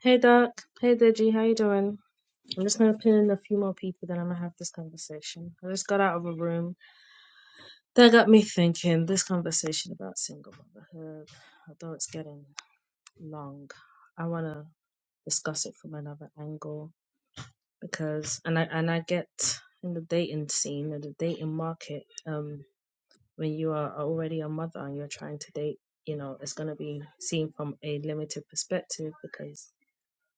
Hey Doc. Hey Deji, how you doing? I'm just gonna pin in a few more people, then I'm gonna have this conversation. I just got out of a room that got me thinking. This conversation about single motherhood, although it's getting long, I wanna discuss it from another angle because, and I and I get in the dating scene in the dating market, um, when you are already a mother and you're trying to date, you know, it's gonna be seen from a limited perspective because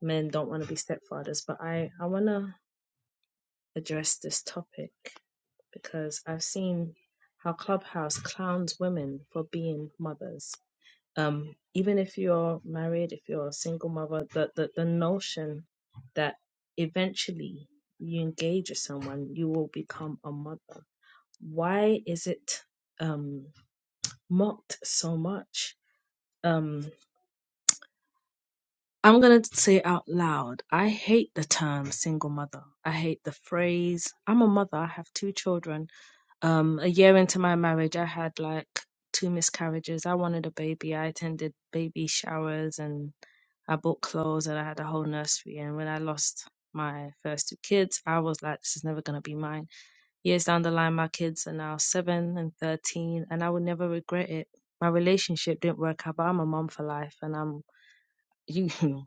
men don't want to be stepfathers. But I I wanna address this topic because I've seen how Clubhouse clowns women for being mothers. Um, even if you're married, if you're a single mother, the, the, the notion that eventually you engage with someone, you will become a mother. Why is it um, mocked so much? Um, I'm going to say it out loud I hate the term single mother. I hate the phrase, I'm a mother, I have two children Um, a year into my marriage, I had like two miscarriages. I wanted a baby. I attended baby showers and I bought clothes and I had a whole nursery. And when I lost my first two kids, I was like, this is never going to be mine. Years down the line, my kids are now seven and 13, and I would never regret it. My relationship didn't work out, but I'm a mom for life and I'm you.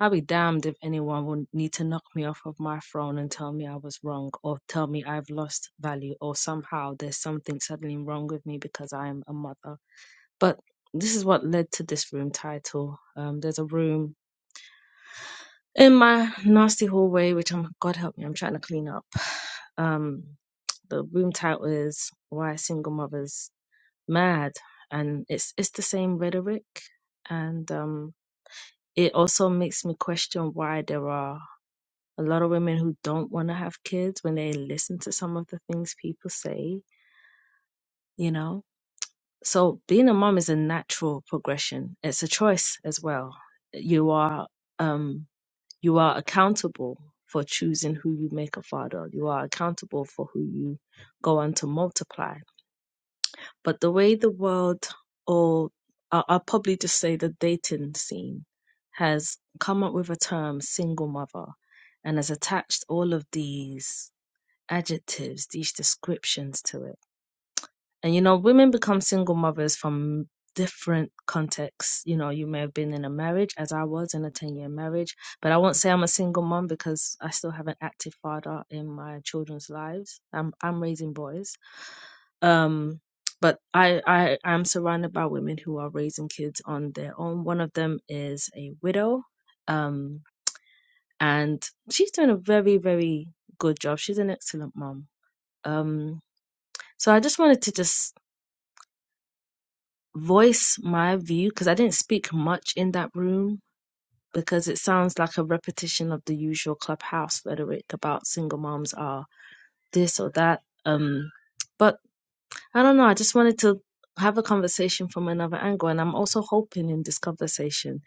I'll be damned if anyone will need to knock me off of my throne and tell me I was wrong or tell me I've lost value or somehow there's something suddenly wrong with me because I am a mother. But this is what led to this room title. Um, there's a room in my nasty hallway, which I'm, God help me, I'm trying to clean up. Um, the room title is Why Are Single Mothers Mad? And it's, it's the same rhetoric. And um, it also makes me question why there are a lot of women who don't want to have kids when they listen to some of the things people say, you know. So being a mom is a natural progression. It's a choice as well. You are um you are accountable for choosing who you make a father. You are accountable for who you go on to multiply. But the way the world or I- I'll probably just say the dating scene has come up with a term single mother and has attached all of these adjectives, these descriptions to it. And you know, women become single mothers from different contexts. You know, you may have been in a marriage, as I was in a 10 year marriage, but I won't say I'm a single mom because I still have an active father in my children's lives. I'm I'm raising boys. Um but I, I I'm surrounded by women who are raising kids on their own. One of them is a widow. Um and she's doing a very, very good job. She's an excellent mom. Um so I just wanted to just voice my view because I didn't speak much in that room because it sounds like a repetition of the usual clubhouse rhetoric about single moms are this or that. Um, but I don't know. I just wanted to have a conversation from another angle, and I'm also hoping in this conversation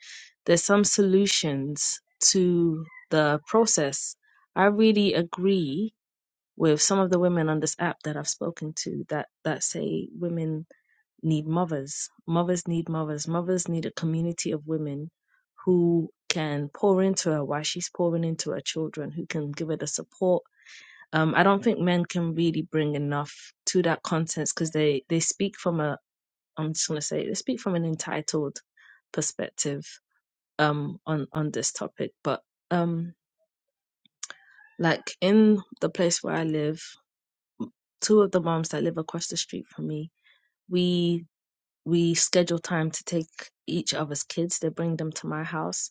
there's some solutions to the process. I really agree with some of the women on this app that I've spoken to that that say women need mothers. Mothers need mothers. Mothers need a community of women who can pour into her while she's pouring into her children, who can give her the support. Um, I don't think men can really bring enough to that content because they they speak from a I'm just gonna say they speak from an entitled perspective um on on this topic. But um like in the place where I live, two of the moms that live across the street from me, we. we schedule time to take each other's kids. They bring them to my house,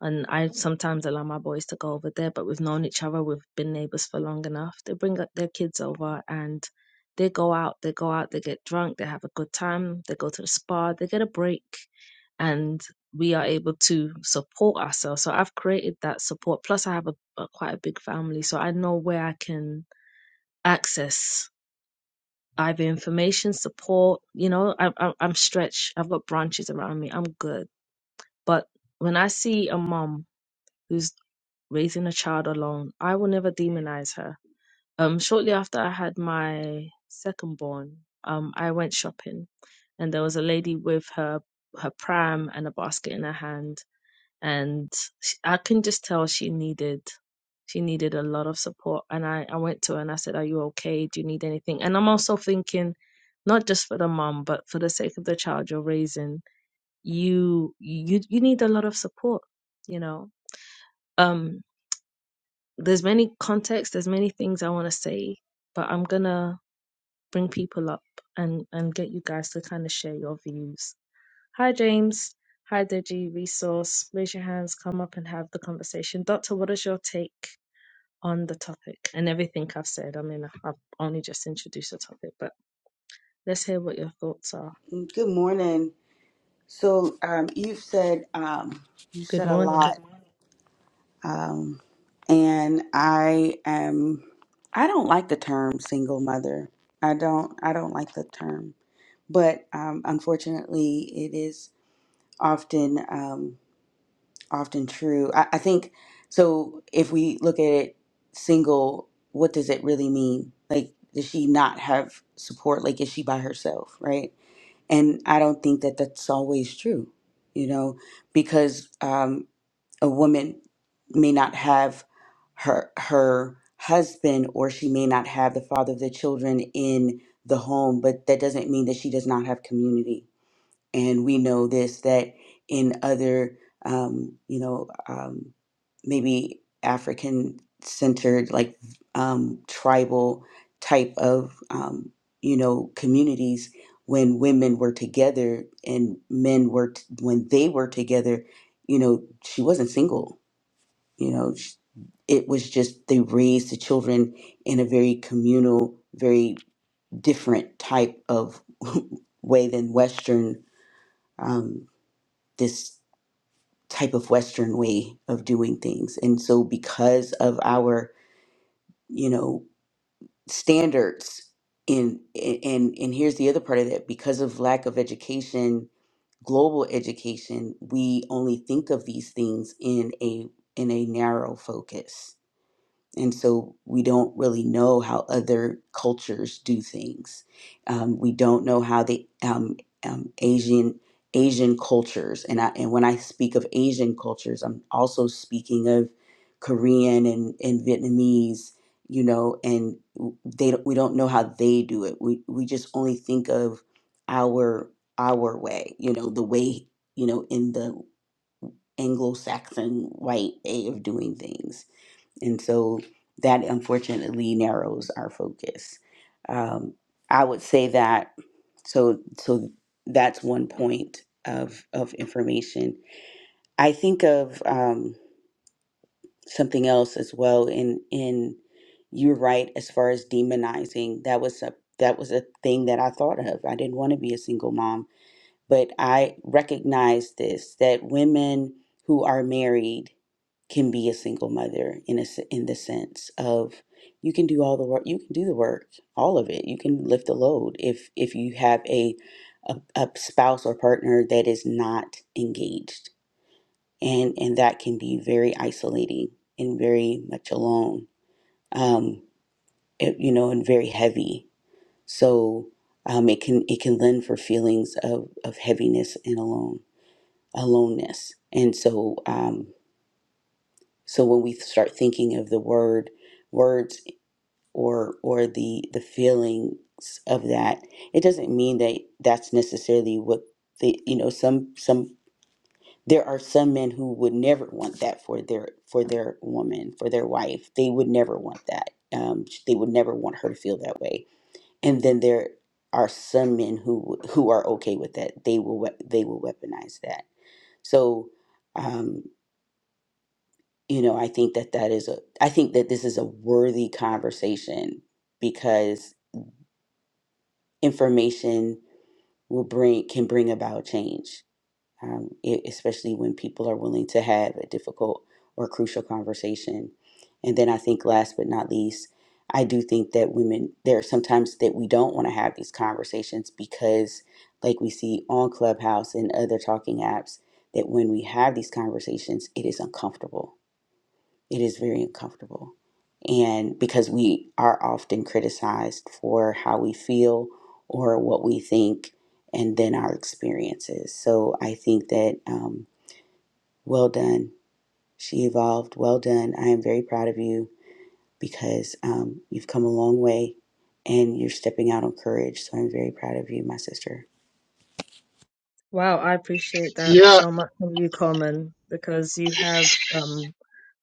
and I sometimes allow my boys to go over there. But we've known each other. We've been neighbors for long enough. They bring up their kids over, and they go out. They go out. They get drunk. They have a good time. They go to the spa. They get a break, and we are able to support ourselves. So I've created that support. Plus, I have a, a quite a big family, so I know where I can access. I have information support. You know, I, I, I'm stretched. I've got branches around me. I'm good. But when I see a mom who's raising a child alone, I will never demonize her. Um, shortly after I had my second born, um, I went shopping, and there was a lady with her her pram and a basket in her hand and sh- I can just tell she needed she needed a lot of support and I I went to her and I said are you okay do you need anything and I'm also thinking not just for the mom but for the sake of the child you're raising you you you need a lot of support you know um there's many contexts there's many things I want to say but I'm going to bring people up and and get you guys to kind of share your views Hi, James. Hi, Deji. Resource. Raise your hands, come up and have the conversation. Doctor, what is your take on the topic and everything I've said? I mean, I've only just introduced the topic, but let's hear what your thoughts are. Good morning. So um, you've said um, you Good said a morning. lot, um, and I am. I don't like the term single mother. I don't. I don't like the term, but um, unfortunately, it is often um, often true. I, I think so. If we look at it, single. What does it really mean? Like, does she not have support? Like, is she by herself? Right And I don't think that that's always true, you know, because um, a woman may not have her her husband or she may not have the father of the children in the home, but that doesn't mean that she does not have community and we know this that in other um, you know um, maybe african centered like um, tribal type of um, you know communities when women were together and men were t- when they were together you know she wasn't single you know sh it was just they raised the children in a very communal very different type of way than western Um, this type of western way of doing things and so because of our you know standards in and and here's the other part of that because of lack of education global education we only think of these things in a in a narrow focus and so we don't really know how other cultures do things. Um, we don't know how the um, um, Asian Asian cultures and I, and when I speak of Asian cultures, I'm also speaking of Korean and, and Vietnamese, you know, and they don't- we don't know how they do it. We we just only think of our our way, you know, the way you know in the Anglo-Saxon white way of doing things and so that unfortunately narrows our focus. Um, I would say that so so that's one point of of information. I think of um, something else as well. In in you're right as far as demonizing. That was a that was a thing that I thought of. I didn't want to be a single mom but I recognize this that women who are married can be a single mother in a, s- in the sense of you can do all the work you can do the work all of it you can lift the load if if you have a a, a spouse or partner that is not engaged and and that can be very isolating and very much alone um it, you know and very heavy so um it can it can lend for feelings of of heaviness and alone aloneness. And so, um, so when we start thinking of the word, words, or or the the feelings of that, it doesn't mean that that's necessarily what the you know some some there are some men who would never want that for their for their woman for their wife. They would never want that. Um, they would never want her to feel that way. And then there are some men who who are okay with that. They will we- they will weaponize that. So. Um, you know i think that that is a i think that this is a worthy conversation because information will bring can bring about change um, e- especially when people are willing to have a difficult or crucial conversation and then i think last but not least i do think that women there are sometimes that we don't want to have these conversations because like we see on clubhouse and other talking apps that when we have these conversations it is uncomfortable it is very uncomfortable. And because we are often criticized for how we feel or what we think and then our experiences. So I think that, um, well done. She evolved. Well done. I am very proud of you because um, you've come a long way and you're stepping out on courage. So I'm very proud of you, my sister. Wow, I appreciate that Yeah, so much from you, Coleman, because you have um,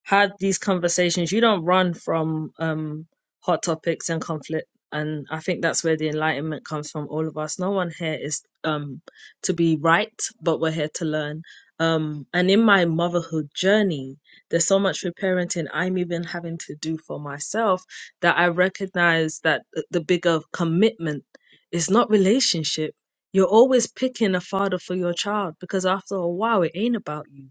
had these conversations. You don't run from um, hot topics and conflict, and I think that's where the enlightenment comes from. All of us. No one here is um, to be right, but we're here to learn. Um, and in my motherhood journey, there's so much reparenting I'm even having to do for myself that I recognize that th- the bigger commitment is not relationship you're always picking a father for your child because after a while it ain't about you.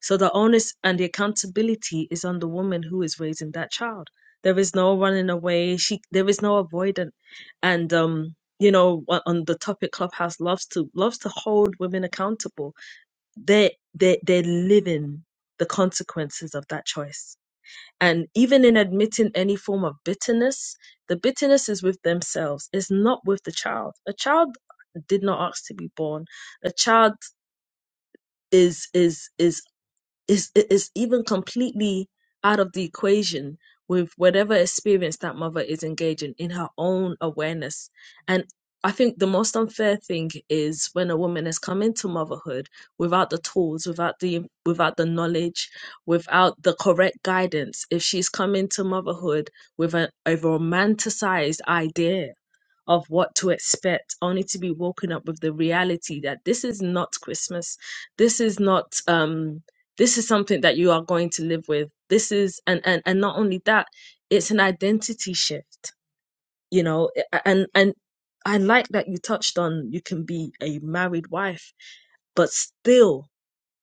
So the onus and the accountability is on the woman who is raising that child. There is no running away. She there is no avoidant. And um, you know, on on the topic Clubhouse loves to loves to hold women accountable. They they they're living the consequences of that choice and even in admitting any form of bitterness, the bitterness is with themselves, it's not with the child. A child did not ask to be born. A child is is is is i- is even completely out of the equation with whatever experience that mother is engaging in her own awareness and i think the most unfair thing is when a woman has come into motherhood without the tools without the without the knowledge without the correct guidance if she's come into motherhood with a, a romanticized idea of what to expect, only to be woken up with the reality that this is not Christmas. This is not um this is something that you are going to live with. This is and and, and not only that, it's an identity shift, you know, a- and and I like that you touched on you can be a married wife, but still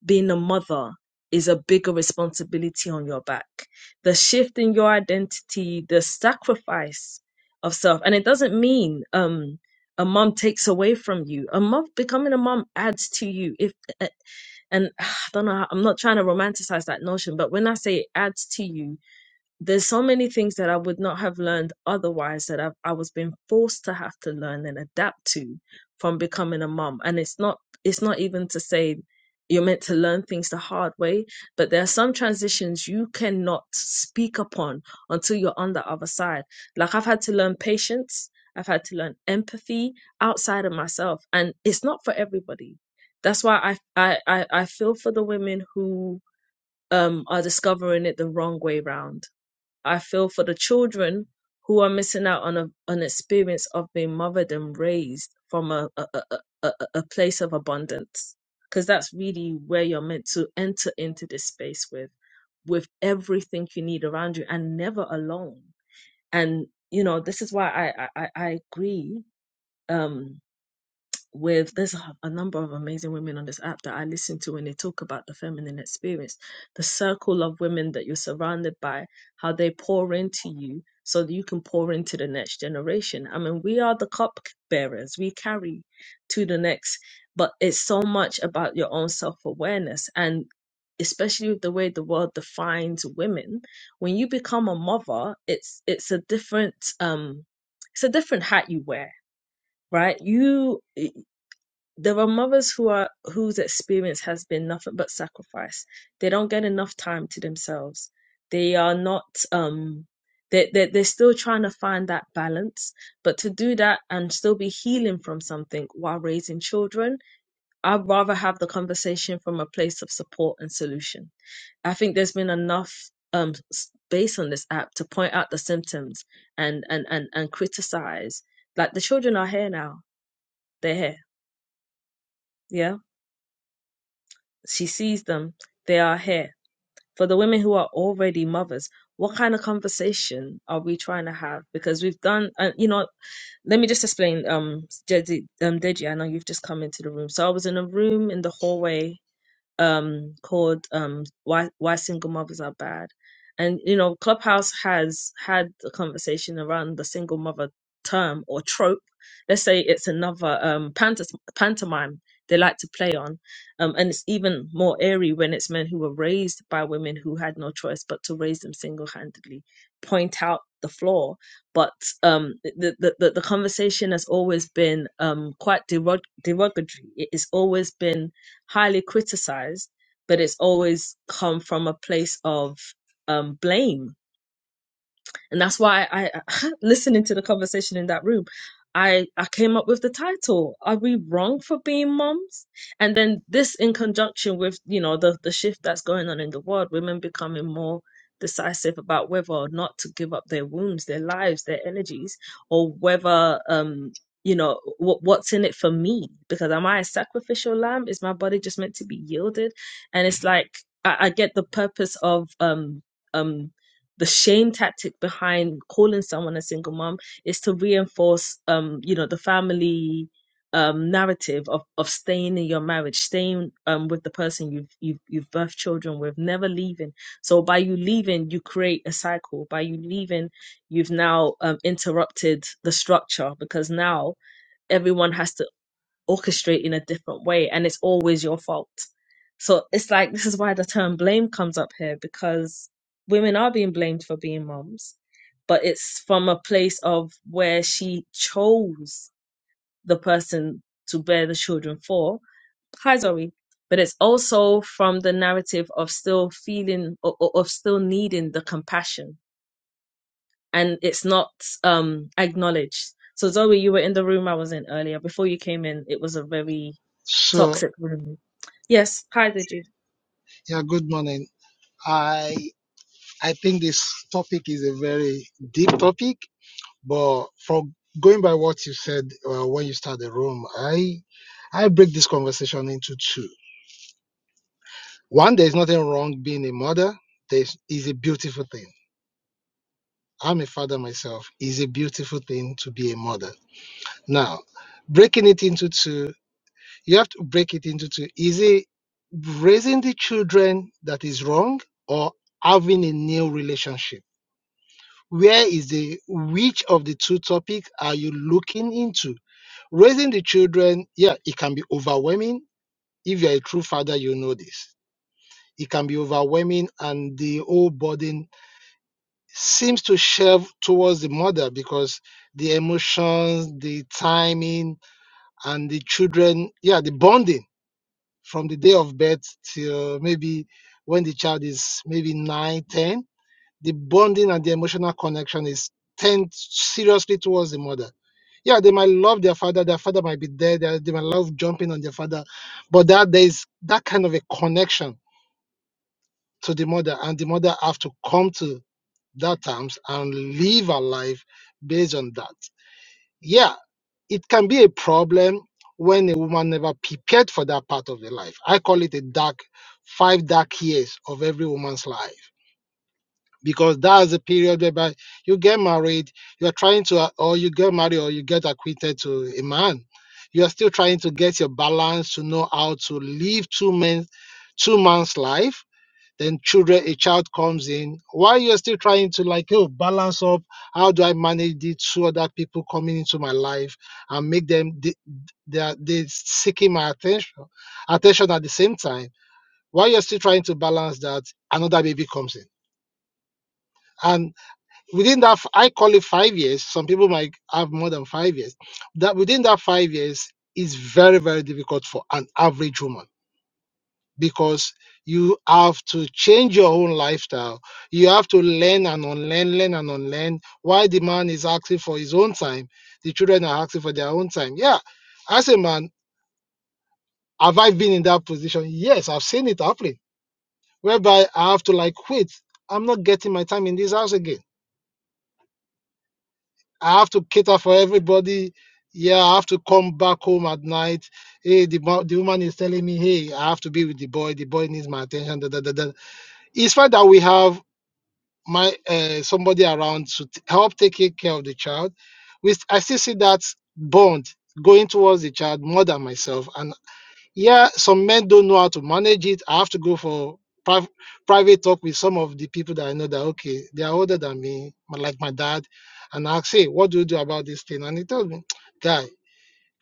being a mother is a bigger responsibility on your back. The shift in your identity, the sacrifice of self. And it doesn't mean um a mom takes away from you. A mom becoming a mom adds to you. If eh, and I don't know, how- I'm not trying to romanticize that notion, but when I say it adds to you, there's so many things that I would not have learned otherwise that I've, I was being forced to have to learn and adapt to from becoming a mom. And it's not it's not even to say you're meant to learn things the hard way, but there are some transitions you cannot speak upon until you're on the other side. Like I've had to learn patience, I've had to learn empathy outside of myself, and it's not for everybody. That's why I I I, I feel for the women who um, are discovering it the wrong way round I feel for the children who are missing out on a, an experience of being mothered and raised from a, a, a, a, a a place of abundance. Because that's really where you're meant to enter into this space with, with everything you need around you and never alone. And, you know, this is why I, I, I I agree. Um, with there's a a number of amazing women on this app that I listen to when they talk about the feminine experience, the circle of women that you're surrounded by, how they pour into you so that you can pour into the next generation. I mean, we are the cup bearers, we carry to the next, but it's so much about your own self awareness and especially with the way the world defines women when you become a mother it's it's a different um it's a different hat you wear right you there are mothers who are whose experience has been nothing but sacrifice. They don't get enough time to themselves. They are not um they they they're still trying to find that balance. But to do that and still be healing from something while raising children, I'd rather have the conversation from a place of support and solution. I think there's been enough um space on this app to point out the symptoms and and and, and criticize. Like the children are here now. They're here. Yeah She sees them. They are here. For the women who are already mothers, what kind of conversation are we trying to have? Because we've done, and you know, let me just explain. Um, Deji, um, Deji, I know you've just come into the room. So I was in a room in the hallway um called um why why single mothers are bad and you know clubhouse has had a conversation around the single mother term or trope let's say it's another um pantos pantomime they like to play on um and it's even more airy when it's men who were raised by women who had no choice but to raise them single-handedly point out the flaw but um the the, the the conversation has always been um quite derog- derogatory it has always been highly criticized, but it's always come from a place of um, blame and that's why I listening to the conversation in that room. I, I came up with the title. Are we wrong for being moms? And then this in conjunction with, you know, the, the shift that's going on in the world, women becoming more decisive about whether or not to give up their wombs, their lives, their energies, or whether um, you know what what's in it for me because am i a sacrificial lamb is my body just meant to be yielded and it's like i, I get the purpose of um um the shame tactic behind calling someone a single mom is to reinforce um you know the family um narrative of of staying in your marriage staying um with the person you've you've, you've birthed children with never leaving so by you leaving you create a cycle by you leaving you've now um, interrupted the structure because now everyone has to orchestrate in a different way and it's always your fault. So it's like this is why the term blame comes up here because women are being blamed for being moms, but it's from a place of where she chose the person to bear the children for. Hi Zoe. But it's also from the narrative of still feeling or, or- of still needing the compassion and it's not um acknowledged. So Zoe, you were in the room I was in earlier. Before you came in, it was a very So toxic women. Yes, hi Deji. Yeah, good morning. I I think this topic is a very deep topic, but from going by what you said uh, when you started the room, I I break this conversation into two. One, there is nothing wrong being a mother. There is is a beautiful thing. I'm a father myself. It's a beautiful thing to be a mother. Now, breaking it into two. you have to break it into two. Is it raising the children that is wrong or having a new relationship? Where is the which of the two topics are you looking into? Raising the children, yeah, it can be overwhelming. If you're a true father, you know this. It can be overwhelming, and the whole burden seems to shelve towards the mother because the emotions, the timing, and the children, yeah, the bonding from the day of birth till maybe when the child is maybe 9, 10, the bonding and the emotional connection is tend seriously towards the mother yeah they might love their father their father might be there they, they might love jumping on their father but that there is that kind of a connection to the mother and the mother have to come to that terms and live her life based on that yeah, it can be a problem when a woman never prepared for that part of her life. I call it a dark, five dark years of every woman's life because that's a period whereby you get married, you are trying to, or you get married or you get acquainted to a man. You are still trying to get your balance to know how to live two men, two man's life then children a child comes in while you're still trying to like oh balance up how do i manage these two other people coming into my life and make them they, they are they seeking my attention attention at the same time while you're still trying to balance that another baby comes in and within that f- i call it five years some people might have more than five years that within that five years is very very difficult for an average woman because you have to change your own lifestyle. You have to learn and unlearn, learn and unlearn. Why the man is asking for his own time, the children are asking for their own time. Yeah, as a man, have I been in that position? Yes, I've seen it happening. Whereby I have to like wait. I'm not getting my time in this house again. I have to cater for everybody. Yeah, I have to come back home at night. Hey, the, mo- the woman is telling me, hey, I have to be with the boy. The boy needs my attention. Da, da, da, da. It's fine that we have my uh, somebody around to t- help taking care of the child we st- i still see that bond going towards the child more than myself and yeah some men don't know how to manage it i have to go for priv- private talk with some of the people that i know that okay they are older than me my- like my dad and i say what do you do about this thing and he told me guy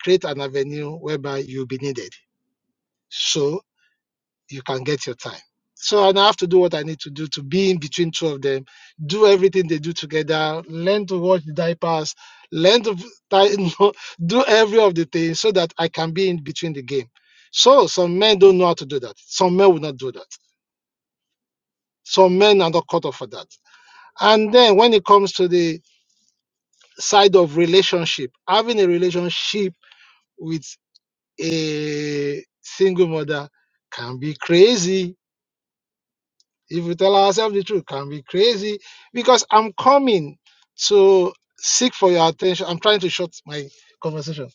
create an avenue whereby you'll be needed So you can get your time. So and I have to do what I need to do to be in between two of them, do everything they do together, learn to watch the diapers, learn to do every of the things so that I can be in between the game. So some men don't know how to do that. Some men will not do that. Some men are not cut off for that. And then when it comes to the side of relationship, having a relationship with a single mother can be crazy If we tell ourselves the truth, can be crazy because I'm coming to seek for your attention. I'm trying to short my conversation.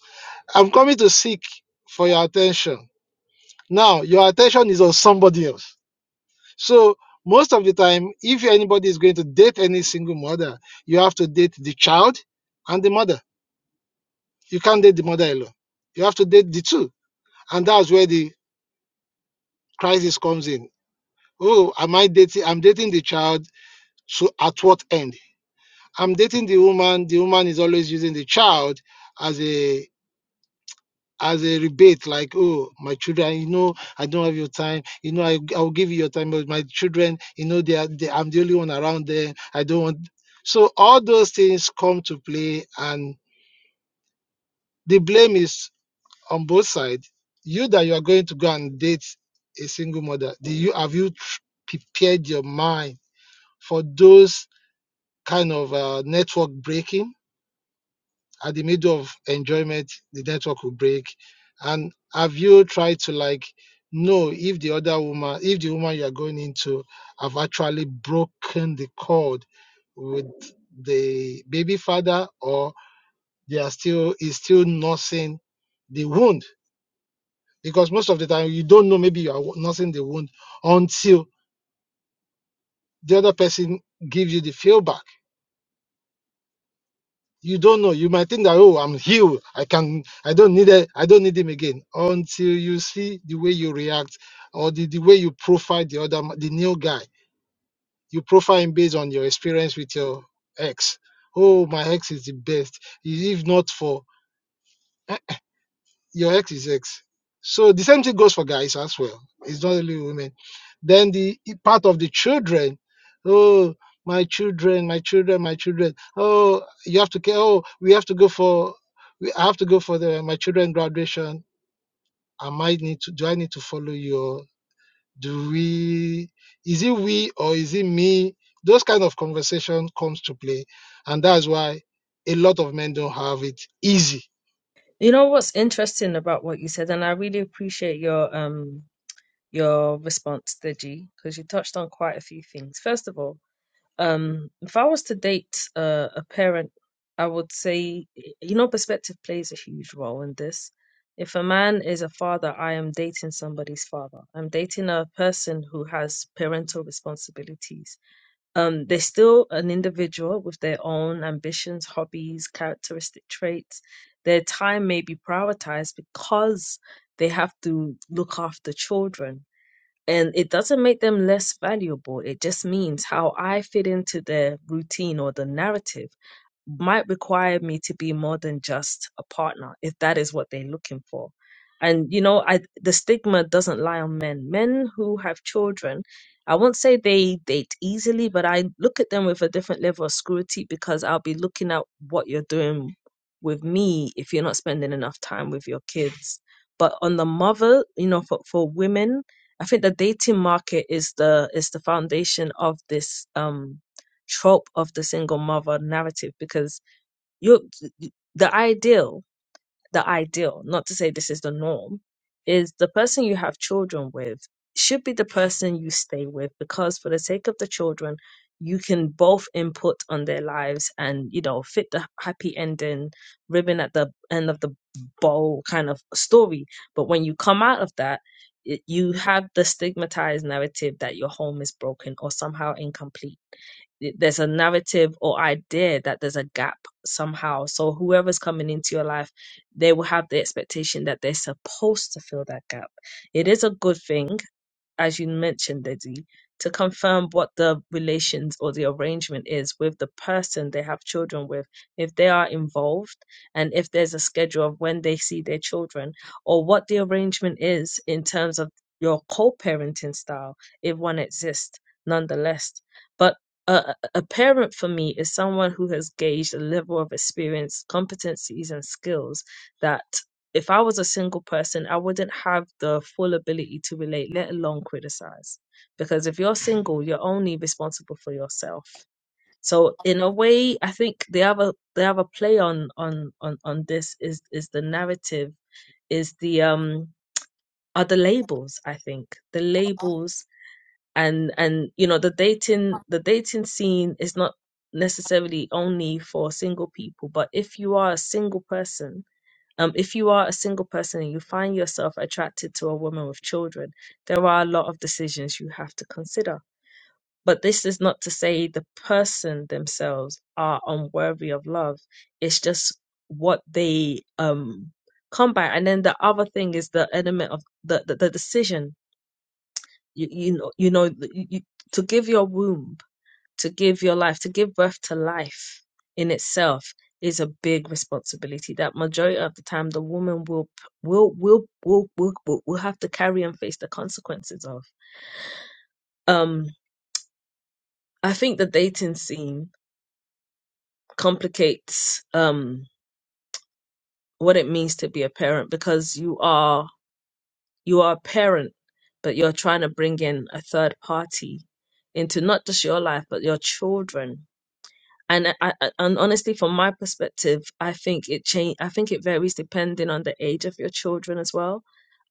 I'm coming to seek for your attention. Now, your attention is on somebody else. So, most of the time, if anybody is going to date any single mother, you have to date the child and the mother. You can't date the mother alone. You have to date the two. And that's where the crisis comes in. Oh, am I dating? I'm dating the child. So, at what end? I'm dating the woman, the woman is always using the child as a as a rebate, like, oh, my children, you know, I don't have your time. You know, I, I'll give you your time, but my children, you know, they are, they, I'm the only one around them. I don't want. So all those things come to play, and the blame is on both sides. You that you are going to go and date a single mother, do you have you tr- prepared your mind for those kind of uh, network breaking? at the middle of enjoyment the network will break and have you tried to like know if the other woman if the woman you are going into have actually broken the cord with the baby father or they are still is still nursing the wound because most of the time you don't know maybe you are nursing the wound until the other person gives you the feedback You don't know. You might think that oh, I'm healed. I can. I don't need it. I don't need him again until you see the way you react or the, the way you profile the other ma- the new guy. You profile him based on your experience with your ex. Oh, my ex is the best. If not for eh, your ex is ex. So the same thing goes for guys as well. It's not only women. Then the part of the children. Oh, my children, my children, my children. Oh, you have to care. Oh, we have to go for. We I have to go for the my children graduation. I might need to. Do I need to follow you? Or do we? Is it we or is it me? Those kind of conversation comes to play, and that's why a lot of men don't have it easy. You know what's interesting about what you said, and I really appreciate your um your response, Deji, because you touched on quite a few things. First of all, um, if I was to date uh, a parent, I would say you know perspective plays a huge role in this. If a man is a father, I am dating somebody's father. I'm dating a person who has parental responsibilities Um, they're still an individual with their own ambitions, hobbies, characteristic traits. Their time may be prioritized because they have to look after children and it doesn't make them less valuable. It just means how I fit into their routine or the narrative might require me to be more than just a partner if that is what they're looking for. And you know, I the stigma doesn't lie on men. Men who have children, I won't say they date easily, but I look at them with a different level of scrutiny because I'll be looking at what you're doing with me if you're not spending enough time with your kids. But on the mother, you know, for, for women I think the dating market is the is the foundation of this um trope of the single mother narrative because you the ideal the ideal, not to say this is the norm, is the person you have children with should be the person you stay with because for the sake of the children, you can both input on their lives and, you know, fit the happy ending, ribbon at the end of the bow kind of story. But when you come out of that, it, you have the stigmatized narrative that your home is broken or somehow incomplete there's a narrative or idea that there's a gap somehow. So whoever's coming into your life, they will have the expectation that they're supposed to fill that gap. It is a good thing as you mentioned, Lizzie, to confirm what the relations or the arrangement is with the person they have children with, if they are involved, and if there's a schedule of when they see their children, or what the arrangement is in terms of your co parenting style, if one exists, nonetheless. But a, a parent for me is someone who has gauged a level of experience, competencies, and skills that. If I was a single person, I wouldn't have the full ability to relate, let alone criticize. Because if you're single, you're only responsible for yourself. So in a way, I think the other the other play on on on on this is is the narrative is the um are the labels i think the labels and and you know the dating the dating scene is not necessarily only for single people but if you are a single person um, if you are a single person and you find yourself attracted to a woman with children, there are a lot of decisions you have to consider. But this is not to say the person themselves are unworthy of love. It's just what they um come by. And then the other thing is the element of the the, the decision. You you know you know you, you, to give your womb to give your life, to give birth to life in itself is a big responsibility that majority of the time the woman will will will will will, will, will have to carry and face the consequences of. Um I think the dating scene complicates um what it means to be a parent because you are you are a parent but you're trying to bring in a third party into not just your life but your children and I, I- and honestly from my perspective i think it change i think it varies depending on the age of your children as well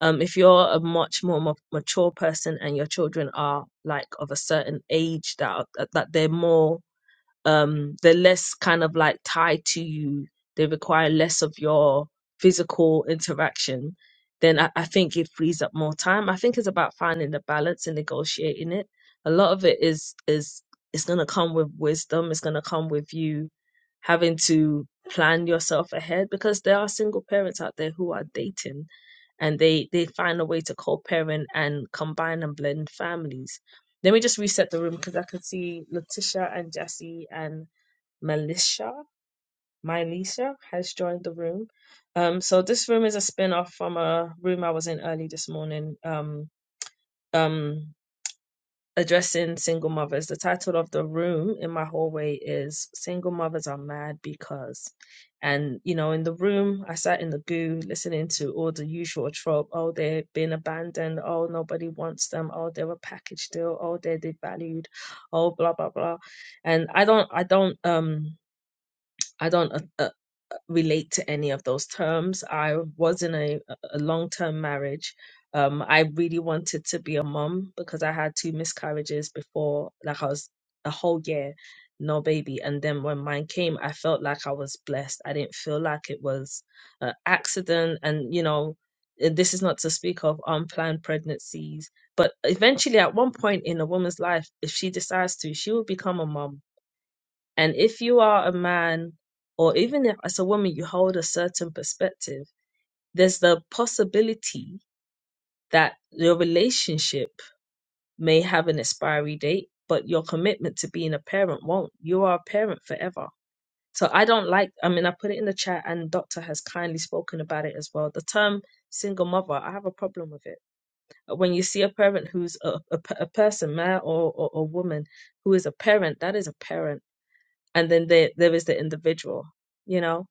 um if you're a much more ma- mature person and your children are like of a certain age that are, that that they're more um they're less kind of like tied to you they require less of your physical interaction then I, I think it frees up more time i think it's about finding the balance and negotiating it a lot of it is is it's going to come with wisdom it's going to come with you having to plan yourself ahead because there are single parents out there who are dating and they they find a way to co-parent and combine and blend families let me just reset the room because I can see Letitia and Jesse and Melisha, Milisha has joined the room. Um, so this room is a spin-off from a room I was in early this morning. Um, um, addressing single mothers. The title of the room in my hallway is Single Mothers Are Mad Because. And, you know, in the room, I sat in the goo listening to all the usual trope. Oh, they're being abandoned. Oh, nobody wants them. Oh, they're a package deal. Oh, they're devalued. Oh, blah, blah, blah. And I don't, I don't, um, I don't uh, uh, uh, relate to any of those terms. I was in a, a long term marriage. Um, I really wanted to be a mom because I had two miscarriages before, like I was a whole year, no baby. And then when mine came, I felt like I was blessed. I didn't feel like it was an accident. And, you know, uh, this is not to speak of unplanned pregnancies, but eventually, at one point in a woman's life, if she decides to, she will become a mom and if you are a man, or even if as a woman you hold a certain perspective, there's the possibility that your relationship may have an expiry date, but your commitment to being a parent won't. You are a parent forever. So I don't like, I mean, I put it in the chat and Doctor has kindly spoken about it as well. The term single mother, I have a problem with it. When you see a parent who's a, a, p- a person, man or, or a woman, who is a parent, that is a parent. And then there, there is the individual, you know?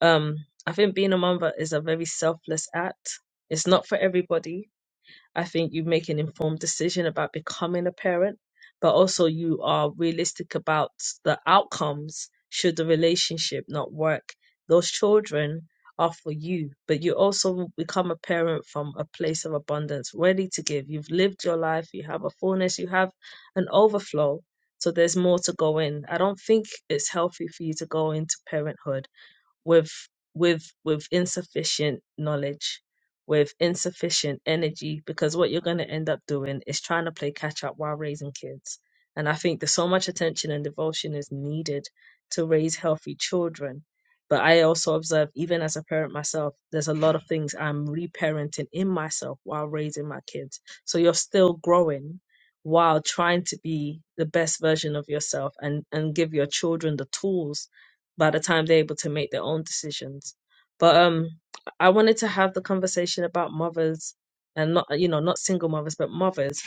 Um, I think being a mother is a very selfless act. It's not for everybody. I think you make an informed decision about becoming a parent, but also you are realistic about the outcomes should the relationship not work. Those children are for you, but you also become a parent from a place of abundance, ready to give. You've lived your life, you have a fullness, you have an overflow. So there's more to go in. I don't think it's healthy for you to go into parenthood with with with insufficient knowledge with insufficient energy because what you're going to end up doing is trying to play catch up while raising kids and i think there's so much attention and devotion is needed to raise healthy children but i also observe even as a parent myself there's a lot of things i'm reparenting in myself while raising my kids so you're still growing while trying to be the best version of yourself and and give your children the tools by the time they're able to make their own decisions. But um, I wanted to have the conversation about mothers and not, you know, not single mothers, but mothers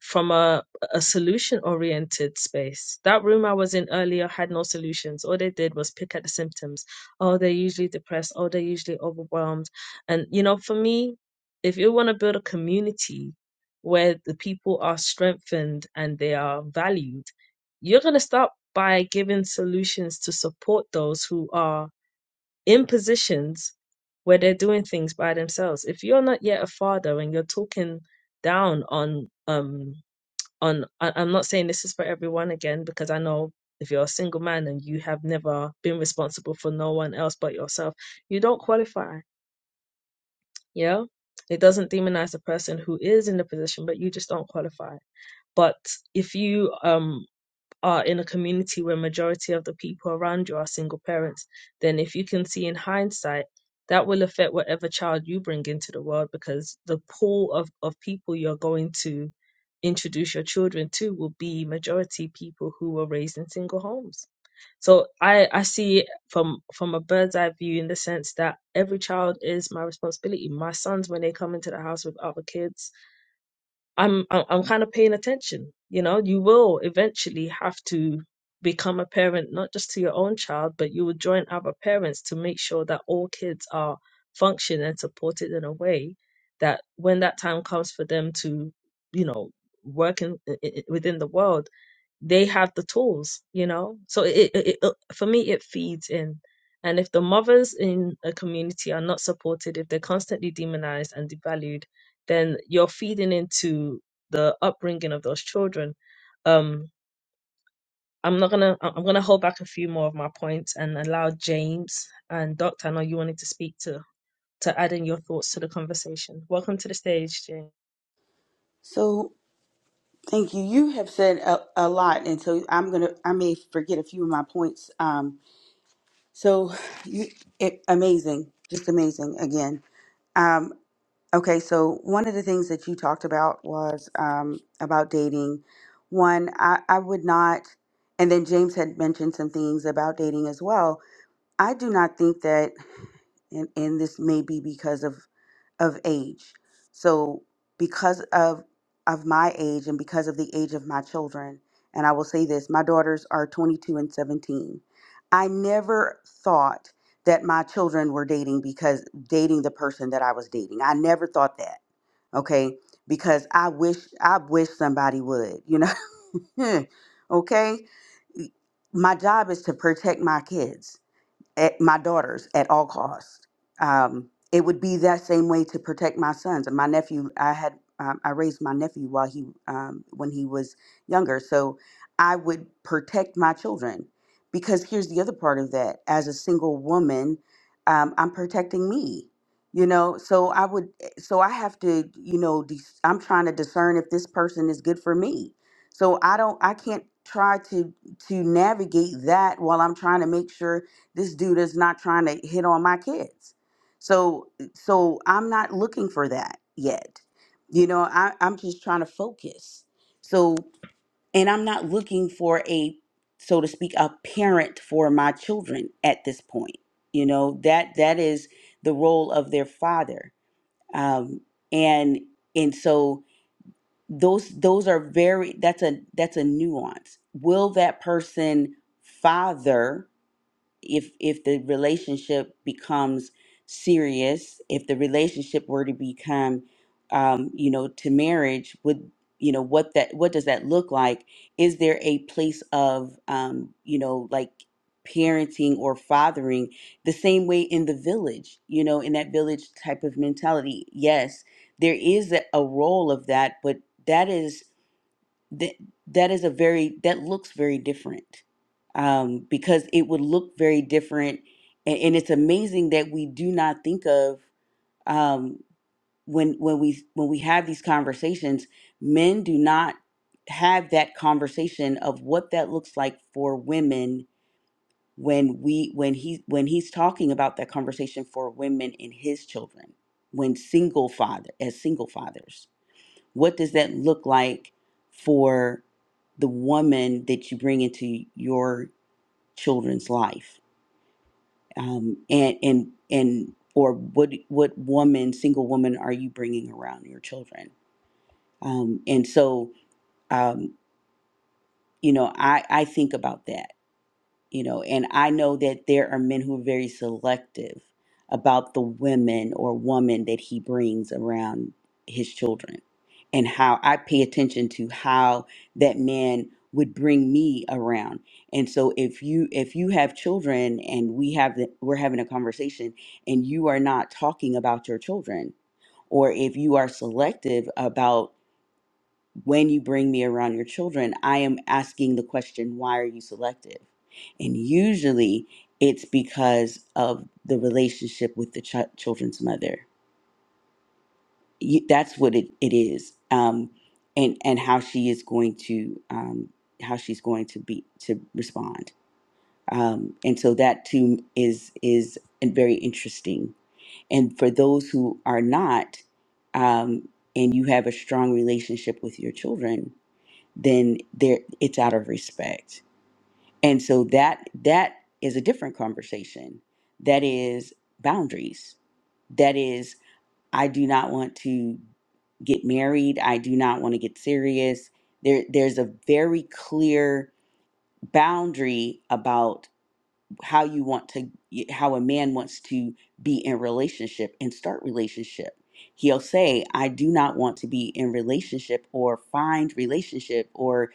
from a, a solution oriented space. That room I was in earlier had no solutions. All they did was pick at the symptoms. Oh, they're usually depressed. Oh, they're usually overwhelmed. And, you know, for me, if you want to build a community where the people are strengthened and they are valued, you're going to start by giving solutions to support those who are in positions where they're doing things by themselves. If you're not yet a father and you're talking down on um on I- I'm not saying this is for everyone again because I know if you're a single man and you have never been responsible for no one else but yourself, you don't qualify. Yeah. It doesn't demonize the person who is in the position, but you just don't qualify. But if you um are in a community where majority of the people around you are single parents, then if you can see in hindsight, that will affect whatever child you bring into the world because the pool of, of people you're going to introduce your children to will be majority people who were raised in single homes. So I, I see it from from a bird's eye view in the sense that every child is my responsibility. My sons, when they come into the house with other kids, I'm I'm, I'm kind of paying attention. You know, you will eventually have to become a parent, not just to your own child, but you will join other parents to make sure that all kids are functioned and supported in a way that when that time comes for them to, you know, work in, i i- within the world they have the tools, you know. So it, it, it for me it feeds in. And if the mothers in a community are not supported, if they're constantly demonized and devalued, then you're feeding into the upbringing of those children. Um, I'm not gonna. I- I'm gonna hold back a few more of my points and allow James and Doctor. I know you wanted to speak to to add in your thoughts to the conversation. Welcome to the stage, James. So thank you. You have said a, a lot. And so I'm going to, I may forget a few of my points. Um, So you, it, amazing, just amazing again. Um, okay, so one of the things that you talked about was um, about dating. One, I, I would not, and then James had mentioned some things about dating as well. I do not think that, and, and this may be because of of age. So because of of my age and because of the age of my children, and I will say this, my daughters are 22 and 17. I never thought that my children were dating because dating the person that I was dating. I never thought that. Okay? Because I wish I wish somebody would, you know. okay? My job is to protect my kids at my daughters at all costs. Um, it would be that same way to protect my sons and my nephew. I had um, I raised my nephew while he um, when he was younger, so I would protect my children because here's the other part of that. As a single woman, um, I'm protecting me. You know, so I would, so I have to, you know, dis- I'm trying to discern if this person is good for me. So I don't, I can't try to to navigate that while I'm trying to make sure this dude is not trying to hit on my kids so so i'm not looking for that yet you know I, i'm just trying to focus so and i'm not looking for a so to speak a parent for my children at this point you know that that is the role of their father um and and so those those are very that's a that's a nuance will that person father if if the relationship becomes serious if the relationship were to become um, you know to marriage would you know what that what does that look like is there a place of um, you know like parenting or fathering the same way in the village you know in that village type of mentality yes there is a, a role of that but that is that that is a very that looks very different um, because it would look very different and, and it's amazing that we do not think of um, when when we when we have these conversations men do not have that conversation of what that looks like for women when we when he when he's talking about that conversation for women and his children when single father as single fathers what does that look like for the woman that you bring into your children's life? Um, and and and or what what woman, single woman, are you bringing around your children? Um, and so, um, you know, I I think about that you know and i know that there are men who are very selective about the women or woman that he brings around his children and how i pay attention to how that man would bring me around and so if you if you have children and we have the, we're having a conversation and you are not talking about your children or if you are selective about when you bring me around your children, I am asking the question, why are you selective? And usually it's because of the relationship with the ch- children's mother. You, that's what it, it is. Um, and, and how she is going to, um, how she's going to be, to respond. Um, and so that too is, is very interesting. And for those who are not, um, and you have a strong relationship with your children, then there it's out of respect and so that that is a different conversation that is boundaries that is i do not want to get married i do not want to get serious there there's a very clear boundary about how you want to how a man wants to be in relationship and start relationship he'll say i do not want to be in relationship or find relationship or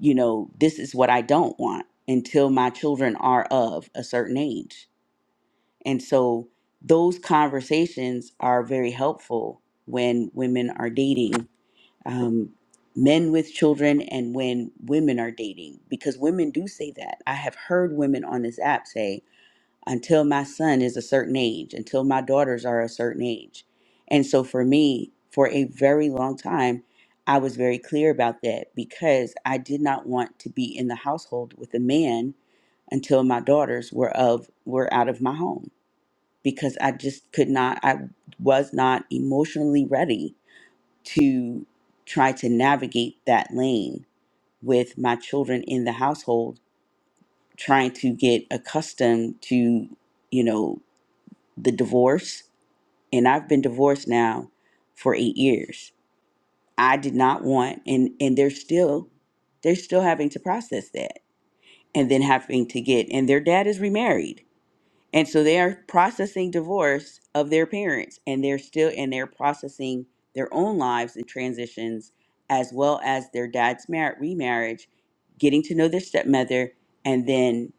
you know this is what i don't want until my children are of a certain age and so those conversations are very helpful when women are dating um, men with children and when women are dating because women do say that i have heard women on this app say until my son is a certain age, until my daughters are a certain age. And so for me, for a very long time, I was very clear about that because I did not want to be in the household with a man until my daughters were of were out of my home because I just could not I was not emotionally ready to try to navigate that lane with my children in the household trying to get accustomed to you know the divorce and I've been divorced now for 8 years. I did not want and and they're still they're still having to process that and then having to get and their dad is remarried. And so they are processing divorce of their parents and they're still and they're processing their own lives and transitions as well as their dad's marriage remarriage, getting to know their stepmother and then,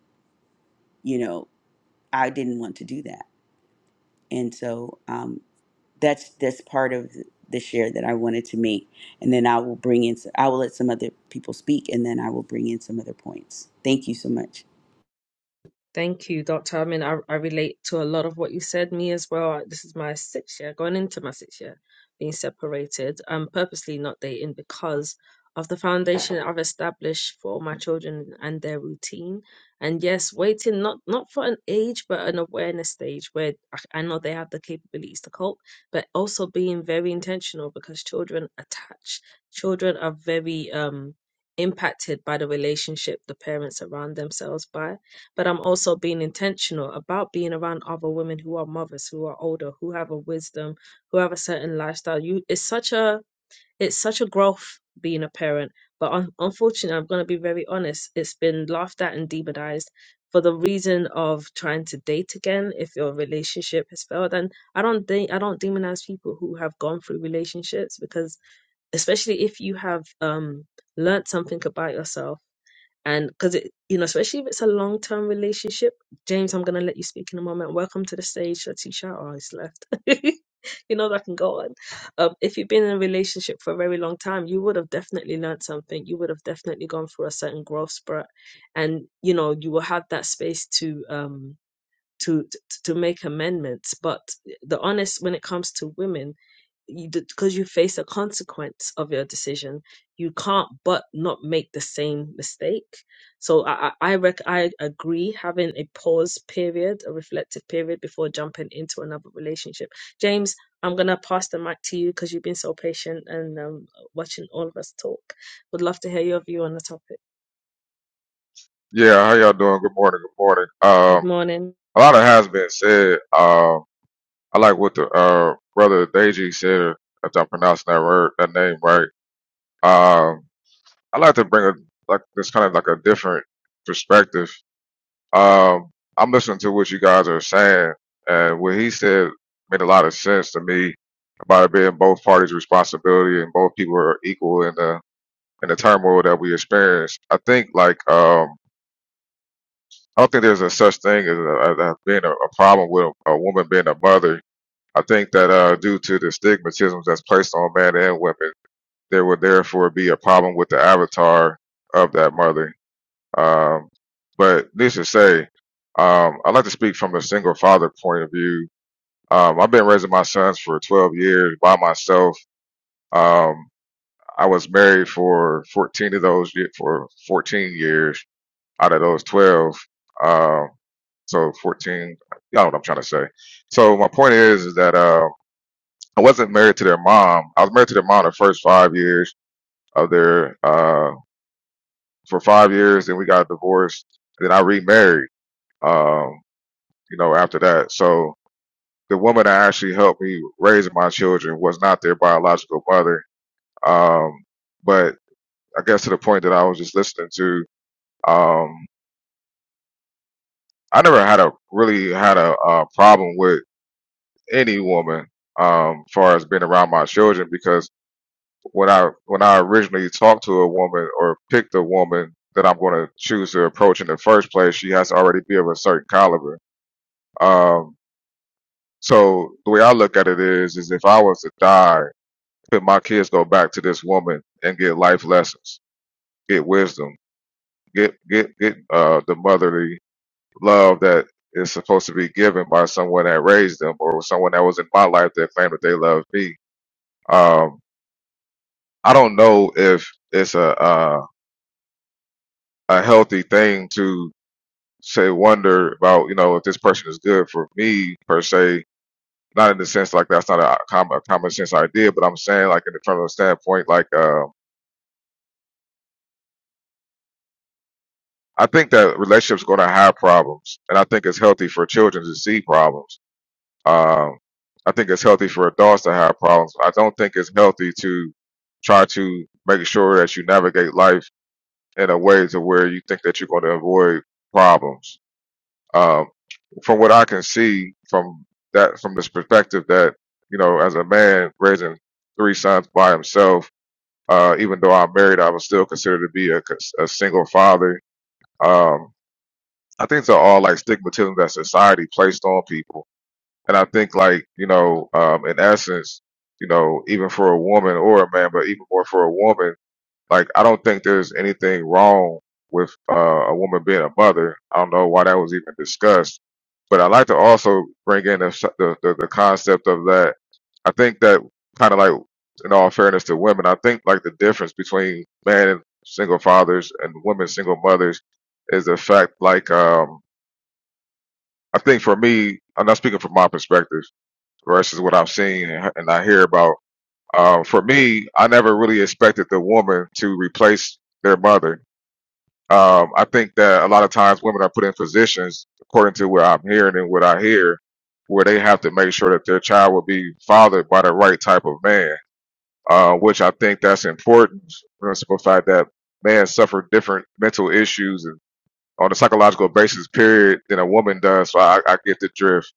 you know, I didn't want to do that. And so um, that's that's part of the share that I wanted to make. And then I will bring in. I will let some other people speak, and then I will bring in some other points. Thank you so much. Thank you, Doctor. I mean, I, I relate to a lot of what you said. Me as well. This is my sixth year, going into my sixth year, being separated. I'm purposely not dating because of the foundation I've established for my children and their routine. And yes, waiting not not for an age, but an awareness stage where I I know they have the capabilities to cope, but also being very intentional because children attach. Children are very um impacted by the relationship the parents surround themselves by but I'm also being intentional about being around other women who are mothers, who are older, who have a wisdom, who have a certain lifestyle. You, it's such a, it's such a growth being a parent. But un- unfortunately, I'm going to be very honest. It's been laughed at and demonized for the reason of trying to date again if your relationship has failed. And I don't think I don't demonize people who have gone through relationships because, especially if you have um learned something about yourself and because it, you know, especially if it's a long term relationship, James, I'm going to let you speak in a moment. Welcome to the stage, Letitia. Oh, he's left. you know, that can go on. Um, if you've been in a relationship for a very long time, you would have definitely learned something. You would have definitely gone through a certain growth spurt. And, you know, you will have that space to, um, to to to make amendments but the honest when it comes to women you because you face a consequence of your decision you can't but not make the same mistake so i i I rec- i agree having a pause period a reflective period before jumping into another relationship james i'm going to pass the mic to you because you've been so patient and um, watching all of us talk would love to hear your view on the topic Yeah, how y'all doing? Good morning. Good morning. good Um, morning a lot of has been said. Um, I like what the uh brother Deji said. If I'm pronouncing that word, that name right. Um, I like to bring a like this kind of like a different perspective. Um, I'm listening to what you guys are saying, and what he said made a lot of sense to me about it being both parties' responsibility and both people are equal in the in the turmoil that we experience. I think like um I don't think there's a such thing as a, a, a being a, a problem with a, a woman being a mother. I think that uh, due to the stigmatisms that's placed on men and women, there would therefore be a problem with the avatar of that mother. Um, but needless to say, um, I like to speak from the single father point of view. Um, I've been raising my sons for 12 years by myself. Um, I was married for 14 of those ye- for 14 years out of those 12. Um, so 14, y'all know what I'm trying to say. So my point is, is that uh, I wasn't married to their mom. I was married to their mom the first five years of their, uh, for five years, and we got divorced. Then I remarried, um, you know, after that. So the woman that actually helped me raise my children was not their biological mother. Um, but I guess to the point that I was just listening to, um, I never had a really had a, uh problem with any woman um far as being around my children because when I when I originally talk to a woman or pick the woman that I'm gonna choose to approach in the first place, she has to already be of a certain caliber. Um so the way I look at it is is if I was to die, could my kids go back to this woman and get life lessons, get wisdom, get get get uh the motherly love that is supposed to be given by someone that raised them or someone that was in my life that claimed that they loved me. Um I don't know if it's a uh, a healthy thing to say wonder about you know if this person is good for me per se. Not in the sense like that's not a common, a common sense idea, but I'm saying like in the from the standpoint like uh, I think that relationships going to have problems, and I think it's healthy for children to see problems. Um, I think it's healthy for adults to have problems. I don't think it's healthy to try to make sure that you navigate life in a way to where you think that you're going to avoid problems Um, from what I can see from that from this perspective that you know as a man raising three sons by himself uh, even though I'm married I was still considered to be a, cons- a single father um, I think they're all like stigmatism that society placed on people and I think like you know um, in essence you know even for a woman or a man but even more for a woman like, I don't think there's anything wrong with uh, a woman being a mother. I don't know why that was even discussed. But I like to also bring in the, the, the, the concept of that. I think that kind of like, in all fairness to women, I think like the difference between men and single fathers and women single mothers is the fact like, um, I think for me, I'm not speaking from my perspective versus what I've seen and, and I hear about. Um, for me, I never really expected the woman to replace their mother um, I think that a lot of times women are put in positions, according to what I'm hearing and what I hear, where they have to make sure that their child will be fathered by the right type of man, uh, which I think that's important. For the simple fact that men suffer different mental issues and on a psychological basis, period, than a woman does. So I, I get the drift.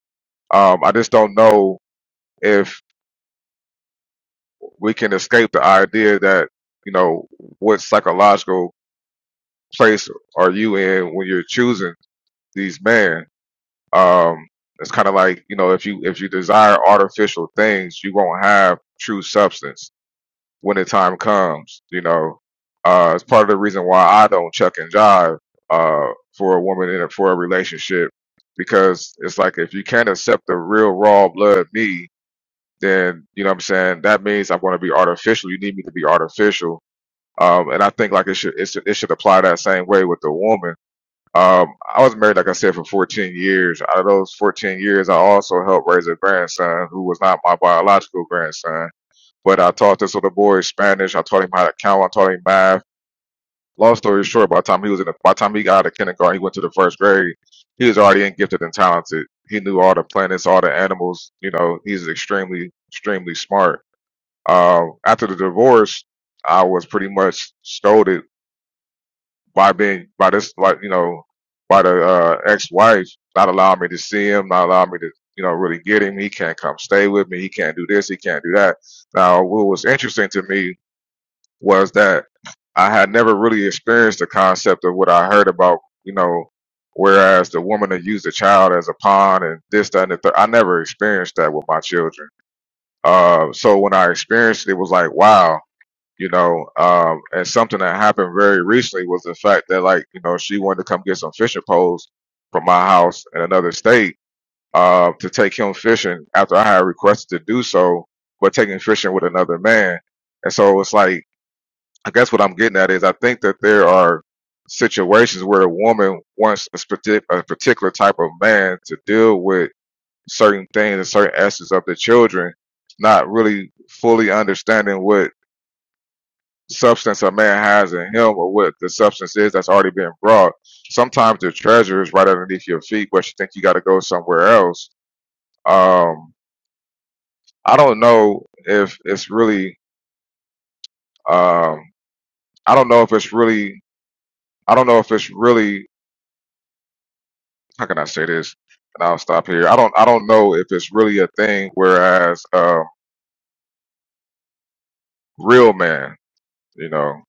Um, I just don't know if we can escape the idea that you know what psychological place are you in when you're choosing these men Um, it's kind of like you know if you if you desire artificial things, you won't have true substance when the time comes. You know, uh, it's part of the reason why I don't chuck and jive uh, for a woman in a, for a relationship because it's like if you can't accept the real raw blood me, then you know what I'm saying that means I'm going to be artificial. You need me to be artificial. Um, and I think like it should it should, it should apply that same way with the woman um, I was married, like I said, for 14 years. Out of those 14 years, I also helped raise a grandson who was not my biological grandson. But I taught this little boy Spanish. I taught him how to count. I taught him math. Long story short, by the time he was in, the, by the time he got out of kindergarten, he went to the first grade. He was already in gifted and talented. He knew all the planets, all the animals. You know, he's extremely, extremely smart. Um, after the divorce, I was pretty much scolded by being by this like you know by the uh, ex-wife not allowing me to see him, not allowing me to you know really get him. He can't come stay with me. He can't do this. He can't do that. Now, what was interesting to me was that I had never really experienced the concept of what I heard about you know. Whereas the woman that used the child as a pawn and this, that, and the third, I never experienced that with my children. Uh, so when I experienced it, it was like, wow, you know, um, and something that happened very recently was the fact that, like, you know, she wanted to come get some fishing poles from my house in another state uh, to take him fishing after I had requested to do so, but taking fishing with another man. And so it's like, I guess what I'm getting at is I think that there are situations where a woman wants a, spati- a particular type of man to deal with certain things and certain aspects of the children, not really fully understanding what substance a man has in him or what the substance is that's already been brought. Sometimes the treasure is right underneath your feet, but you think you got to go somewhere else. Um, I don't know if it's really. Um, I don't know if it's really. I don't know if it's really. How can I say this? And I'll stop here. I don't. I don't know if it's really a thing. Whereas uh, real men, you know,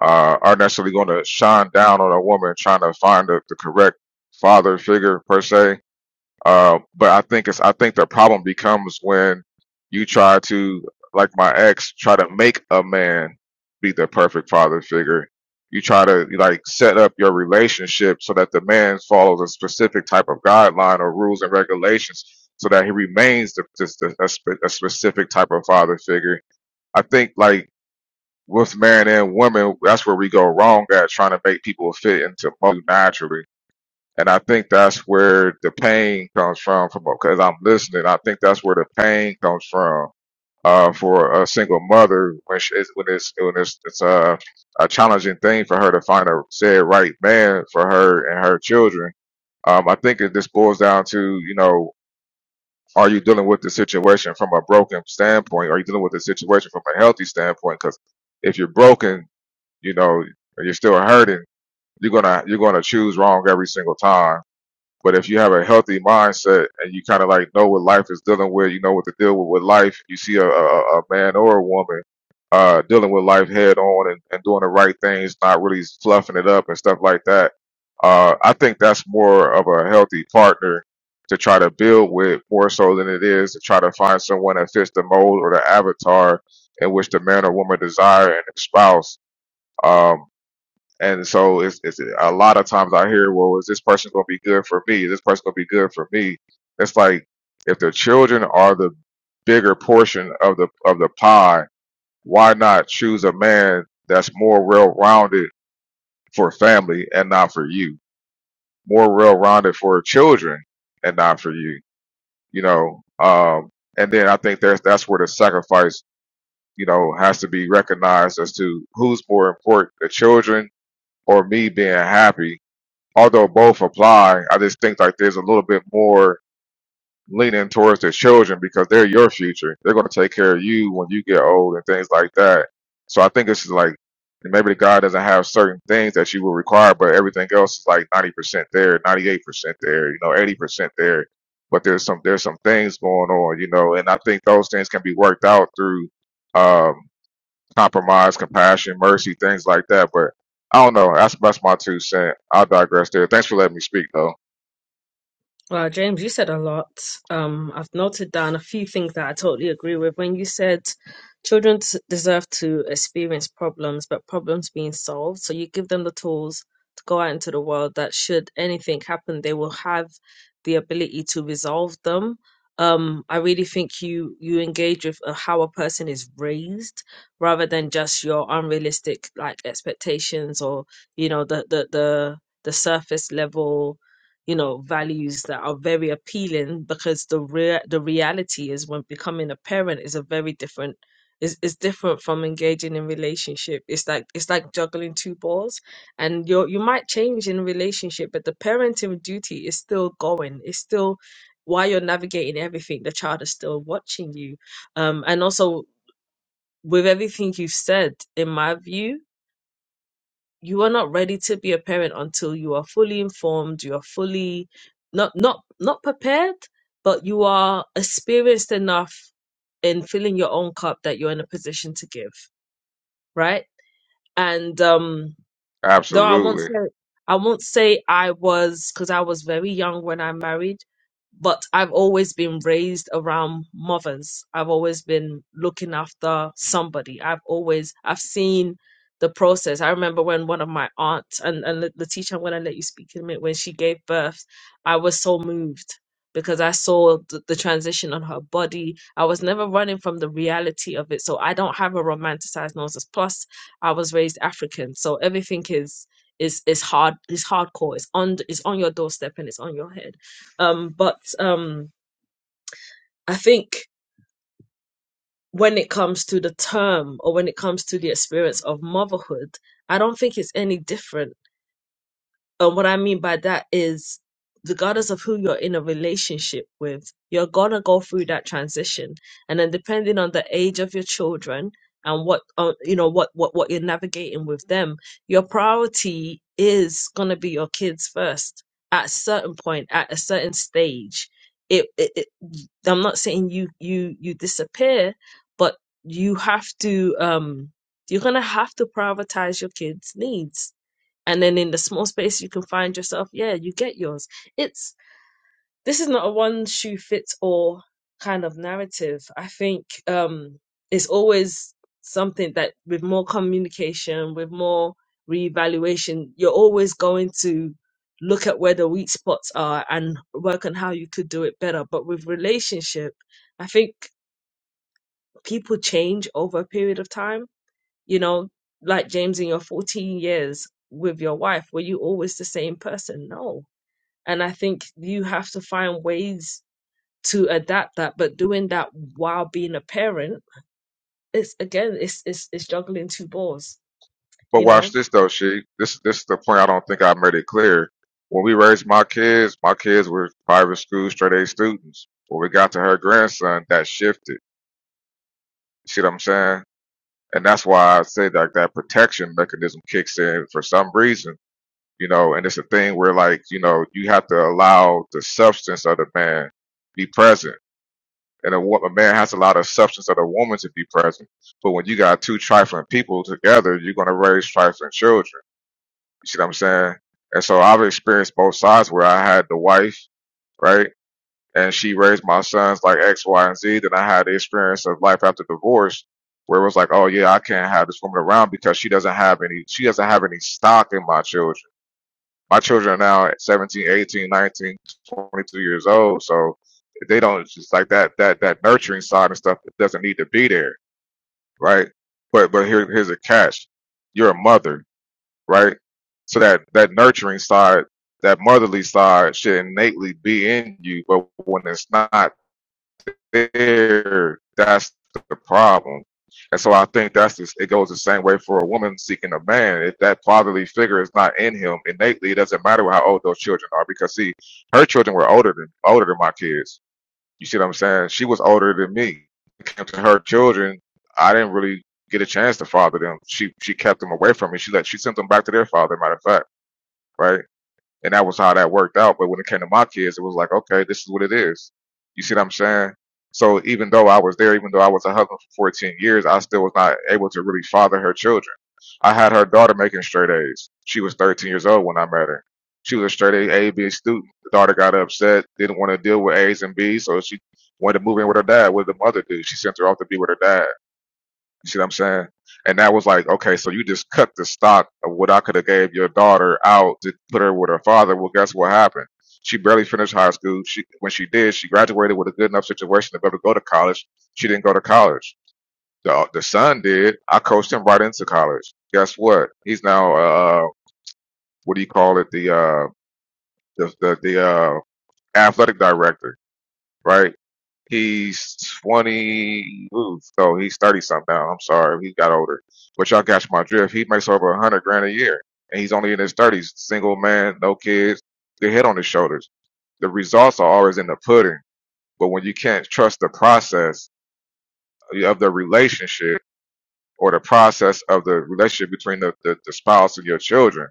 uh, are necessarily going to shine down on a woman trying to find the, the correct father figure per se Uh, but I think it's I think the problem becomes when you try to, like my ex, try to make a man be the perfect father figure. You try to like set up your relationship so that the man follows a specific type of guideline or rules and regulations, so that he remains the, just a, a, spe- a specific type of father figure. I think like with men and women, that's where we go wrong at trying to make people fit into mold naturally and I think that's where the pain comes from. From because I'm listening, I think that's where the pain comes from. Uh, for a single mother, when she, it's, when it's when it's it's a a challenging thing for her to find a said right man for her and her children. Um, I think it just boils down to you know, are you dealing with the situation from a broken standpoint? Are you dealing with the situation from a healthy standpoint? Because if you're broken, you know, or you're still hurting, you're gonna you're gonna choose wrong every single time but if you have a healthy mindset and you kind of like know what life is dealing with, you know what to deal with with life. You see a, a, a man or a woman uh, dealing with life head on and, and doing the right things, not really fluffing it up and stuff like that. Uh, I think that's more of a healthy partner to try to build with more so than it is to try to find someone that fits the mold or the avatar in which the man or woman desire in their spouse. Um, and so it's, it's a lot of times I hear, well, is this person going to be good for me? Is this person going to be good for me? It's like if the children are the bigger portion of the of the pie, why not choose a man that's more well-rounded for family and not for you, more well-rounded for children and not for you, you know? Um, and then I think there's that's where the sacrifice, you know, has to be recognized as to who's more important, the children or me being happy although both apply, I just think like there's a little bit more leaning towards the children because they're your future. They're going to take care of you when you get old and things like that. So I think it's just like maybe the God doesn't have certain things that you will require, but everything else is like 90% there, 98% there, you know, 80% there. But there's some there's some things going on, you know, and I think those things can be worked out through. um, compromise, compassion, mercy, things like that. But I don't know. That's that's my two cent. I'll digress there. Thanks for letting me speak though. Well, James, you said a lot. Um, I've noted down a few things that I totally agree with. When you said children s- deserve to experience problems, but problems being solved, so you give them the tools to go out into the world that should anything happen, they will have the ability to resolve them. Um, I really think you you engage with uh, how a person is raised rather than just your unrealistic like expectations or you know the the the the surface level you know values that are very appealing because the rea- the reality is when becoming a parent is a very different is is different from engaging in relationship it's like it's like juggling two balls and you you might change in relationship but the parenting duty is still going it's still while you're navigating everything the child is still watching you um and also with everything you've said in my view you are not ready to be a parent until you are fully informed you are fully not not not prepared but you are experienced enough in filling your own cup that you're in a position to give right and um Though I won't Absolutely. say I won't say I was because I was very young when I married, but I've always been raised around mothers. I've always been looking after somebody. I've always I've seen the process. I remember when one of my aunts and and the teacher I'm gonna let you speak in a minute when she gave birth, I was so moved because I saw the, the transition on her body. I was never running from the reality of it, so I don't have a romanticized nonsense. Plus, I was raised African, so everything is is is hard is hardcore. It's on it's on your doorstep and it's on your head. Um, but um, I think when it comes to the term or when it comes to the experience of motherhood, I don't think it's any different And what I mean by that is, regardless of who you're in a relationship with, you're gonna go through that transition. And then depending on the age of your children and what uh, you know, what what what you're navigating with them, your priority is gonna be your kids first. At a certain point, at a certain stage, it, it, it I'm not saying you you you disappear, but you have to um you're gonna have to prioritize your kids' needs and then in the small space you can find yourself yeah you get yours it's this is not a one shoe fits all kind of narrative i think um it's always something that with more communication with more reevaluation you're always going to look at where the weak spots are and work on how you could do it better but with relationship i think people change over a period of time you know, like James in your 14 years with your wife, were you always the same person? No. And I think you have to find ways to adapt that, but doing that while being a parent, it's again, it's it's, it's juggling two balls, But you watch know? this though, she. This this is the point I don't think I made it clear. When we raised my kids, my kids were private school straight A students. When we got to her grandson, that shifted. You see what I'm saying? And that's why I say that that protection mechanism kicks in for some reason. You know, and it's a thing where like, you know, you have to allow the substance of the man be present and a, wo- a man has to allow the substance of the woman to be present. But when you got two trifling people together, you're going to raise trifling children. You see what I'm saying? And so I've experienced both sides where I had the wife, right? And she raised my sons like X, Y, and Z. Then I had the experience of life after divorce where it was like, oh yeah, I can't have this woman around because she doesn't have any, she doesn't have any stock in my children my children are now at 17 eighteen, nineteen, twenty-two years old so they don't it's just like that that that nurturing side and stuff that doesn't need to be there right but but here, here's a catch you're a mother right so that that nurturing side that motherly side should innately be in you but when it's not there that's the problem. And so I think that's just, it goes the same way for a woman seeking a man. If that fatherly figure is not in him innately, it doesn't matter how old those children are because see, her children were older than older than my kids. You see what I'm saying? She was older than me. When it came to her children, I didn't really get a chance to father them. She she kept them away from me. She let she sent them back to their father. Matter of fact, right? And that was how that worked out. But when it came to my kids, it was like, okay, this is what it is. You see what I'm saying? So even though I was there, even though I was a husband for 14 years, I still was not able to really father her children. I had her daughter making straight A's. She was 13 years old when I met her. She was a straight A, A, B student. The daughter got upset, didn't want to deal with A's and B's, so she wanted to move in with her dad. What did the mother do? She sent her off to be with her dad. You see what I'm saying? And that was like, okay, so you just cut the stock of what I could have gave your daughter out to put her with her father. Well, guess what happened? She barely finished high school. She when she did, she graduated with a good enough situation to be able to go to college. She didn't go to college. The the son did. I coached him right into college. Guess what? He's now uh what do you call it? The uh the the, the uh athletic director, right? He's 20. Ooh, so he's 30 something now. I'm sorry. He got older. But y'all catch my drift. He makes over 100 grand a year. And he's only in his 30s. Single man, no kids, good head on his shoulders. The results are always in the pudding. But when you can't trust the process of the relationship or the process of the relationship between the, the, the spouse and your children,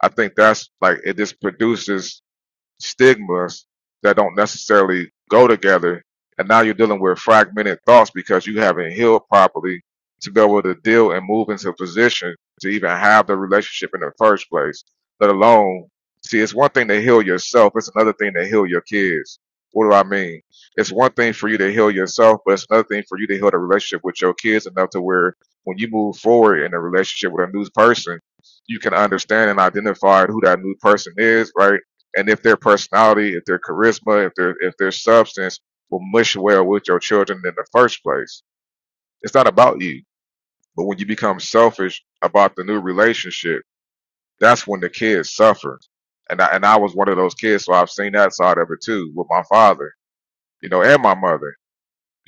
I think that's like it just produces stigmas that don't necessarily go together. And now you're dealing with fragmented thoughts because you haven't healed properly to be able to deal and move into a position to even have the relationship in the first place, let alone see it's one thing to heal yourself, it's another thing to heal your kids. What do I mean? It's one thing for you to heal yourself, but it's another thing for you to heal the relationship with your kids enough to where when you move forward in a relationship with a new person, you can understand and identify who that new person is, right? and if their personality, if their charisma, if their if their substance will mush well with your children in the first place. It's not about you. But when you become selfish about the new relationship, that's when the kids suffer. And I, and I was one of those kids, so I've seen that side of it too with my father, you know, and my mother.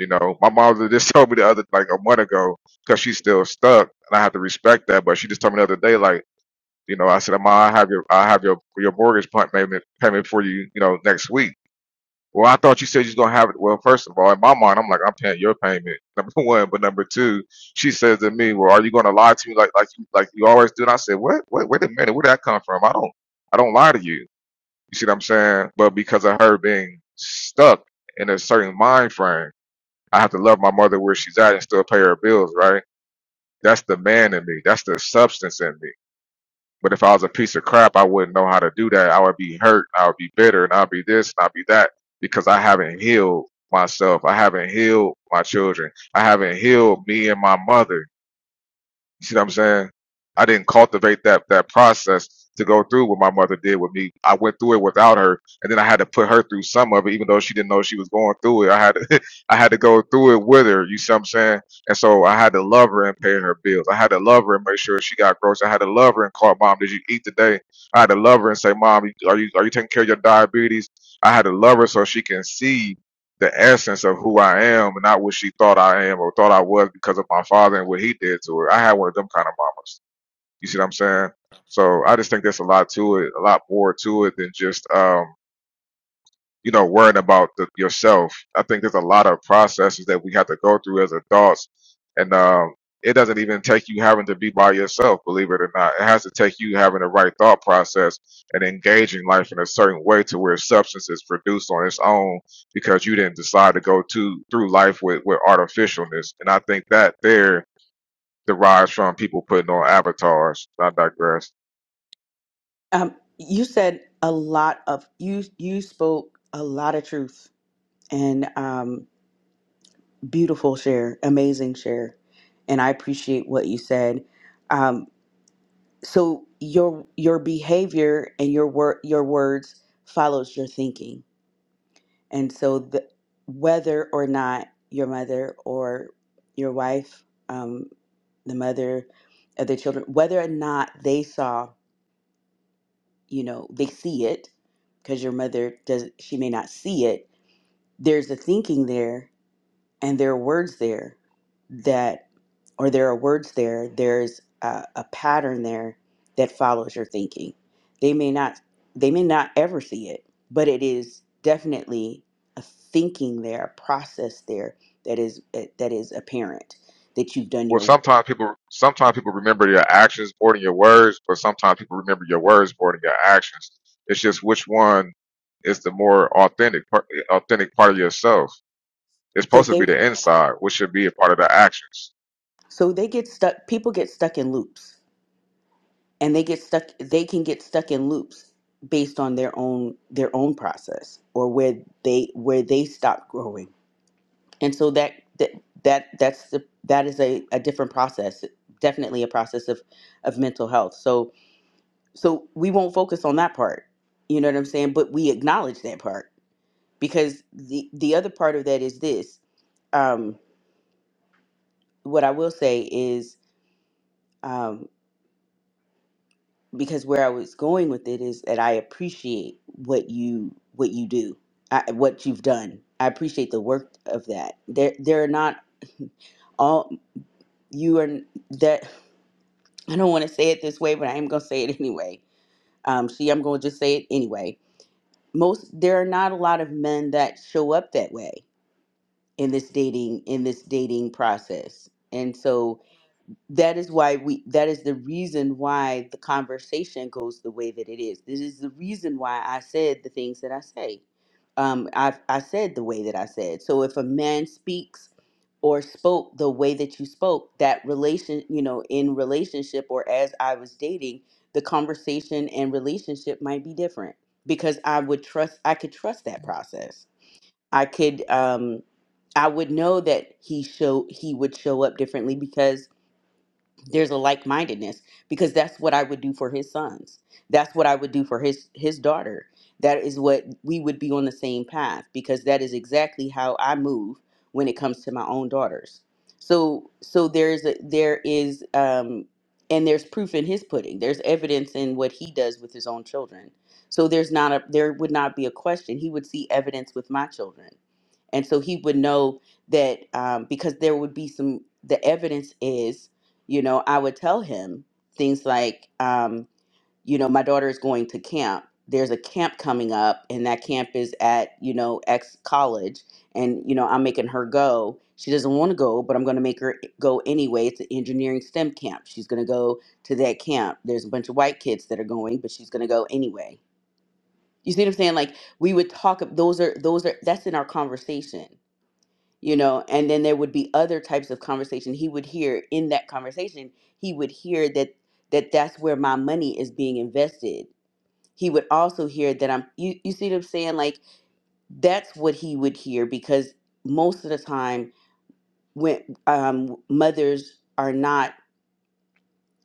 You know, my mother just told me the other like a month ago because she's still stuck, and I have to respect that. But she just told me the other day, like, you know, I said, "Ma, I have your, I have your your mortgage payment payment for you, you know, next week." Well, I thought you said you was gonna have it. Well, first of all, in my mind, I'm like, I'm paying your payment. Number one, but number two, she says to me, "Well, are you gonna lie to me like like you like you always do?" And I said, "What? Wait, wait a minute. Where did that come from? I don't I don't lie to you. You see what I'm saying? But because of her being stuck in a certain mind frame, I have to love my mother where she's at and still pay her bills. Right? That's the man in me. That's the substance in me. But if I was a piece of crap, I wouldn't know how to do that. I would be hurt. I would be bitter and I'd be this and I'd be that because I haven't healed myself. I haven't healed my children. I haven't healed me and my mother. You see what I'm saying? I didn't cultivate that that process to go through what my mother did with me. I went through it without her, and then I had to put her through some of it, even though she didn't know she was going through it. I had to, I had to go through it with her. You see what I'm saying? And so I had to love her and pay her bills. I had to love her and make sure she got groceries. I had to love her and call mom, "Did you eat today?" I had to love her and say, "Mom, are you are you taking care of your diabetes?" I had to love her so she can see the essence of who I am and not what she thought I am or thought I was because of my father and what he did to her. I had one of them kind of mamas. You see what I'm saying? So I just think there's a lot to it, a lot more to it than just um you know, worrying about the, yourself. I think there's a lot of processes that we have to go through as adults, and um, it doesn't even take you having to be by yourself, believe it or not. It has to take you having the right thought process and engaging life in a certain way to where substance is produced on its own because you didn't decide to go to through life with, with artificialness. And I think that there derives from people putting on avatars. I digress. Um, you said a lot of you you spoke a lot of truth and um, beautiful share, amazing share, and I appreciate what you said. Um, so your your behavior and your wor- your words follows your thinking And so, the, whether or not your mother or your wife, um, the mother of their children, whether or not they saw, you know, they see it, because your mother does, she may not see it. There's a thinking there and there are words there that or there are words there there's a, a pattern there that follows your thinking they may not they may not ever see it but it is definitely a thinking there a process there that is eh, that is apparent that you've done Well, your work sometimes people sometimes people remember your actions more than your words, but sometimes people remember your words more than your actions. It's just which one is the more authentic part, authentic part of yourself. It's so supposed to they be the inside, which should be a part of the actions. so they get stuck people get stuck in loops and they get stuck they can get stuck in loops based on their own their own process or where they where they stop growing and so that that, that that's the, that is a, a different process definitely a process of of mental health so so we won't focus on that part you know what i'm saying but we acknowledge that part because the the other part of that is this um what i will say is um because where i was going with it is that i appreciate what you what you do I, what you've done i appreciate the work of that there there are not all you are that I don't want to say it this way, but I am going to say it anyway. Um, see, I'm going to just say it anyway. Most there are not a lot of men that show up that way in this dating in this dating process, and so that is why we that is the reason why the conversation goes the way that it is this is the reason why i said the things that i say um i i said the way that i said so if a man speaks or spoke the way that you spoke that relation you know in relationship or as i was dating the conversation and relationship might be different because i would trust i could trust that process i could um i would know that he show he would show up differently because there's a like-mindedness because that's what I would do for his sons. That's what I would do for his his daughter. That is what we would be on the same path because that is exactly how I move when it comes to my own daughters. So so there's a, there is um and there's proof in his pudding. There's evidence in what he does with his own children. So there's not a there would not be a question. He would see evidence with my children. And so he would know that um, because there would be some the evidence is you know, I would tell him things like, um, you know, my daughter is going to camp. There's a camp coming up, and that camp is at, you know, X college. And, you know, I'm making her go. She doesn't want to go, but I'm going to make her go anyway. It's an engineering STEM camp. She's going to go to that camp. There's a bunch of white kids that are going, but she's going to go anyway. You see what I'm saying? Like we would talk. Those are those are that's in our conversation you know and then there would be other types of conversation he would hear in that conversation he would hear that that that's where my money is being invested he would also hear that i'm you, you see what i'm saying like that's what he would hear because most of the time when um, mothers are not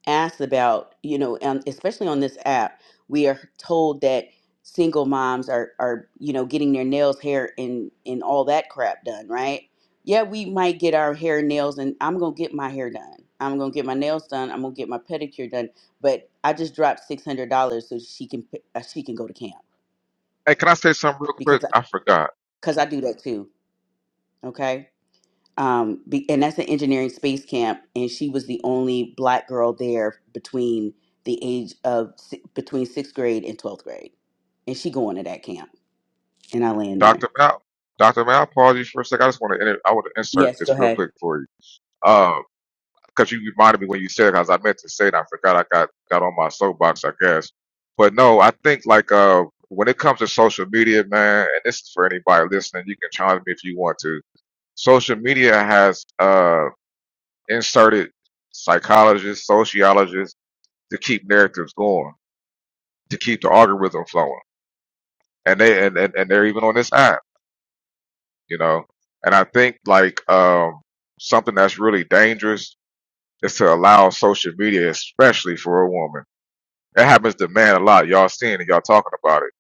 asked about, you know, and especially on this app, we are told that single moms are, are you know, getting their nails, hair, and and all that crap done, right? Yeah, we might get our hair, nails, and I'm gonna get my hair done. I'm gonna get my nails done. I'm gonna get my pedicure done. But I just dropped six hundred dollars so she can p- uh, she can go to camp Hey, can I say something real because quick? because I I forgot, 'cause I do that too. Okay um, be, and that's an engineering space camp, and she was the only black girl there between the age of si- between sixth grade and twelfth grade, and she going to that camp, and I land there. Doctor Mal. Doctor Mal, apologies for a sec. I just want to I want to insert Yes, go this real ahead. quick for you. Um, because you reminded me when you said it, as I meant to say it, I forgot I got got on my soapbox, I guess. But no, I think like uh when it comes to social media, man, and this is for anybody listening, you can challenge me if you want to. Social media has uh inserted psychologists, sociologists to keep narratives going, to keep the algorithm flowing. And they and, and, and they're even on this app, you know. And I think like um something that's really dangerous is to allow social media, especially for a woman That happens to man a lot. Y'all seeing it, y'all talking about it,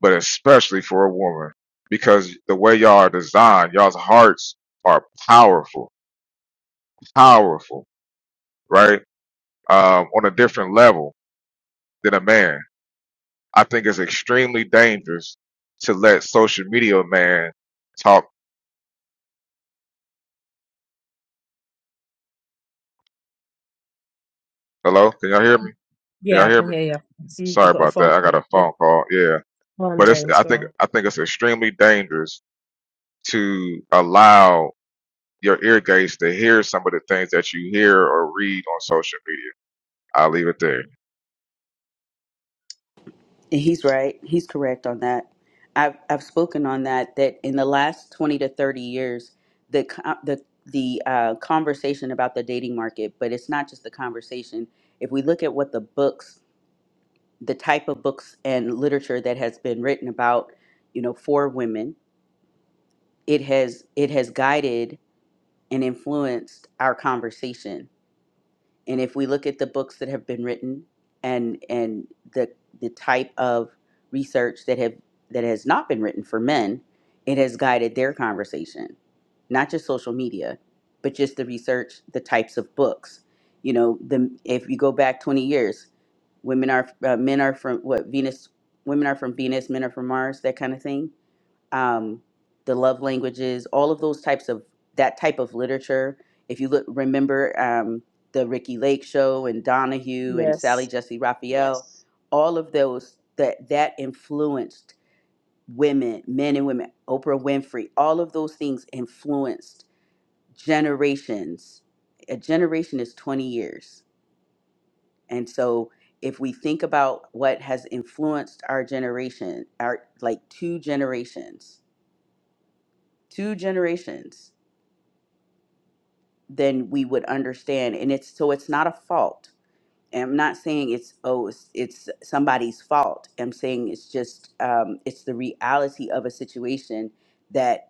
but especially for a woman because the way y'all are designed, y'all's hearts are powerful, powerful, right? Um, on a different level than a man. I think it's extremely dangerous to let social media man talk. Hello, can y'all hear me? Can y'all Yeah, I hear me? can hear you. See, you Sorry got a about that. phone I got call. a Yeah. phone call. Yeah, Go on, but it's. James, I go think. on. I think it's extremely dangerous to allow your ear gates to hear some of the things that you hear or read on social media. I'll leave it there. And he's right. He's correct on that. I've I've spoken on that that in the last twenty to thirty years, the co- the the uh, conversation about the dating market, but it's not just the conversation. If we look at what the books the type of books and literature that has been written about you know for women it has it has guided and influenced our conversation and if we look at the books that have been written and and the the type of research that have that has not been written for men it has guided their conversation not just social media, but just the research, the types of books. You know, the if you go back 20 years, women are uh, men are from what Venus, women are from Venus, men are from Mars, that kind of thing. Um, the love languages, all of those types of that type of literature. If you look, remember um, the Ricky Lake show and Donahue and Sally Yes. Jesse Raphael, Yes. all of those that that influenced women, men and women, Oprah Winfrey, all of those things influenced generations. A generation is 20 years. And so if we think about what has influenced our generation, our like two generations, two generations, then we would understand. And it's so it's not a fault. And I'm not saying it's oh it's, it's somebody's fault. I'm saying it's just um, it's the reality of a situation that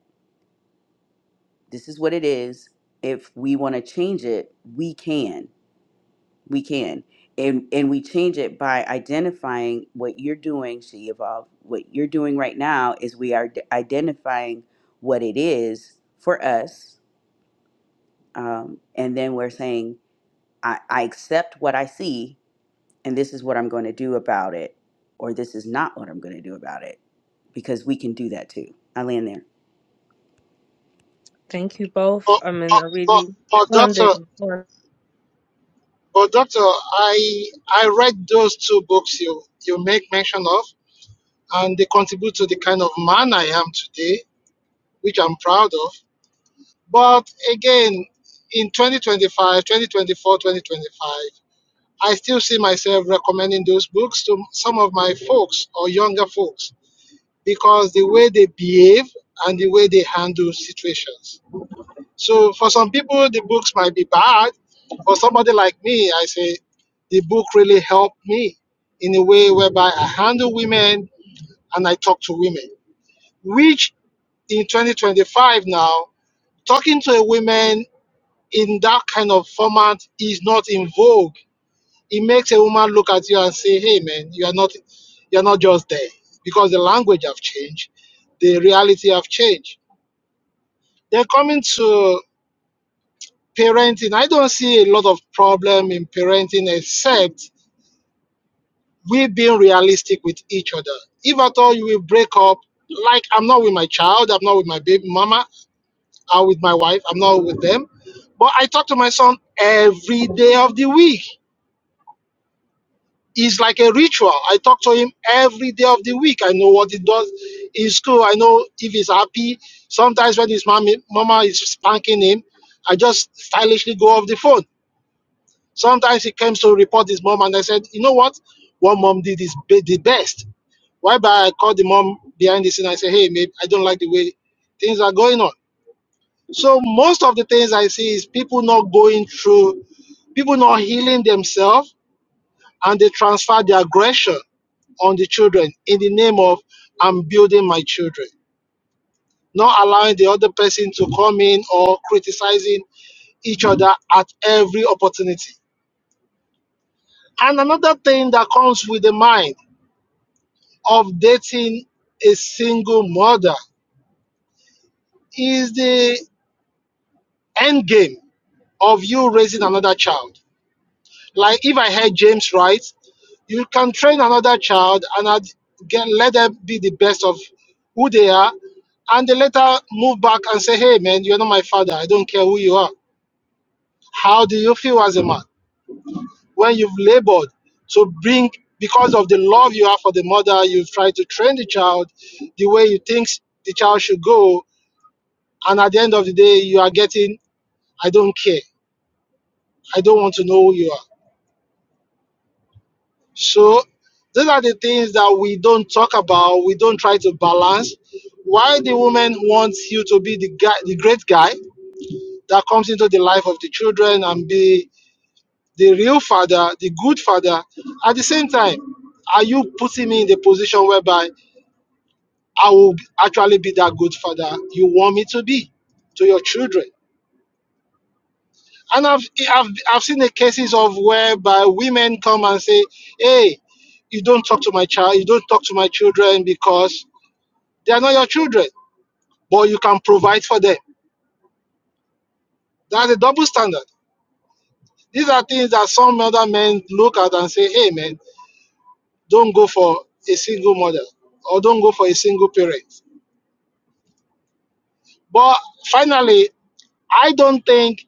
this is what it is. If we want to change it, we can we can and and we change it by identifying what you're doing she evolved what you're doing right now is we are d- identifying what it is for us um, and then we're saying I, I accept what i see and this is what i'm going to do about it or this is not what i'm going to do about it because we can do that too i land there Thank you both. But, I mean, but, I but, really, but go on, doctor, Deji. Go on. But doctor, I I read those two books you you make mention of, and they contribute to the kind of man I am today, which I'm proud of. But again, in 2025, 2024, 2025, I still see myself recommending those books to some of my folks or younger folks because the way they behave and the way they handle situations. So for some people, the books might be bad. For somebody like me, I say the book really helped me in a way whereby I handle women and I talk to women, which in 2025 now, talking to a woman in that kind of format is not in vogue. It makes a woman look at you and say, "Hey, man, you are not, you are not just there," because the language have changed, the reality have changed. Then coming to parenting i don't see a lot of problem in parenting except we being realistic with each other if at all you will break up like i'm not with my child i'm not with my baby mama i'm with my wife i'm not with them but i talk to my son every day of the week it's like a ritual i talk to him every day of the week i know what he does in school i know if he's happy sometimes when his mommy, mama is spanking him i just stylishly go off the phone Sometimes he came to report his mom, and I said, you know what? What mom did is be- the best. Whereby I called the mom behind the scene. I said, hey, maybe I don't like the way things are going on. So most of the things I see is people not going through, people not healing themselves, and they transfer the aggression on the children in the name of I'm building my children, not allowing the other person to come in or criticizing each other at every opportunity. And another thing that comes with the mind of dating a single mother is the end game of you raising another child. Like if I heard James right, you can train another child and I'd get, let them be the best of who they are, and they later move back and say, "Hey, man, you're not my father. I don't care who you are." How do you feel as a man when you've labored to bring, because of the love you have for the mother, you've tried to train the child the way you think the child should go, And at the end of the day, you are getting, I don't care. I don't want to know who you are. So these are the things that we don't talk about. We don't try to balance. Why the woman wants you to be the guy, the great guy that comes into the life of the children and be the real father, the good father. At the same time, are you putting me in the position whereby I will actually be that good father you want me to be to your children? And I've, I've, I've seen the cases of whereby women come and say, hey, you don't talk to my child, you don't talk to my children because they are not your children, but you can provide for them. That's a double standard. These are things that some other men look at and say, hey, man, don't go for a single mother or don't go for a single parent. But finally, I don't think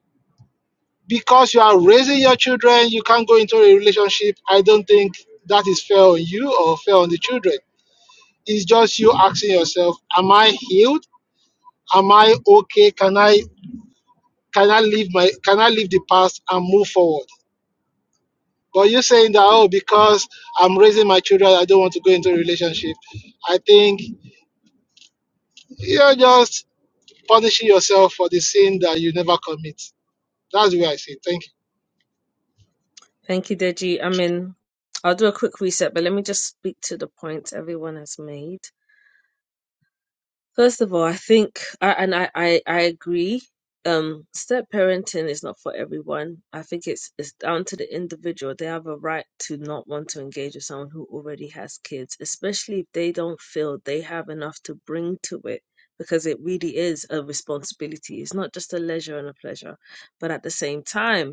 because you are raising your children, you can't go into a relationship. I don't think that is fair on you or fair on the children. It's just you asking yourself, am I healed? Am I okay? Can I can I leave my can I leave the past and move forward? But you saying that oh because I'm raising my children, I don't want to go into a relationship. I think you're just punishing yourself for the sin that you never commit. That's the way I see it. Thank Thank you, Deji. I mean, I'll do a quick reset, but let me just speak to the points everyone has made. First of all, I think, I, and I, I, I agree, um, step parenting is not for everyone. I think it's it's down to the individual. They have a right to not want to engage with someone who already has kids, especially if they don't feel they have enough to bring to it, because it really is a responsibility. It's not just a leisure and a pleasure, but at the same time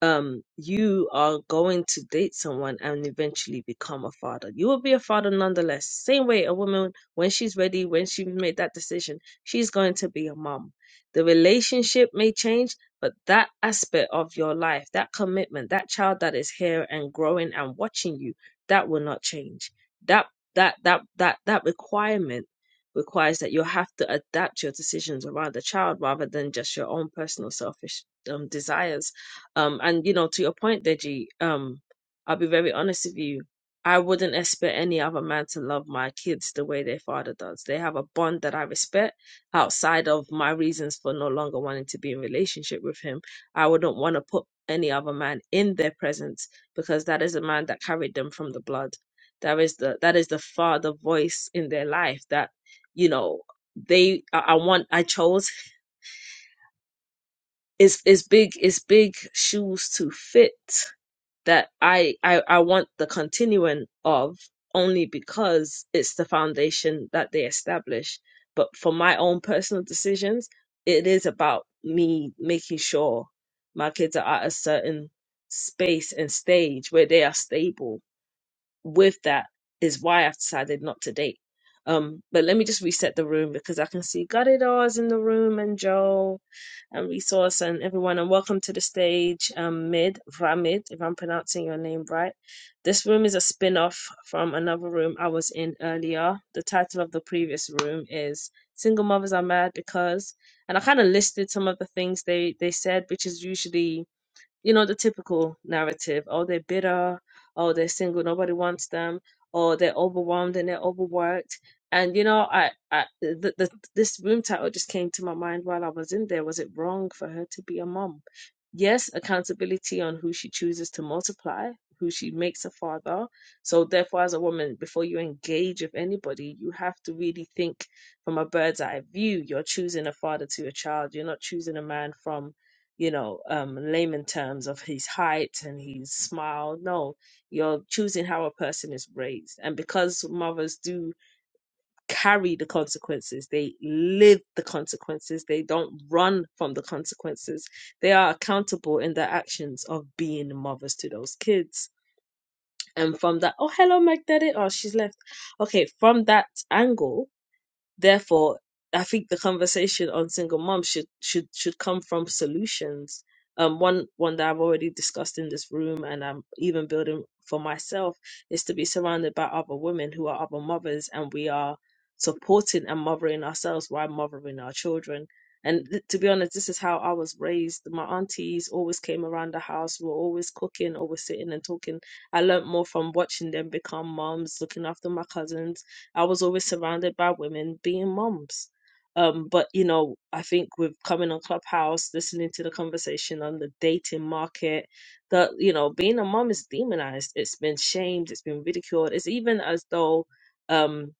um you are going to date someone and eventually become a father you will be a father nonetheless same way a woman when she's ready when she made that decision she's going to be a mom the relationship may change but that aspect of your life that commitment that child that is here and growing and watching you that will not change that that that that that requirement requires that you have to adapt your decisions around the child rather than just your own personal selfish um, desires um, and you know, to your point, Deji, um, I'll be very honest with you. I wouldn't expect any other man to love my kids the way their father does. They have a bond that I respect outside of my reasons for no longer wanting to be in relationship with him. I wouldn't want to put any other man in their presence because that is a man that carried them from the blood. That is the that is the father voice in their life that, you know, they I, I want I chose. It's it's big it's big shoes to fit that I, I I want the continuing of only because it's the foundation that they establish. But for my own personal decisions, it is about me making sure my kids are at a certain space and stage where they are stable. With that is why I've decided not to date. Um, but let me just reset the room because I can see Gadida's in the room and Joe and resource and everyone and welcome to the stage um mid ramid if i'm pronouncing your name right this room is a spin-off from another room i was in earlier the title of the previous room is single mothers are mad because and i kind of listed some of the things they they said which is usually you know the typical narrative oh they're bitter oh they're single nobody wants them or they're overwhelmed and they're overworked and you know i, I the, the, this room title just came to my mind while i was in there was it wrong for her to be a mom yes accountability on who she chooses to multiply who she makes a father so therefore as a woman before you engage with anybody you have to really think from a bird's eye view you're choosing a father to your child you're not choosing a man from you know, um, layman terms of his height and his smile. No, you're choosing how a person is raised. And because mothers do carry the consequences, they live the consequences, they don't run from the consequences, they are accountable in their actions of being mothers to those kids. And from that, oh, hello, Magnetic. Oh, she's left. Okay, from that angle, therefore i think the conversation on single moms should should should come from solutions um one one that i've already discussed in this room and i'm even building for myself is to be surrounded by other women who are other mothers and we are supporting and mothering ourselves while mothering our children and th- to be honest this is how i was raised my aunties always came around the house were always cooking always sitting and talking i learnt more from watching them become moms looking after my cousins I was always surrounded by women being moms. Um, but you know, I think with coming on Clubhouse, listening to the conversation on the dating market, that you know, being a mom is demonized. It's been shamed. It's been ridiculed. It's even as though, um,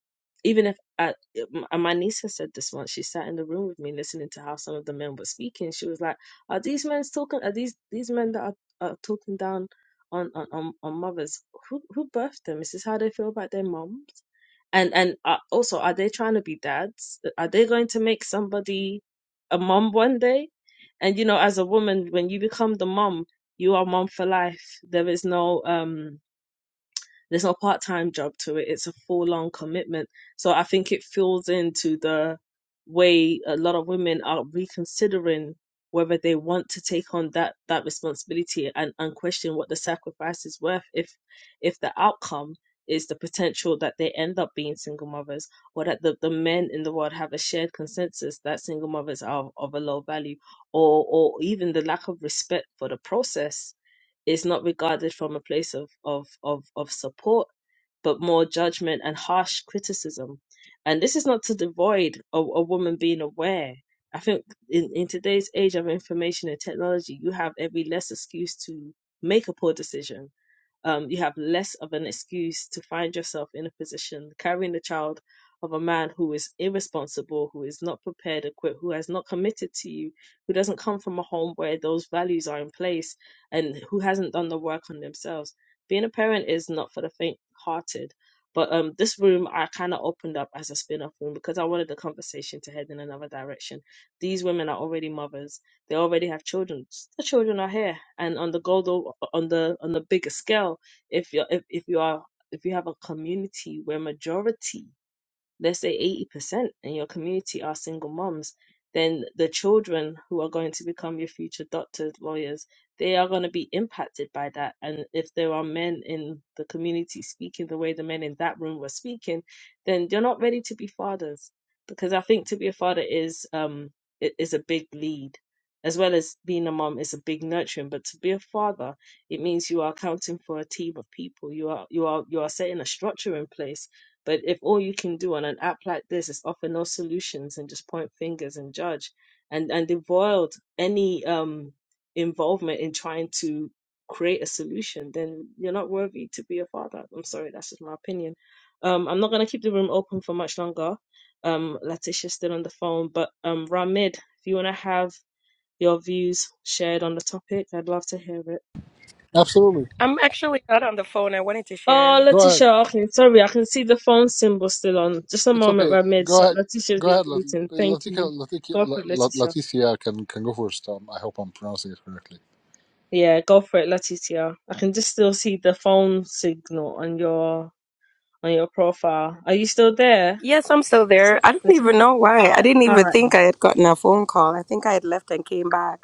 even if I, and my niece has said this once, she sat in the room with me listening to how some of the men were speaking. She was like, "Are these men talking? Are these these men that are, are talking down on, on on on mothers? Who who birthed them? Is this how they feel about their moms?" And and uh, also, are they trying to be dads? Uh, Are they going to make somebody a mom one day? And you know, as a woman, when you become the mom, you are mom for life. There is no um there's no part time job to it, it's a full on commitment. So I think it fills into the way a lot of women are reconsidering whether they want to take on that that responsibility and, and question what the sacrifice is worth if if the outcome is the potential that they end up being single mothers or that the, the men in the world have a shared consensus that single mothers are of a low value or or even the lack of respect for the process is not regarded from a place of, of, of, of support, but more judgment and harsh criticism. And this is not to devoid a, a woman being aware. I think in, in today's age of information and technology, you have every less excuse to make a poor decision um, you have less of an excuse to find yourself in a position carrying the child of a man who is irresponsible, who is not prepared, equipped, who has not committed to you, who doesn't come from a home where those values are in place, and who hasn't done the work on themselves. Being a parent is not for the faint-hearted. But um, this room I kind of opened up as a spin-off room because I wanted the conversation to head in another direction. These women are already mothers they already have children. The children are here, and on the global, on the on the bigger scale, if you if, if you are if you have a community where majority let's say 80% in your community are single moms, then the children who are going to become your future doctors, lawyers, they are going to be impacted by that. And if there are men in the community speaking the way the men in that room were speaking, then you're not ready to be fathers. Because I think to be a father is um i- is a big lead, as well as being a mom is a big nurturing. But to be a father, it means you are accounting for a team of people. You are you are you are setting a structure in place but if all you can do on an app like this is offer no solutions and just point fingers and judge and, and avoid any um, involvement in trying to create a solution, then you're not worthy to be a father. I'm sorry, that's just my opinion. Um, I'm not going to keep the room open for much longer. Um, Letitia's still on the phone, but um, Ramid, if you want to have your views shared on the topic, I'd love to hear it. Absolutely. I'm actually not on the phone. I wanted to Oh, share. Go ahead. Letitia, okay, sorry, I can see the phone symbol still on. Just a It's moment, okay. Ramid. Go So ahead. Letitia's Go been ahead. Lat- waiting. Thank Latika, you. Latika, Go for La- it, La- Letitia. Laticia can, can go first. Um, I hope I'm pronouncing it correctly. Yeah, go for it, Letitia. I can just still see the phone signal on your on your profile. Are you still there, Yes, I'm still there. I don't even Letitia? know why. I didn't All even right. think I had gotten a phone call. I think I had left and came back.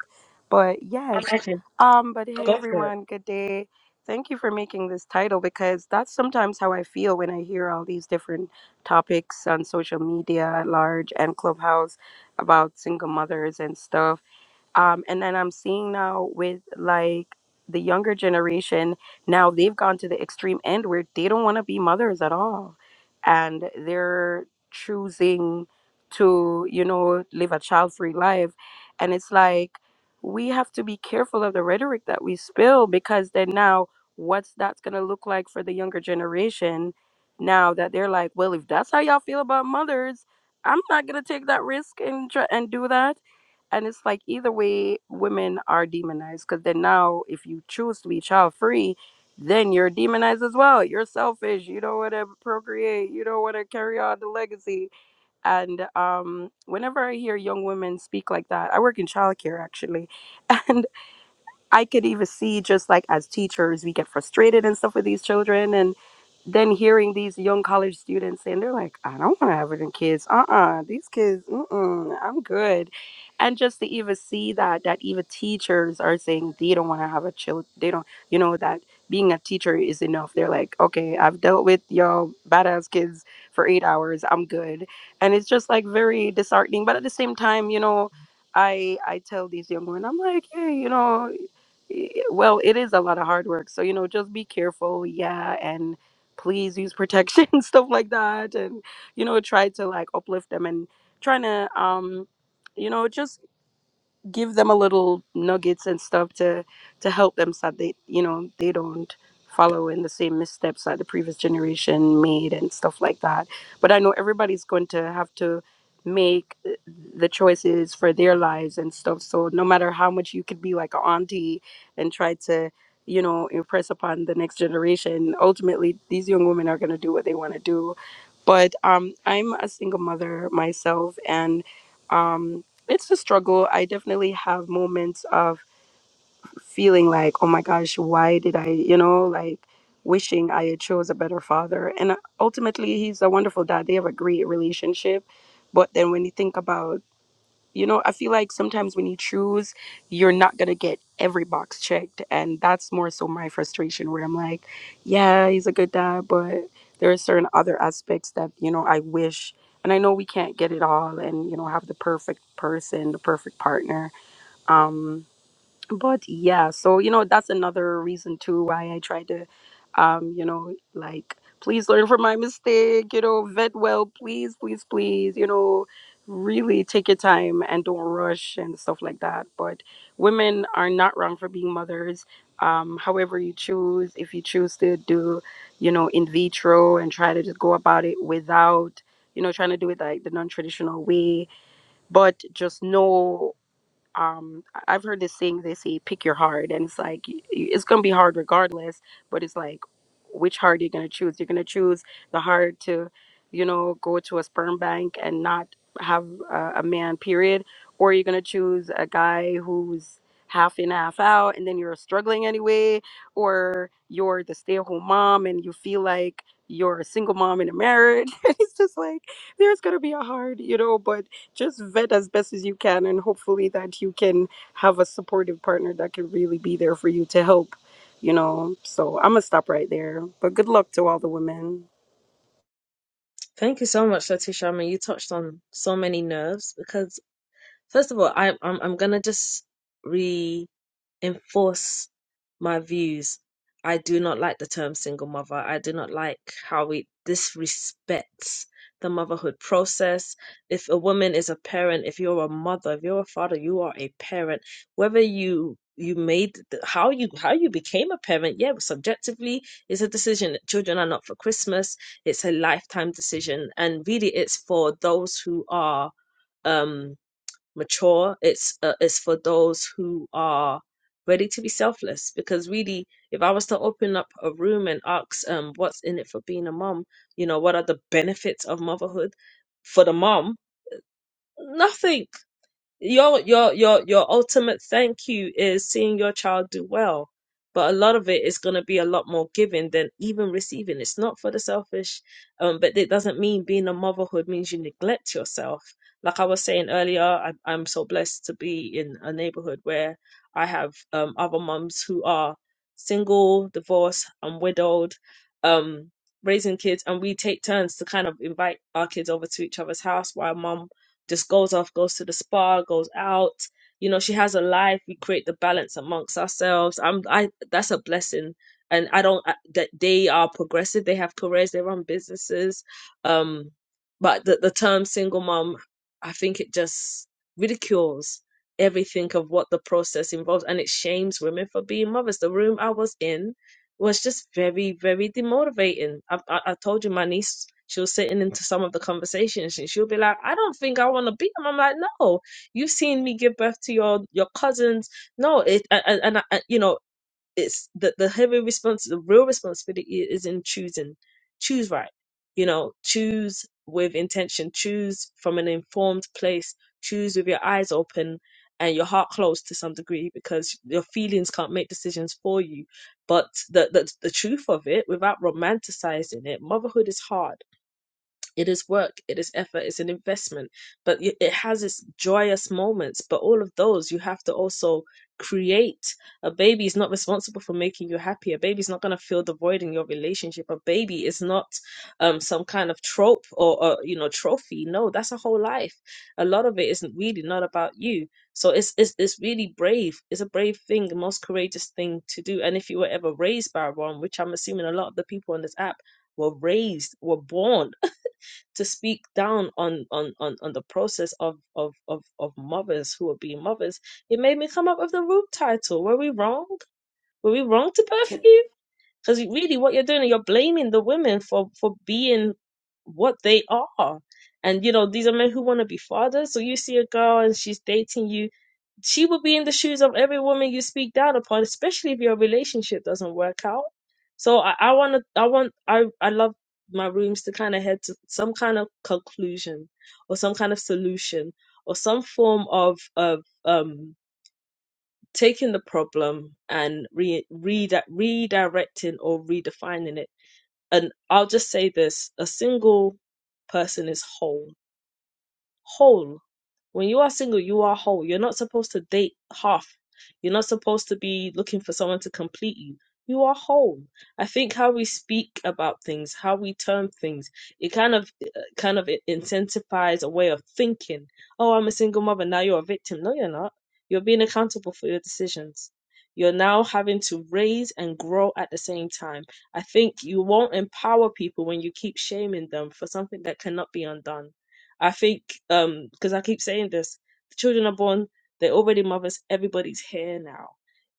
But yes. Okay. Okay, Um, but hey go for it. everyone, good day. Thank you for making this title because that's sometimes how I feel when I hear all these different topics on social media at large and clubhouse about single mothers and stuff. um, and then i'm seeing now with like the younger generation now they've gone to the extreme end where they don't want to be mothers at all and they're choosing to you know live a child-free life and it's like we have to be careful of the rhetoric that we spill because then now what's that's going to look like for the younger generation now that they're like well if that's how y'all feel about mothers i'm not going to take that risk and try and do that and it's like either way women are demonized because then now if you choose to be child free then you're demonized as well you're selfish you don't want to procreate you don't want to carry on the legacy and um whenever i hear young women speak like that i work in childcare actually I could even see just like as teachers, we get frustrated and stuff with these children. And then hearing these young college students and they're like, I don't want to have it in kids. Uh uh these kids, mm-mm, I'm good. And just to even see that, that even teachers are saying they don't want to have a child. They don't, you know, that being a teacher is enough. They're like, okay, I've dealt with y'all badass kids for eight hours. I'm good. And it's just like very disheartening. But at the same time, you know, I I tell these young women, I'm like, hey, you know i- well, it is a lot of hard work. So, you know, just be careful. Yeah. And please use protection, stuff like that. And, you know, try to like uplift them and trying to, um, you know, just give them a little nuggets and stuff to to help them so that they you know they don't follow in the same missteps that the previous generation made and stuff like that but i know everybody's going to have to make uh, the choices for their lives and stuff so no matter how much you could be like an auntie and try to you know impress upon the next generation ultimately these young women are going to do what they want to do but um i'm a single mother myself and um it's a struggle. I definitely have moments of feeling like, oh my gosh, why did I, you know, like wishing I had chose a better father. And uh, ultimately, he's a wonderful dad. They have a great relationship. But then when you think about you know, I feel like sometimes when you choose, you're not going to get every box checked. And that's more so my frustration where I'm like, yeah, he's a good dad, but there are certain other aspects that, you know, I wish. And I know we can't get it all and, you know, have the perfect person, the perfect partner. Um, but yeah so you know that's another reason too why i try to um you know like please learn from my mistake you know vet well please please please you know really take your time and don't rush and stuff like that but women are not wrong for being mothers um however you choose if you choose to do you know in vitro and try to just go about it without you know trying to do it like the non-traditional way but just know um I- i've heard this saying they say pick your heart and it's like y- y- it's gonna be hard regardless but it's like which heart you're gonna choose you're gonna choose the heart to you know go to a sperm bank and not have a, a man period or you're gonna choose a guy who's half in half out and then you're struggling anyway or you're the stay-at-home mom and you feel like you're a single mom in a marriage it's just like there's gonna be a hard you know but just vet as best as you can and hopefully that you can have a supportive partner that can really be there for you to help you know so i'm gonna stop right there but good luck to all the women Thank you so much, Letitia. I mean, you touched on so many nerves because first of all, I I'm I'm gonna just enforce my views. I do not like the term single mother. I do not like how it disrespects the motherhood process. If a woman is a parent, if you're a mother, if you're a father, you are a parent. Whether you you made the, how you how you became a parent, yeah, subjectively, it's a decision. Children are not for Christmas. It's a lifetime decision, and really, it's for those who are. Um, mature. It's uh, it's for those who are ready to be selfless. Because really, if I was to open up a room and ask, um, what's in it for being a mom? You know, what are the benefits of motherhood for the mom? Nothing your your your your ultimate thank you is seeing your child do well but a lot of it is going to be a lot more giving than even receiving it's not for the selfish um but it doesn't mean being a motherhood means you neglect yourself like i was saying earlier I, i'm so blessed to be in a neighborhood where i have um other moms who are single divorced and widowed um raising kids and we take turns to kind of invite our kids over to each other's house while mom just goes off, goes to the spa, goes out. You know, she has a life. We create the balance amongst ourselves. I'm, I, that's a blessing. And I don't, I, that they are progressive. They have careers, they run businesses. Um, but the, the term single mom, I think it just ridicules everything of what the process involves and it shames women for being mothers. The room I was in, was just very, very demotivating. I, I, I told you my niece, she was sitting into some of the conversations and she'll be like, I don't think I want to be them. I'm like, no, you've seen me give birth to your, your cousins. No, it, and, and, and I- you know, it's the the heavy response the real responsibility is in choosing choose right you know choose with intention choose from an informed place choose with your eyes open and your heart closed to some degree because your feelings can't make decisions for you but the the, the truth of it without romanticizing it motherhood is hard it is work it is effort it's an investment but y- it has its joyous moments but all of those you have to also create a baby is not responsible for making you happy a baby is not going to fill the void in your relationship a baby is not um some kind of trope or, or you know trophy no that's a whole life a lot of it is isn't really not about you so it's, it's it's really brave it's a brave thing the most courageous thing to do and if you were ever raised by one which i'm assuming a lot of the people on this app were raised were born to speak down on on on, on the process of, of of of mothers who are being mothers, it made me come up with the root title. Were we wrong? Were we wrong to birth Can you? Because really, what you're doing, you're blaming the women for for being what they are. And you know, these are men who want to be fathers. So you see a girl and she's dating you she would be in the shoes of every woman you speak down upon, especially if your relationship doesn't work out. So I, I want to, I want, I, I love my rooms to kind of head to some kind of conclusion or some kind of solution or some form of, of, um, taking the problem and re, re redirecting or redefining it. And I'll just say this, a single person is whole, whole, when you are single, you are whole. You're not supposed to date half. You're not supposed to be looking for someone to complete you. You are whole. I think how we speak about things, how we term things, it kind of kind of intensifies a way of thinking. Oh, I'm a single mother. Now you're a victim. No, you're not. You're being accountable for your decisions. You're now having to raise and grow at the same time. I think you won't empower people when you keep shaming them for something that cannot be undone I think um because I keep saying this, the children are born, they already mothers, everybody's here now.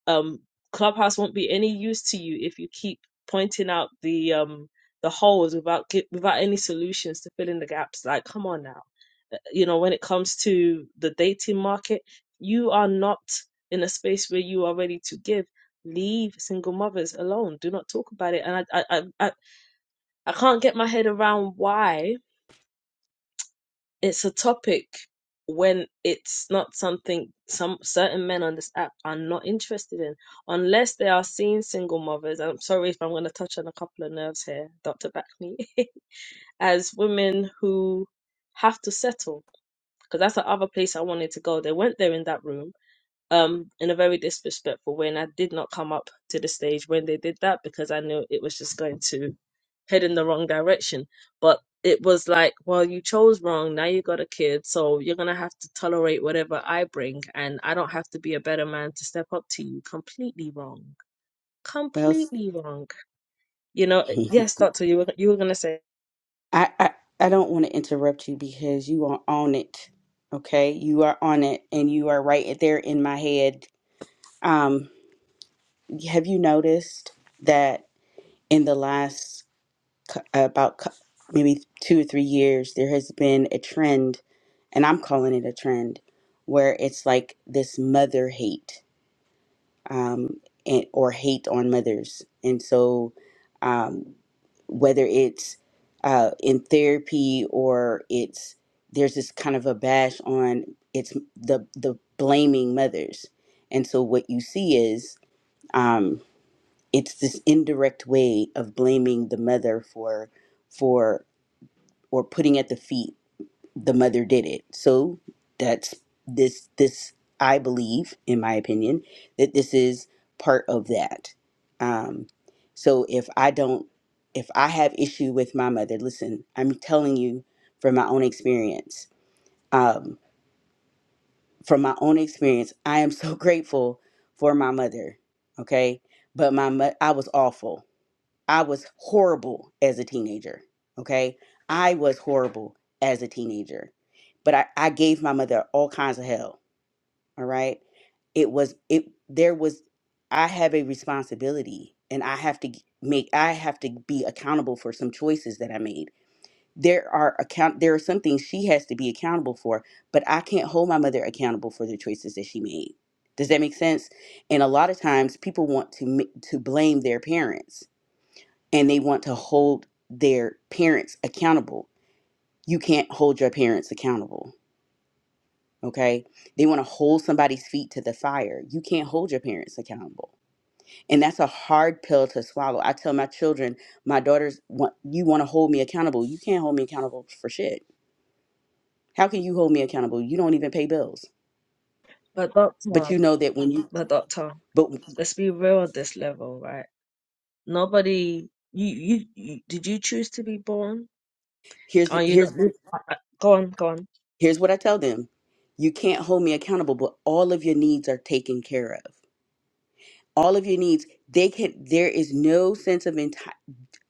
Um Clubhouse won't be any use to you if you keep pointing out the um the holes without gi- without any solutions to fill in the gaps. Like come on now. Uh, You know, when it comes to the dating market, you are not in a space where you are ready to give. Leave single mothers alone. Do not talk about it. And I I I, I I can't get my head around why it's a topic when it's not something some certain men on this app are not interested in unless they are seen single mothers i'm sorry if i'm going to touch on a couple of nerves here dr back me as women who have to settle because that's the other place i wanted to go they went there in that room um, in a very disrespectful way. And I did not come up to the stage when they did that because I knew it was just going to head in the wrong direction. But it was like, well, you chose wrong. Now you got a kid. So you're going to have to tolerate whatever I bring. And I don't have to be a better man to step up to you. Completely wrong. well Completely wrong. You know, yes, doctor, you were, you were going to say, I, I I don't want to interrupt you because you are on it. Okay, you are on it, and you are right there in my head. Um, have you noticed that in the last cou- about cou- maybe two or three years, there has been a trend, and I'm calling it a trend, where it's like this mother hate um, and, or hate on mothers. And so, um, whether it's uh, in therapy or it's there's this kind of a bash on it's the the blaming mothers. And so what you see is um, it's this indirect way of blaming the mother for for or putting at the feet the mother did it. So that's this this I believe, in my opinion, that this is part of that. Um, so if I don't, if I have issue with my mother, listen, I'm telling you from my own experience. Um, from my own experience, I am so grateful for my mother. Okay, but my mo- I was awful. I was horrible as a teenager. Okay. I was horrible as a teenager. But I, I gave my mother all kinds of hell. All right. It was, it, there was, I have a responsibility and I have to g- make, I have to be accountable for some choices that I made. There are account, there are some things she has to be accountable for, but I can't hold my mother accountable for the choices that she made. Does that make sense? And a lot of times people want to, ma- to blame their parents and they want to hold their parents accountable. You can't hold your parents accountable. Okay. They want to hold somebody's feet to the fire. You can't hold your parents accountable. And that's a hard pill to swallow. I tell my children, my daughters, want, you want to hold me accountable. You can't hold me accountable for shit. How can you hold me accountable? You don't even pay bills. but But doctor, you know that when you, but doctor, but let's be real at this level, right? Nobody, you, you, you, did you choose to be born? here's, Are you not? here's, I- I- Go on, go on. here's what I tell them. You can't hold me accountable, but all of your needs are taken care of. all of your needs they can there is no sense of enti-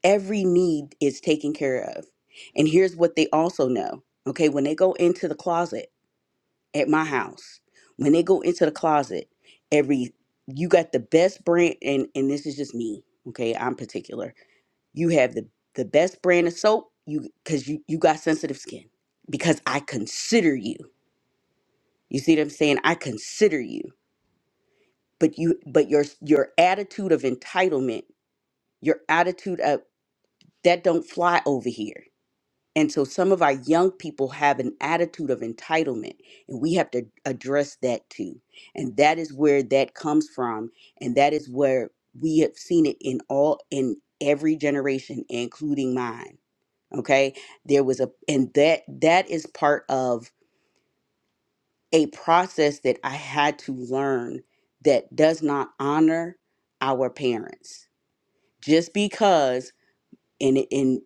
every need is taken care of and here's what they also know okay when they go into the closet at my house when they go into the closet every you got the best brand and and this is just me okay i'm particular you have the the best brand of soap you because you you got sensitive skin because i consider you you see what i'm saying i consider you but you but your your attitude of entitlement your attitude of that don't fly over here and so some of our young people have an attitude of entitlement and we have to address that too and that is where that comes from and that is where we have seen it in all in every generation including mine okay there was a and that that is part of a process that i had to learn that does not honor our parents just because and it- and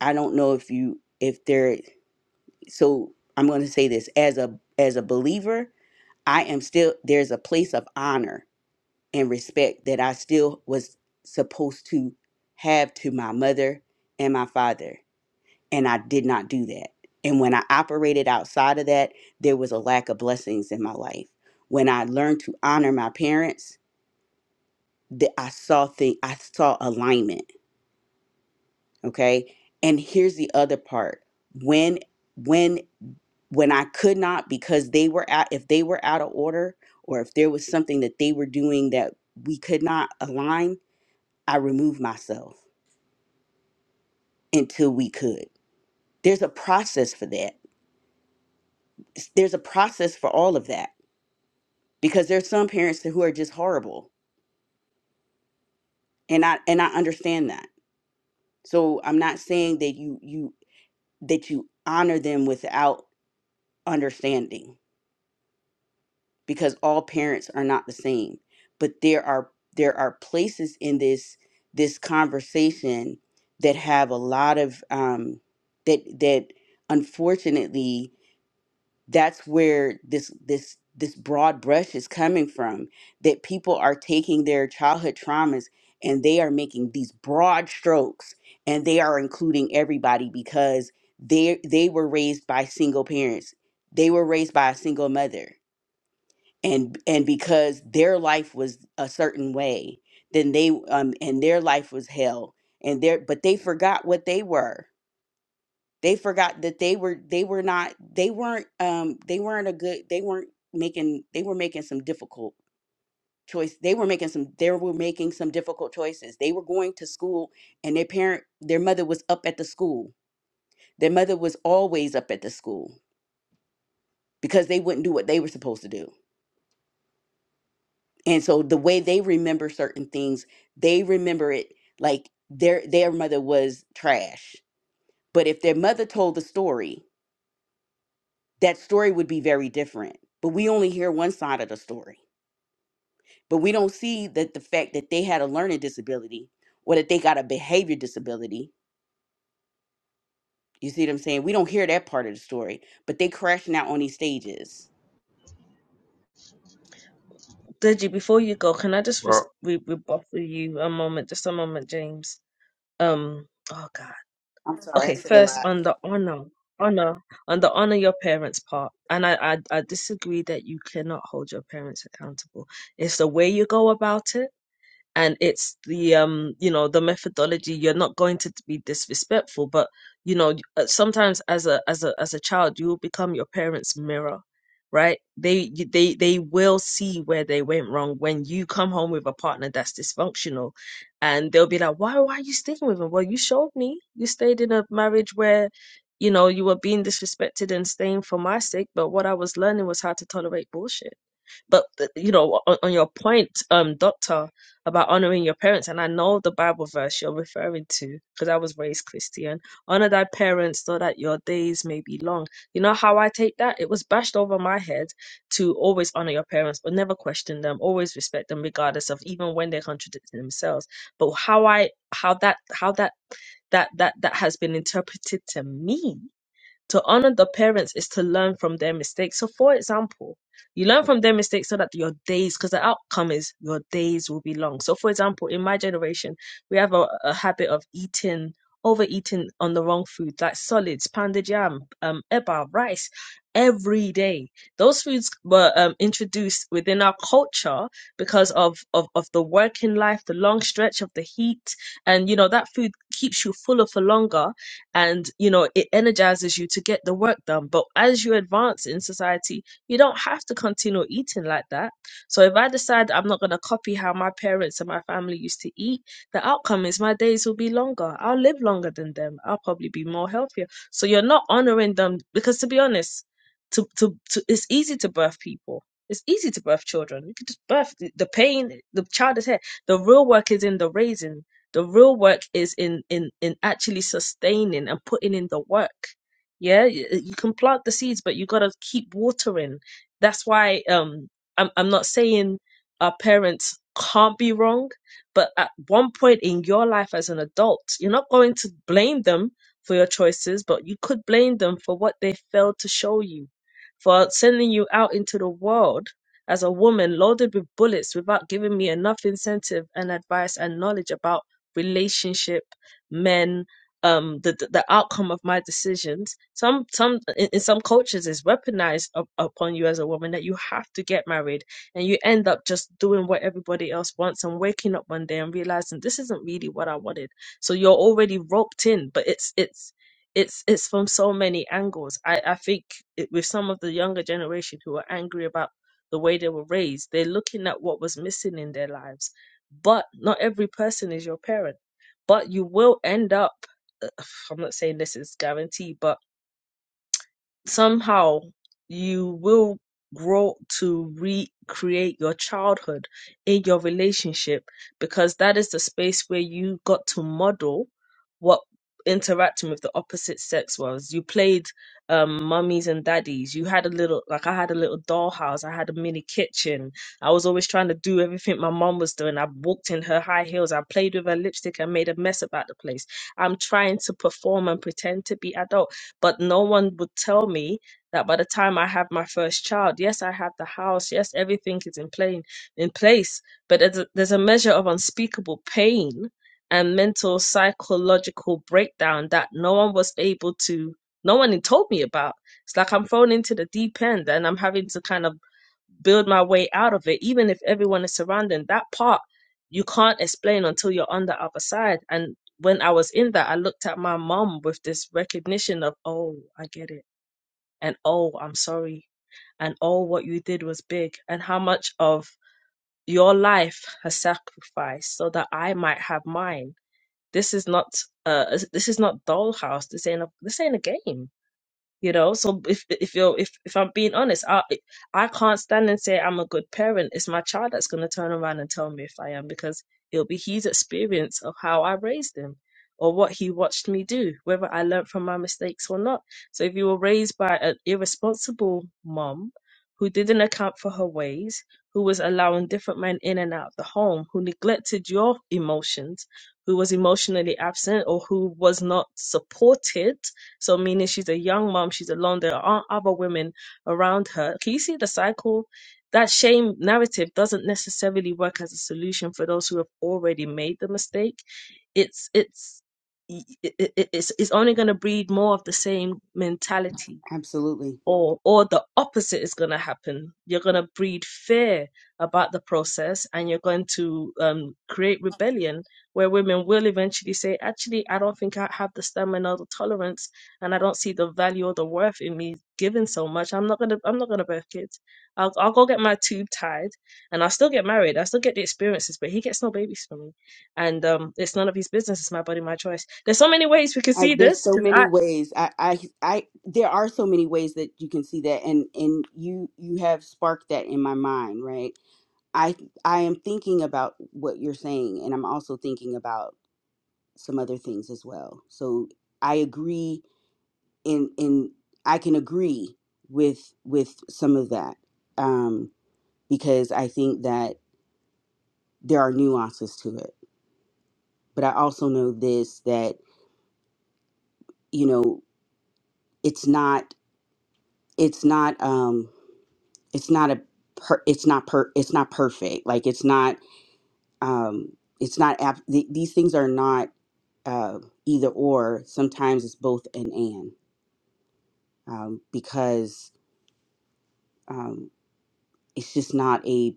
I don't know if you if there so I'm going to say this as a as a believer, I am still there's a place of honor and respect that I still was supposed to have to my mother and my father, and I did not do that. And when I operated outside of that, there was a lack of blessings in my life. When I learned to honor my parents, that I saw thing I saw alignment okay and here's the other part when when when i could not because they were out if they were out of order or if there was something that they were doing that we could not align i removed myself until we could there's a process for that S- there's a process for all of that because there's some parents who are just horrible and i and i understand that so i'm not saying that you you that you honor them without understanding because all parents are not the same but there are there are places in this this conversation that have a lot of um that that unfortunately that's where this this this broad brush is coming from that people are taking their childhood traumas and they are making these broad strokes and they are including everybody because they they were raised by single parents they were raised by a single mother and and because their life was a certain way then they um and their life was hell and their but they forgot what they were they forgot that they were they were not they weren't um they weren't a good they weren't making they were making some difficult choice they were making some they were making some difficult choices they were going to school and their parent their mother was up at the school their mother was always up at the school because they wouldn't do what they were supposed to do and so the way they remember certain things they remember it like their their mother was trash but if their mother told the story that story would be very different but we only hear one side of the story but we don't see that the fact that they had a learning disability or that they got a behavior disability you see what i'm saying we don't hear that part of the story but they crashing out on these stages Deji, before you go, can I just res- Well, re- rebuff with you a moment, just a moment, James? Um, oh God. i'm sorry i Okay, said a first lot on the honor, honor, on the honor your parents part, and I, I, I disagree that you cannot hold your parents accountable. It's the way you go about it and it's the um you know the methodology you're not going to be disrespectful but you know uh, sometimes as a as a as a child you will become your parents mirror right they y- they they will see where they went wrong when you come home with a partner that's dysfunctional and they'll be like why why are you staying with him well you showed me you stayed in a marriage where you know you were being disrespected and staying for my sake but what i was learning was how to tolerate bullshit but th- you know on, on your point um doctor about honoring your parents and i know the bible verse you're referring to because i was raised christian honor thy parents so that your days may be long you know how i take that it was bashed over my head to always honor your parents but never question them always respect them regardless of even when they're contradicting themselves but how i how that how that that that that has been interpreted to me to honor the parents is to learn from their mistakes. So, for example, you learn from their mistakes so that your days, because the outcome is your days will be long. So, for example, in my generation, we have a, a habit of eating, overeating on the wrong food, like solids, pounded yam, um, eba, rice, every day. Those foods were um, introduced within our culture because of, of of the working life, the long stretch of the heat, and you know that food keeps you fuller for longer and you know it energizes you to get the work done but as you advance in society you don't have to continue eating like that so if i decide i'm not going to copy how my parents and my family used to eat the outcome is my days will be longer i'll live longer than them i'll probably be more healthier so you're not honoring them because to be honest to, to, to it's easy to birth people it's easy to birth children. You can just birth the the pain, the child is here. The real work is in the raising the real work is in in in actually sustaining and putting in the work. Yeah, you, you can plant the seeds, but you got to keep watering. That's why um I'm I'm not saying our parents can't be wrong, but at one point in your life as an adult, you're not going to blame them for your choices, but you could blame them for what they failed to show you, for sending you out into the world as a woman loaded with bullets without giving me enough incentive and advice and knowledge about relationship men um the the the outcome of my decisions some some in, in some cultures is weaponized up, upon you as a woman that you have to get married and you end up just doing what everybody else wants and waking up one day and realizing this isn't really what i wanted so you're already roped in but it's it's it's it's from so many angles i i think it, with some of the younger generation who are angry about the way they were raised they're looking at what was missing in their lives but not every person is your parent. But you will end up, ugh, I'm not saying this is guaranteed, but somehow you will grow to recreate your childhood in your relationship because that is the space where you got to model what interacting with the opposite sex was you played um mummies and daddies you had a little like i had a little dollhouse i had a mini kitchen i was always trying to do everything my mom was doing i walked in her high heels i played with her lipstick and made a mess about the place i'm trying to perform and pretend to be adult but no one would tell me that by the time I have my first child, yes, I have the house, yes, everything is in plain in place, but there's a, there's a measure of unspeakable pain and mental psychological breakdown that no one was able to no one told me about. It's like I'm thrown into the deep end and I'm having to kind of build my way out of it, even if everyone is surrounding that part you can't explain until you're on the other side. And when I was in that, I looked at my mom with this recognition of, oh, I get it. And oh, I'm sorry. And oh, what you did was big. And how much of your life has sacrificed so that I might have mine. This is not uh this is not dollhouse. This ain't a this ain't a game you know so if if you're if, if i'm being honest i i can't stand and say i'm a good parent it's my child that's going to turn around and tell me if i am because it'll be his experience of how i raised him or what he watched me do whether i learned from my mistakes or not so if you were raised by an irresponsible mom who didn't account for her ways who was allowing different men in and out of the home who neglected your emotions who was emotionally absent or who was not supported so meaning she's a young mom, she's alone. There aren't other women around her. Can you see the cycle? That shame narrative doesn't necessarily work as a solution for those who have already made the mistake. It's it's it, it, it's it's only going to breed more of the same mentality absolutely or or the opposite is going to happen you're going to breed fear about the process and you're going to um, create rebellion where women will eventually say actually i don't think i have the stamina or the tolerance and i don't see the value or the worth in me giving so much i'm not going to i'm not going to birth kids I'll, I'll go get my tube tied and i'll still get married i still get the experiences but he gets no babies from me and um, it's none of his business it's my body my choice there's so many ways we can I, see there's this so because many i ways. I, I, I, there are so many ways that you can see that, and and you you have sparked that in my mind, right? I I am thinking about what you're saying, and I'm also thinking about some other things as well. So I agree, in in I can agree with with some of that, um, because I think that there are nuances to it. But I also know this that you know it's not it's not. Um, it's not a per, it's not per it's not perfect like it's not um it's not ab- th- these things are not uh either or sometimes it's both and and um because um it's just not a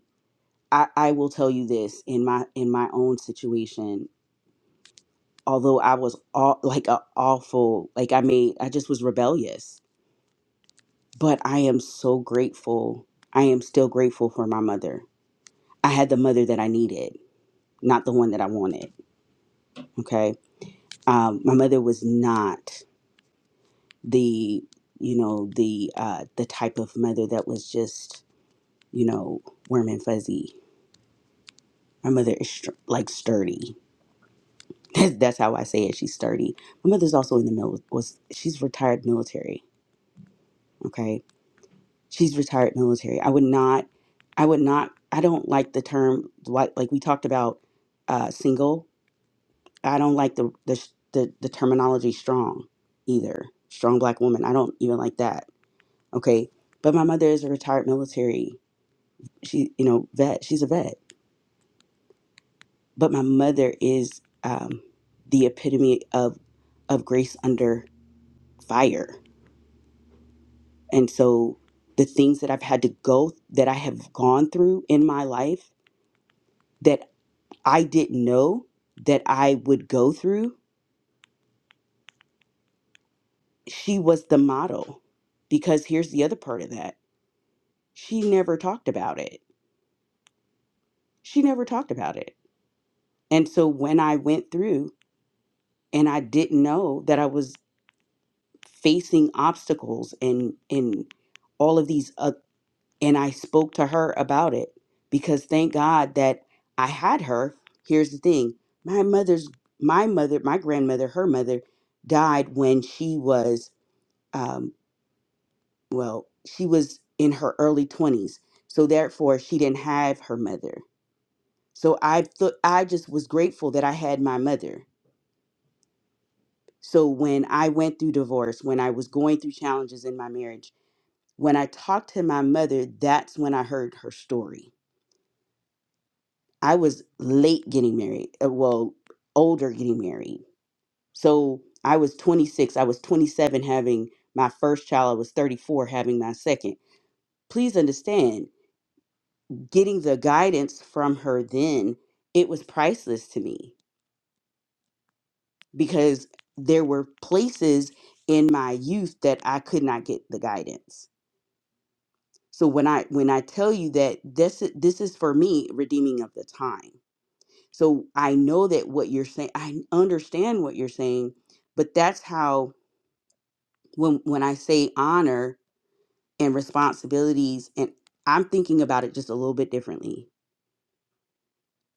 I, I will tell you this in my in my own situation although I was all like a awful like I made I just was rebellious but I am so grateful I am still grateful for my mother I had the mother that I needed not the one that I wanted okay um, my mother was not the you know the uh, the type of mother that was just you know warm and fuzzy my mother is str- like sturdy that's how i say it she's sturdy my mother's also in the mil- was she's retired military okay she's retired military i would not i would not i don't like the term like like we talked about uh single i don't like the the the, the terminology strong either strong black woman i don't even like that Okay. But my mother is a retired military. She, you know, vet. She's a vet. But my mother is um, the epitome of of grace under fire. And so the things that I've had to go that I have gone through in my life that I didn't know that I would go through, she was the model. Because here's the other part of that. She never talked about it. She never talked about it. And so when I went through and I didn't know that I was facing obstacles and and all of these uh, and I spoke to her about it because thank God that I had her. Here's the thing. My mother's my mother, my grandmother, her mother died when she was um well, she was in her early 20s. So therefore she didn't have her mother. So I thought I just was grateful that I had my mother. So when I went through divorce, when I was going through challenges in my marriage, When I talked to my mother, that's when I heard her story. I was late getting married, uh, well, older getting married. So I was 26, I was 27 having my first child, I was 34 having my second. Please understand, getting the guidance from her then, it was priceless to me because there were places in my youth that I could not get the guidance. So when I when I tell you that this this is for me redeeming of the time So I know that what you're saying, I understand what you're saying, but that's how when when I say honor and responsibilities and I'm thinking about it just a little bit differently.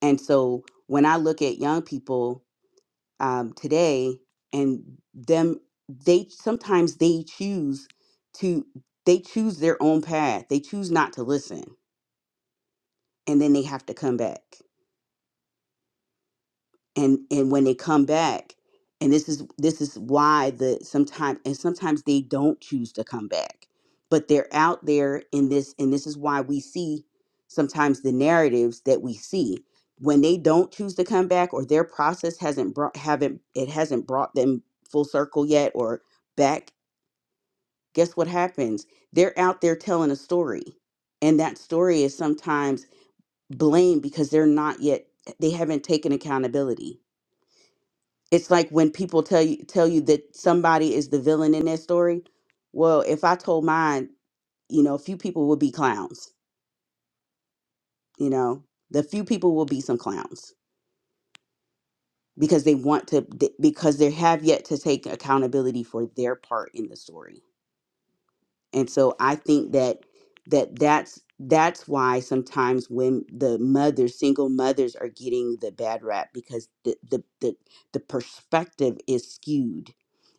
And so when I look at young people um, today and them, they sometimes they choose to they choose their own path. They choose not to listen, and then they have to come back. and and when they come back and this is this is why the sometimes and sometimes they don't choose to come back but they're out there in this and this is why we see sometimes the narratives that we see when they don't choose to come back or their process hasn't brought haven't it hasn't brought them full circle yet or back guess what happens they're out there telling a story and that story is sometimes blamed because they're not yet they haven't taken accountability it's like when people tell you tell you that somebody is the villain in their story. Well, if I told mine, you know, a few people would be clowns. You know, the few people will be some clowns because they want to th- because they have yet to take accountability for their part in the story. And so I think that that that's that's why sometimes when the mothers, single mothers, are getting the bad rap because the the the, the perspective is skewed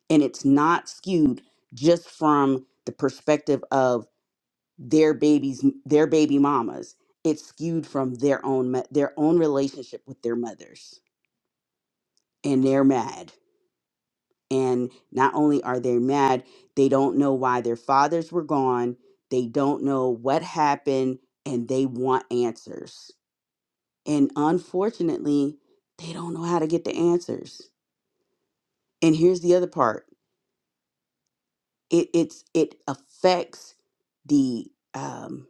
and it's not skewed just from the perspective of their babies their baby mamas it's skewed from their own mo- their own relationship with their mothers and they're mad and not only are they mad they don't know why their fathers were gone they don't know what happened and they want answers and unfortunately they don't know how to get the answers and here's the other part it it's it affects the um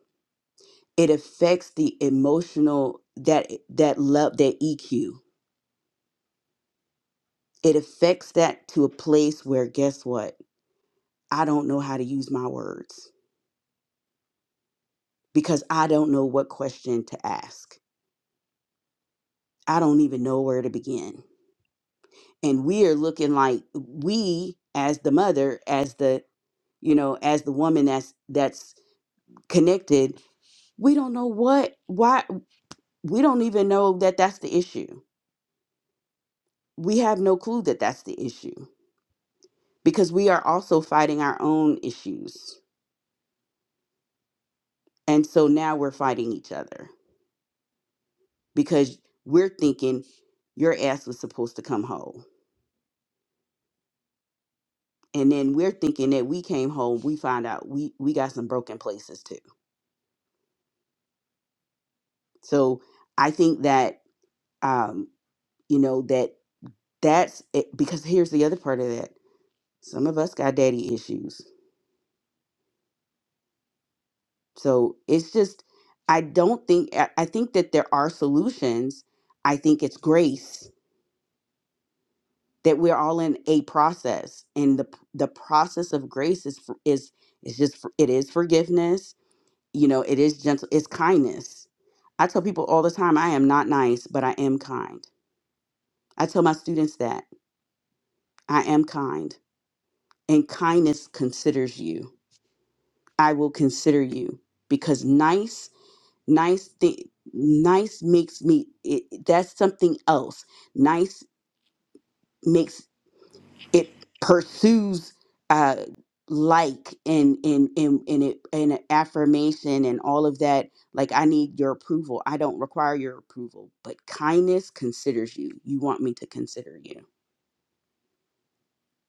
it affects the emotional that that love that EQ. It affects that to a place where guess what? I don't know how to use my words because I don't know what question to ask. I don't even know where to begin. And we are looking like we as the mother, as the you know, as the woman that's that's connected, we don't know what why we don't even know that that's the issue. We have no clue that that's the issue because we are also fighting our own issues. And so now we're fighting each other because we're thinking your ass was supposed to come whole. And then we're thinking that we came home, we find out we, we got some broken places too. So I think that, um, you know, that that's it, because here's the other part of that. Some of us got daddy issues. So it's just, I don't think, I I think that there are solutions. I think it's grace that we're all in a process and the the process of grace is for- is is just for- it is forgiveness you know it is gentle it's kindness i tell people all the time i am not nice but i am kind i tell my students that i am kind and kindness considers you i will consider you because nice nice thing nice makes me it, that's something else nice makes. it pursues uh like and and and and, it, and affirmation and all of that like i need your approval i don't require your approval but kindness considers you you want me to consider you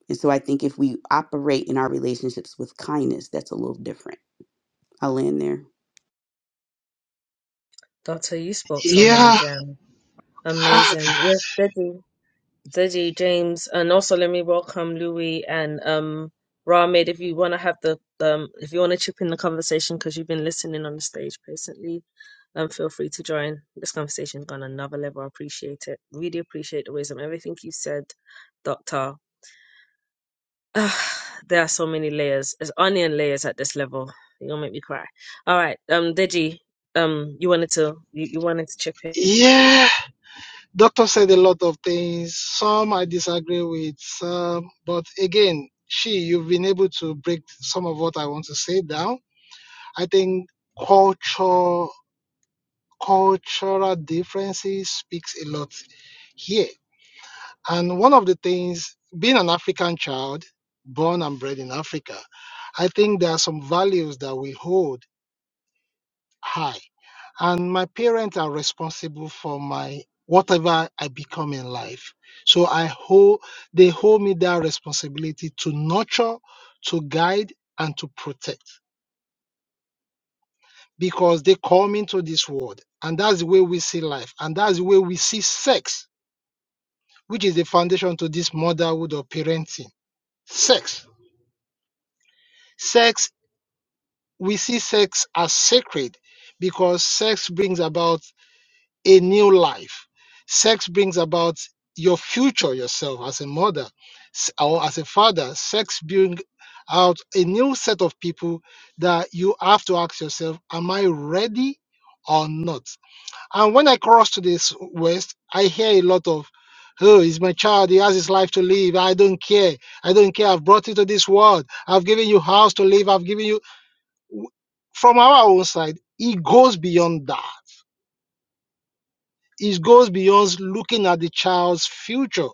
and so i think if we operate in our relationships with kindness that's a little different i'll end there dr you spoke you. so many Yeah, gems Amazing. Yeah, Deji. Deji, James, and also let me welcome Louis and um Ramid if you want to have the um if you want to chip in the conversation because you've been listening on the stage patiently, um feel free to join. This conversation's gone another level. I appreciate it. Really appreciate the wisdom. Everything you said, Doctor. Ah, there are so many layers. There's onion layers at this level. You're gonna make me cry. All right, um Deji, um you wanted to you, you wanted to chip in. yeah. Doctor said a lot of things. Some I disagree with. Some, but again, she, you've been able to break some of what I want to say down I think culture cultural differences speaks a lot here. And one of the things, being an African child, born and bred in Africa, I think there are some values that we hold high. And my parents are responsible for my whatever I become in life. So I hold they hold me that responsibility to nurture, to guide, and to protect. because they come into this world and that's the way we see life and that's the way we see sex which is the foundation to this motherhood or parenting sex sex we see sex as sacred because sex brings about a new life sex brings about your future yourself as a mother s- or as a father sex brings out a new set of people that you have to ask yourself am i ready or not And when I cross to this west, I hear a lot of, oh, he's my child. He has his life to live. I don't care. I don't care. I've brought you to this world. I've given you house to live. I've given you. From our own side, it goes beyond that. It goes beyond looking at the child's future,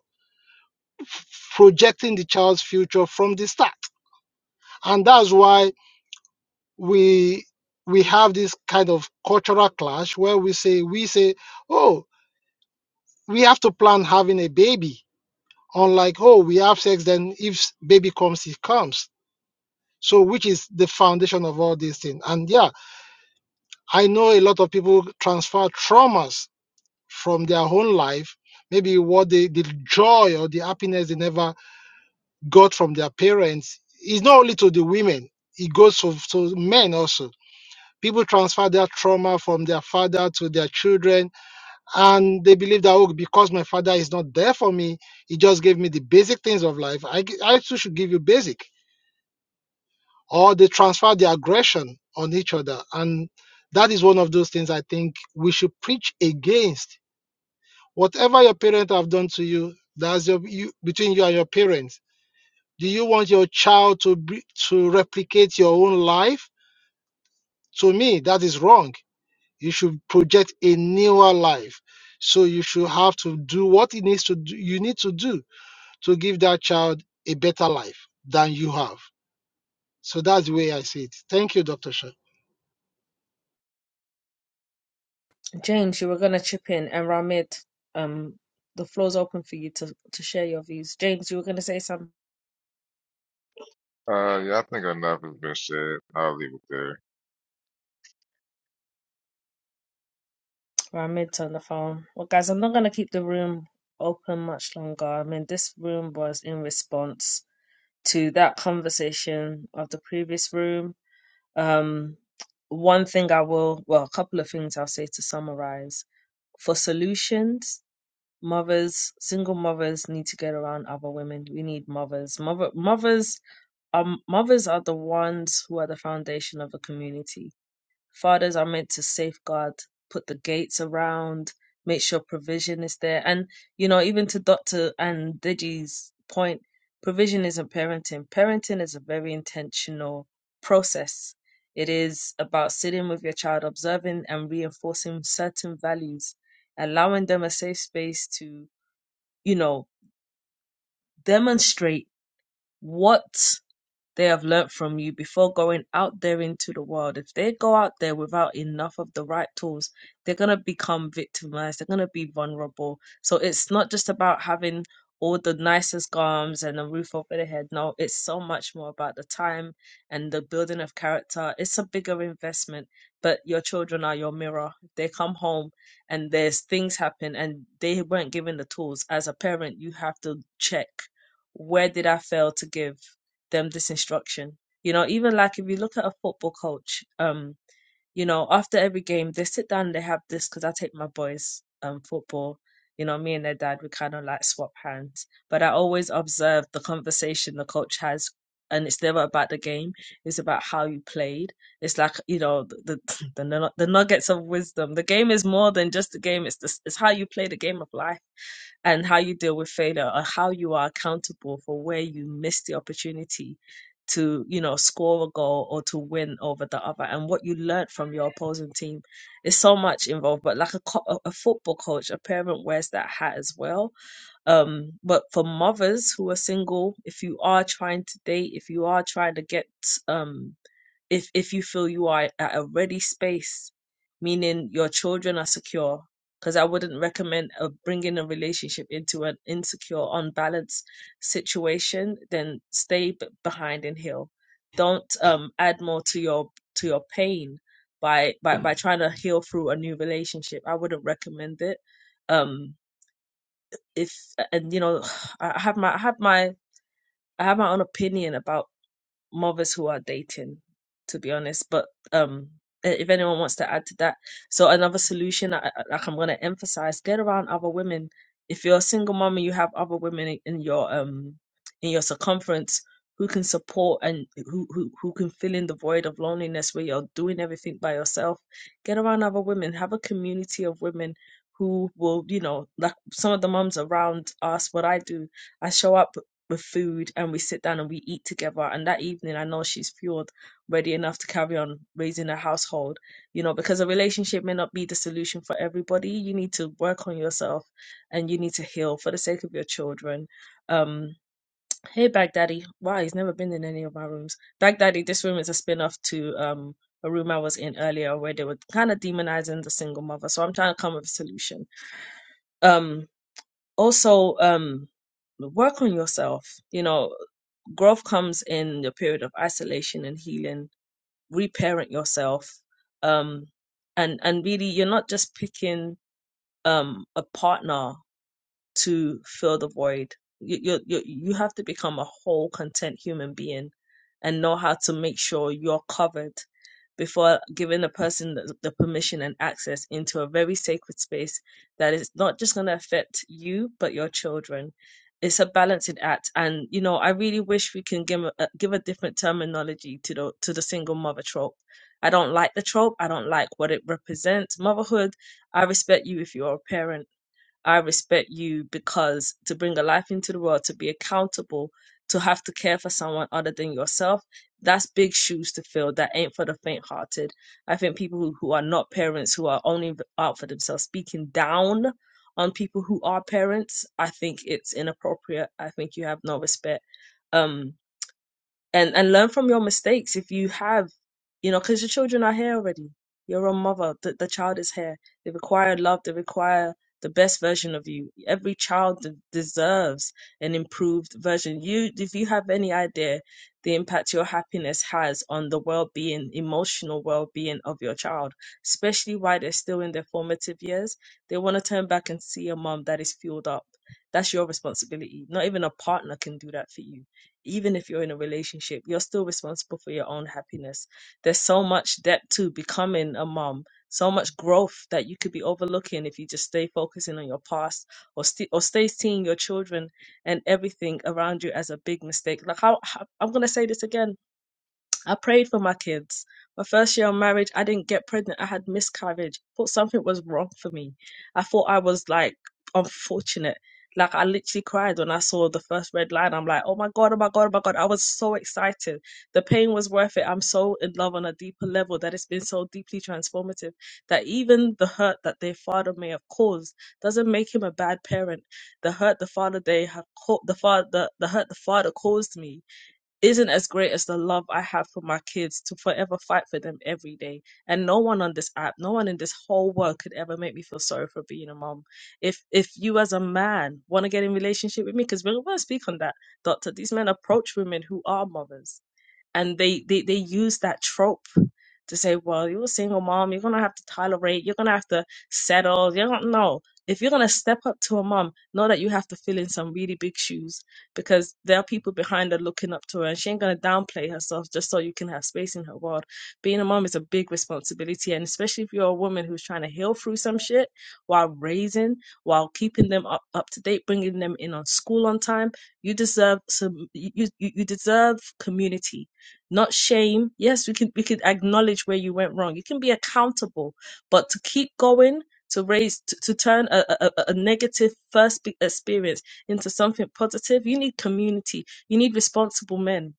f- projecting the child's future from the start. And that's why we we have this kind of cultural clash where we say we say, oh, we have to plan having a baby unlike oh we have sex then if baby comes it comes so which is the foundation of all these things and yeah i know a lot of people transfer traumas from their own life maybe what they, the joy or the happiness they never got from their parents is not only to the women it goes to, to men also people transfer their trauma from their father to their children and they believe that oh because my father is not there for me he just gave me the basic things of life I I too should give you basic or they transfer the aggression on each other. And that is one of those things I think we should preach against. Whatever your parents have done to you, that's your, you, between you and your parents. Do you want your child to be, to replicate your own life? To me, that is wrong. You should project a newer life. So you should have to do what it needs to do, you need to do to give that child a better life than you have. So that's the way I see it. Thank you, Dr. Shah. James, you were gonna chip in, and Ramid, um, the floor's open for you to to share your views. James, you were gonna say something. uh, yeah, I think enough has been said. I'll leave it there. Ramid's on the phone. Well, guys, I'm not gonna keep the room open much longer. I mean, this room was in response to that conversation of the previous room. Um, one thing I will, well, a couple of things I'll say to summarize for solutions. mothers, single mothers need to get around other women. We need mothers. Mother mothers um mothers are the ones who are the foundation of a community Fathers are meant to safeguard, put the gates around, make sure provision is there. And, you know, even to Dr. and Deji's point, provision isn't parenting. Parenting is a very intentional process. It is about sitting with your child, observing and reinforcing certain values, allowing them a safe space to, you know, demonstrate what they have learnt from you before going out there into the world. If they go out there without enough of the right tools, they're going to become victimized, they're going to be vulnerable. So it's not just about having all the nicest garms and a roof over their head. No, it's so much more about the time and the building of character. It's a bigger investment, but your children are your mirror. They come home and there's things happen and they weren't given the tools. As a parent, you have to check where did I fail to give? them this instruction. You know, even like if you look at a football coach, um, you know, after every game they sit down and they have this because I take my boys um football. You know, me and their dad we kind of like swap hands, but I always observe the conversation the coach has, and it's never about the game. It's about how you played. It's like you know the the the, nu- the nuggets of wisdom. The game is more than just the game. It's the, it's how you play the game of life and how you deal with failure or how you are accountable for where you missed the opportunity to you know score a goal or to win over the other and what you learned from your opposing team is so much involved but like a, co- a a football coach a parent wears that hat as well um but for mothers who are single if you are trying to date if you are trying to get um if if you feel you are at a ready space meaning your children are secure because i wouldn't recommend uh, bringing a relationship into an insecure unbalanced situation then stay b- behind and heal don't um add more to your to your pain by by by trying to heal through a new relationship i wouldn't recommend it um if and you know i I have my i have my i have my own opinion about mothers who are dating, to be honest. But um, i- if anyone wants to add to that, so another solution, I- I- like I'm gonna emphasize, get around other women. If you're a single mom and you have other women in in your um in your circumference who can support and who who who can fill in the void of loneliness where you're doing everything by yourself, get around other women. Have a community of women who will, you know, like some of the moms around us. What I do, I show up with food and we sit down and we eat together. And that evening, I know she's fueled, ready enough to carry on raising a household, you know, because a relationship may not be the solution for everybody. You need to work on yourself and you need to heal for the sake of your children. Um, hey, Baghdadi. Wow, he's never been in any of my rooms. Baghdadi, this room is a spin off to. Um, a room I was in earlier where they were kind of demonizing the single mother. So I'm trying to come up with a solution. Um, also um work on yourself you know growth comes in the period of isolation and healing reparent yourself um and and really you're not just picking um a partner to fill the void. You, you, you, you have to become a whole, content human being and know how to make sure you're covered before giving a person the, the permission and access into a very sacred space that is not just going to affect you, but your children. It's a balancing act. And, you know, I really wish we can give a, a- give a different terminology to the, to the single mother trope. I don't like the trope. I don't like what it represents. Motherhood, I respect you if you're a parent. I respect you because to bring a life into the world, to be accountable, to have to care for someone other than yourself, that's big shoes to fill. That ain't for the faint hearted. I think people who, who are not parents, who are only out for themselves, speaking down on people who are parents, I think it's inappropriate. I think you have no respect. Um, and and learn from your mistakes if you have you know because your children are here already you're a mother the, the child is here they require love they require the best version of you every child de- deserves an improved version you if you have any idea the impact your happiness has on the well-being emotional well-being of your child especially while they're still in their formative years they want to turn back and see a mom that is fueled up that's your responsibility not even a partner can do that for you even if you're in a relationship, you're still responsible for your own happiness. There's so much depth to becoming a mom, so much growth that you could be overlooking if you just stay focusing on your past or st- or stay seeing your children and everything around you as a big mistake. Like how, how I'm gonna say this again I prayed for my kids. My first year of marriage, I didn't get pregnant. I had miscarriage. Thought something was wrong for me. I thought I was like unfortunate. Like I literally cried when I saw the first red line. I'm like, oh my god, oh my god, oh my god. I was so excited. The pain was worth it. I'm so in love on a deeper level that it's been so deeply transformative that even the hurt that their father may have caused doesn't make him a bad parent. The hurt the father they have caught, the father, the, the hurt the father caused me isn't as great as the love I have for my kids to forever fight for them every day. And no one on this app, no one in this whole world could ever make me feel sorry for being a mom. If if you as a man want to get in relationship with me, because we're gonna speak on that, Doctor, these men approach women who are mothers and they they they use that trope to say, well, you're a single mom, you're gonna have to tolerate, you're gonna have to settle. You don't know if you're gonna step up to a mom, know that you have to fill in some really big shoes because there are people behind her looking up to her, and she ain't gonna downplay herself just so you can have space in her world. Being a mom is a big responsibility, and especially if you're a woman who's trying to heal through some shit while raising, while keeping them up, up to date, bringing them in on school on time, you deserve some. You you, you deserve community not shame. Yes, we can we could acknowledge where you went wrong. You can be accountable, but to keep going, to raise, to, to turn a, a, a a negative first be- experience into something positive, you need community. You need responsible men,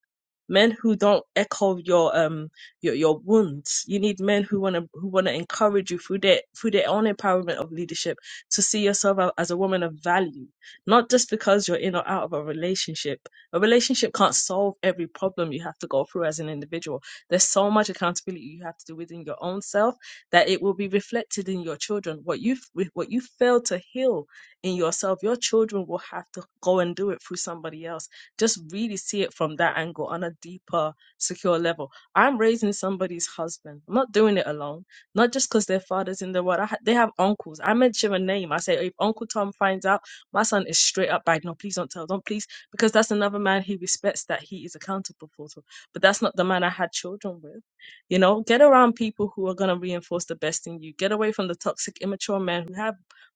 men who don't echo your um your your wounds. You need men who wanna who wanna encourage you through their through their own empowerment of leadership to see yourself a- as a woman of value, not just because you're in or out of a relationship a relationship can't solve every problem you have to go through as an individual. There's so much accountability you have to do within your own self that it will be reflected in your children. What you what you fail to heal in yourself, your children will have to go and do it through somebody else. Just really see it from that angle on a deeper, secure level. I'm raising somebody's husband. I'm not doing it alone. Not just because their father's in the world. I ha- they have uncles. I mention a name. I say, if Uncle Tom finds out, my son is straight up bad. No, please don't tell. Don't. Please because that's another man he respects that he is accountable for. So- But that's not the man I had children with. You know, get around people who are going to reinforce the best in you. Get away from the toxic, immature men who have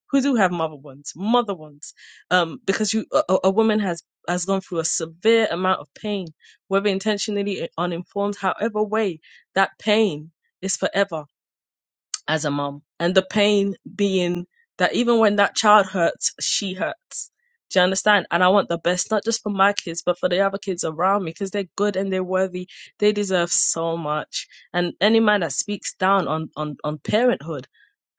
who do have mother wounds, mother wounds, um, because you a, a a woman has has gone through a severe amount of pain, whether intentionally or uninformed, however way that pain is forever as a mom. And the pain being that even when that child hurts, she hurts. Do you understand? And I want the best, not just for my kids, but for the other kids around me, because they're good and they're worthy. They deserve so much. And any man that speaks down on, on, on parenthood,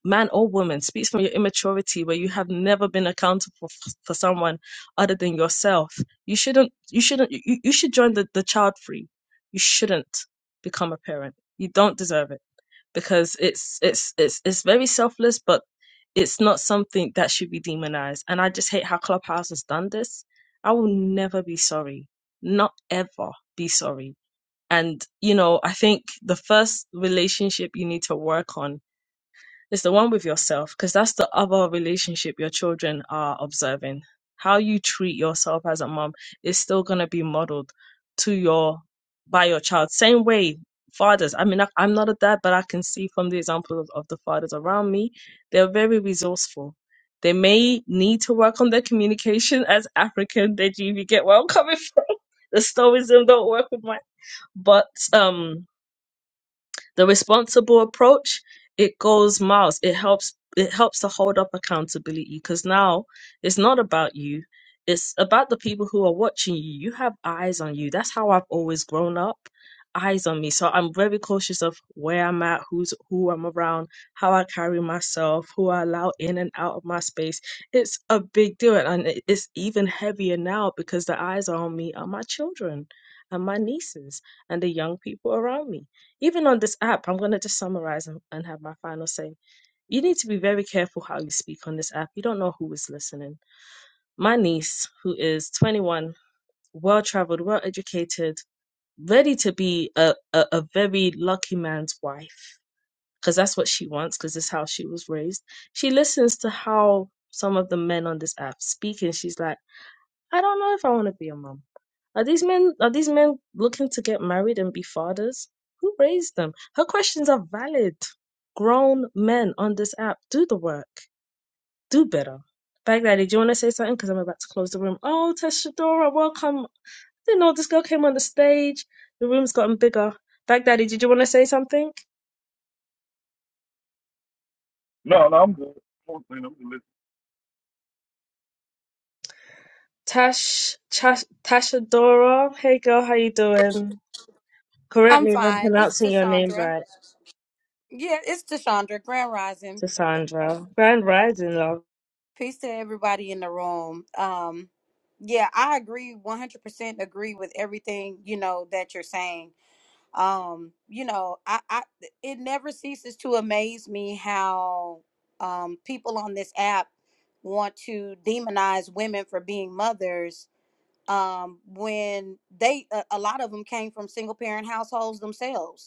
man or woman, speaks from your immaturity where you have never been accountable f- for someone other than yourself. You shouldn't, you shouldn't, you, you should join the, the child free. You shouldn't become a parent. You don't deserve it because it's it's it's it's very selfless, but it's not something that should be demonized. And I just hate how Clubhouse has done this. I will never be sorry, not ever be sorry. And you know, I think the first relationship you need to work on it's the one with yourself, because that's the other relationship your children are observing. How you treat yourself as a mom is still going to be modeled to your by your child. Same way fathers. I mean, I, I'm not a dad, but I can see from the example of, of the fathers around me, they're very resourceful. They may need to work on their communication as African. Did you get where I'm coming from? The stoicism don't work with mine, but um the responsible approach, it goes miles. It helps it helps to hold up accountability because now it's not about you. It's about the people who are watching you. You have eyes on you. That's how I've always grown up. Eyes on me. So I'm very cautious of where I'm at, who's who I'm around, how I carry myself, who I allow in and out of my space. It's a big deal. And it- it's even heavier now because the eyes are on me are my children and my nieces and the young people around me. Even on this app, I'm going to just summarize and, and have my final say. You need to be very careful how you speak on this app. You don't know who is listening. My niece, who is 21, well traveled, well educated, ready to be a, a, a very lucky man's wife, because that's what she wants, because it's how she was raised. She listens to how some of the men on this app speak, and she's like, I don't know if I want to be a mom. Are these men are these men looking to get married and be fathers? Who raised them? Her questions are valid. Grown men on this app, do the work. Do better. Baghdadi, do you want to say something? Because I'm about to close the room. Oh, Teshadora, welcome. I didn't know this girl came on the stage. The room's gotten bigger. Baghdadi, did you want to say something? No, no, I'm good. I'm good. I'm good. Tash, Tash, Tashadora, hey girl, how you doing? Correct I'm me if I'm fine. It's pronouncing your name Tashandra. right, Yeah, it's Tashandra. Grand Rising. Uh, Cassandra. Grand rising, love. peace to everybody in the room. Um, yeah, I agree. One hundred percent agree with everything you know that you're saying. Um, you know, I, I it never ceases to amaze me how um people on this app want to demonize women for being mothers um when they a, a lot of them came from single parent households themselves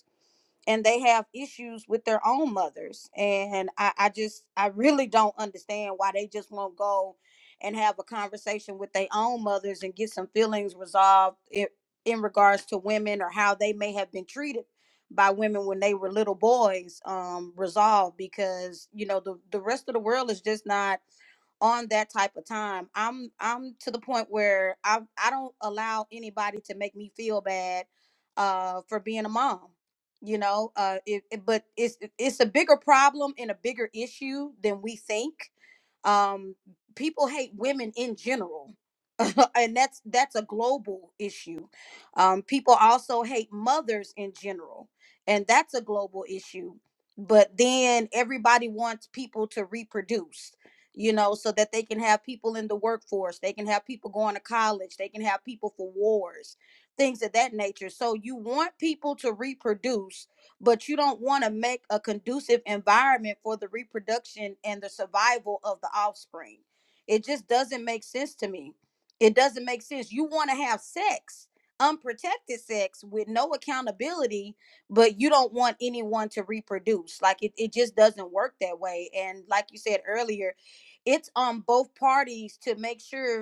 and they have issues with their own mothers and I, I just i really don't understand why they just won't go and have a conversation with their own mothers and get some feelings resolved in, in regards to women or how they may have been treated by women when they were little boys um resolved because you know the, the rest of the world is just not on that type of time. I'm I'm to the point where I I don't allow anybody to make me feel bad uh for being a mom you know uh it, it- but it's it's a bigger problem and a bigger issue than we think um people hate women in general and that's that's a global issue um people also hate mothers in general and that's a global issue but then everybody wants people to reproduce you know so that they can have people in the workforce they can have people going to college they can have people for wars things of that nature. So you want people to reproduce, but you don't want to make a conducive environment for the reproduction and the survival of the offspring. It just doesn't make sense to me. It doesn't make sense. You want to have sex, unprotected sex with no accountability, but you don't want anyone to reproduce. Like it, it just doesn't work that way. And like you said earlier, it's on both parties to make sure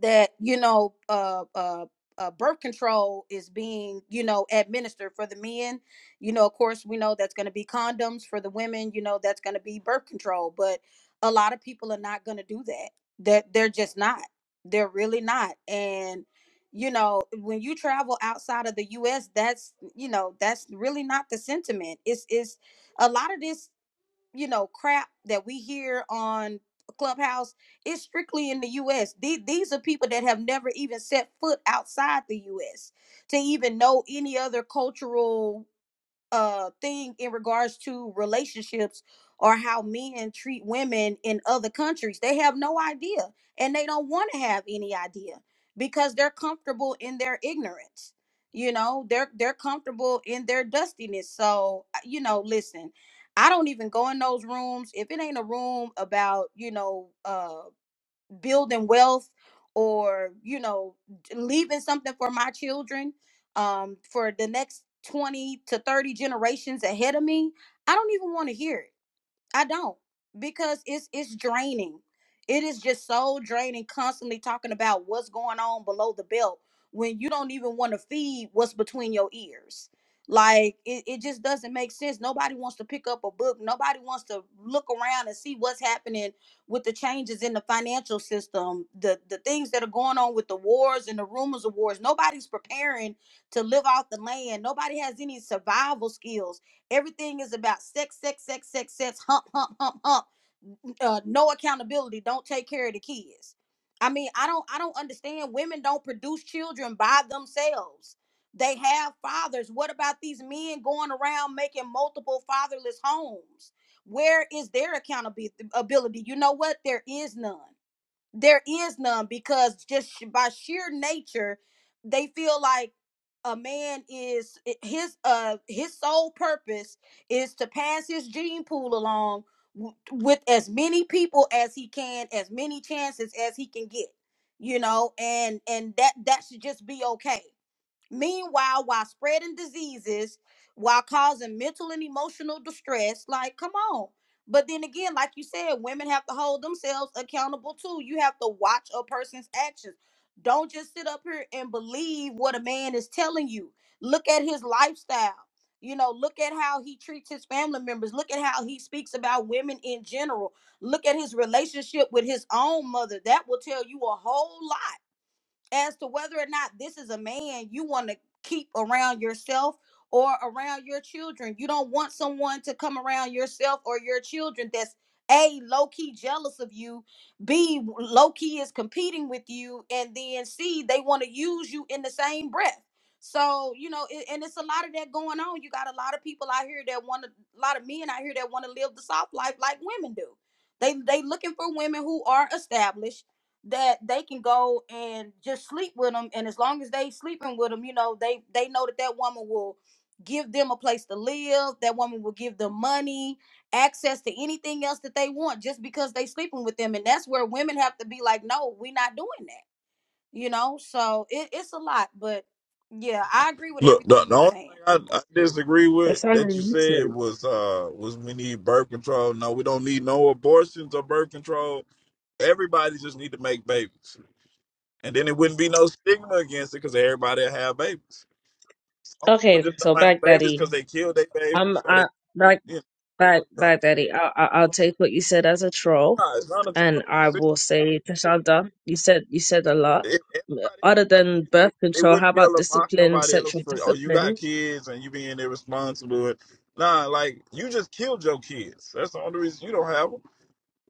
that you know uh uh uh, birth control is being, you know, administered for the men. You know, of course, we know that's going to be condoms for the women. You know, that's going to be birth control. But a lot of people are not going to do that. That They're, they're just not. They're really not. And, you know, when you travel outside of the U.S., that's, you know, that's really not the sentiment. It's, it's a lot of this you know crap that we hear on clubhouse is strictly in the us The- these are people that have never even set foot outside the us to even know any other cultural uh thing in regards to relationships or how men treat women in other countries. They have no idea and they don't want to have any idea because they're comfortable in their ignorance. You know, they're they're comfortable in their dustiness. So, uh, you know, listen, I don't even go in those rooms if it ain't a room about, you know, uh building wealth or you know leaving something for my children um for the next 20 to 30 generations ahead of me i don't even want to hear it I don't because it's it's draining. It is just so draining constantly talking about what's going on below the belt when you don't even want to feed what's between your ears. Like it, it just doesn't make sense. Nobody wants to pick up a book. Nobody wants to look around and see what's happening with the changes in the financial system, the the things that are going on with the wars and the rumors of wars. Nobody's preparing to live off the land. Nobody has any survival skills Everything is about sex, sex, sex, sex, sex, hump, hump, hump, hump. Uh, no accountability. Don't take care of the kids. I mean, I don't I don't understand. Women don't produce children by themselves. They have fathers. What about these men going around making multiple fatherless homes? Where is their accountability? You know what? There is none there is none because just sh- by sheer nature they feel like a man is i- his uh his sole purpose is to pass his gene pool along w- with as many people as he can as many chances as he can get you know and and that that should just be okay Meanwhile, while spreading diseases, while causing mental and emotional distress, like, come on. But then again, like you said, women have to hold themselves accountable too. You have to watch a person's actions. Don't just sit up here and believe what a man is telling you. Look at his lifestyle. You know, look at how he treats his family members. Look at how he speaks about women in general. Look at his relationship with his own mother. That will tell you a whole lot as to whether or not this is a man you want to keep around yourself or around your children. You don't want someone to come around yourself or your children that's a low key jealous of you, b low key is competing with you, and then c they want to use you in the same breath. So you know, it, and it's a lot of that going on. You got a lot of people out here that want to, a lot of men out here that want to live the soft life like women do. They they looking for women who are established that they can go and just sleep with them and as long as they sleeping with them you know they they know that that woman will give them a place to live that woman will give them money access to anything else that they want just because they sleeping with them and that's where women have to be like no we are not doing that you know so it, it's a lot but yeah i agree with Look, the, everything the you're only saying thing I, I disagree with Cassandra, that you you said said. was uh was we need birth control. No, we don't need no abortions or birth control. Everybody just need to make babies, and then it wouldn't be no stigma against it because everybody will have babies. Some people Okay, just so don't have babies Baghdadi, because they kill their I'm babies or they. I like You Bag know, Baghdadi. I, I I'll take what you said as a troll, nah, it's not a and joke. I will say Tashanda. You said you said a lot. If everybody, Other than birth they control, how wouldn't be about able to mock discipline, nobody else sexual for, oh, you got discipline? kids and you being irresponsible. And, nah, like, you just killed your kids. That's the only reason you don't have them.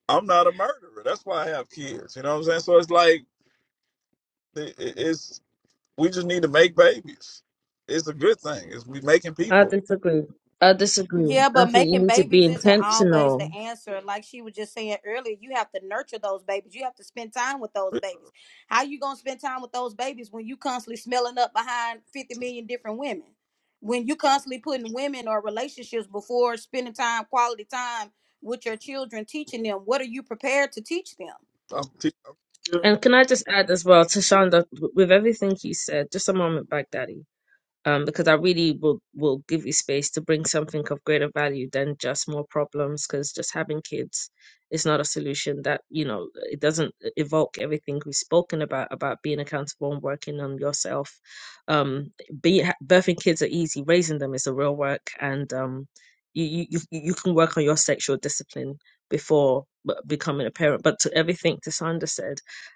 I'm not a murderer. That's why I have kids. You know what I'm saying? So it's like, it, it- it's, we just need to make babies. It's a good thing. It's we making I people. disagree. I disagree. Yeah, I but think you making need to be babies isn't always intentional. the answer. Like she was just saying earlier, you have to nurture those babies. You have to spend time with those babies. How you gonna spend time with those babies when you constantly smelling up behind fifty million different women? When you constantly putting women or relationships before spending time, quality time with your children, teaching them what are you prepared to teach them? I'm teaching. And can I just add as well, Tashanda, with everything you said, just a moment, Baghdadi. um, because I really will will give you space to bring something of greater value than just more problems. Because just having kids is not a solution. That you know, it doesn't uh, evoke everything we've spoken about about being accountable and working on yourself. Um, be, ha- birthing kids are easy. Raising them is a real work, and um, you you you you can work on your sexual discipline before b- becoming a parent. But to everything Tasanda said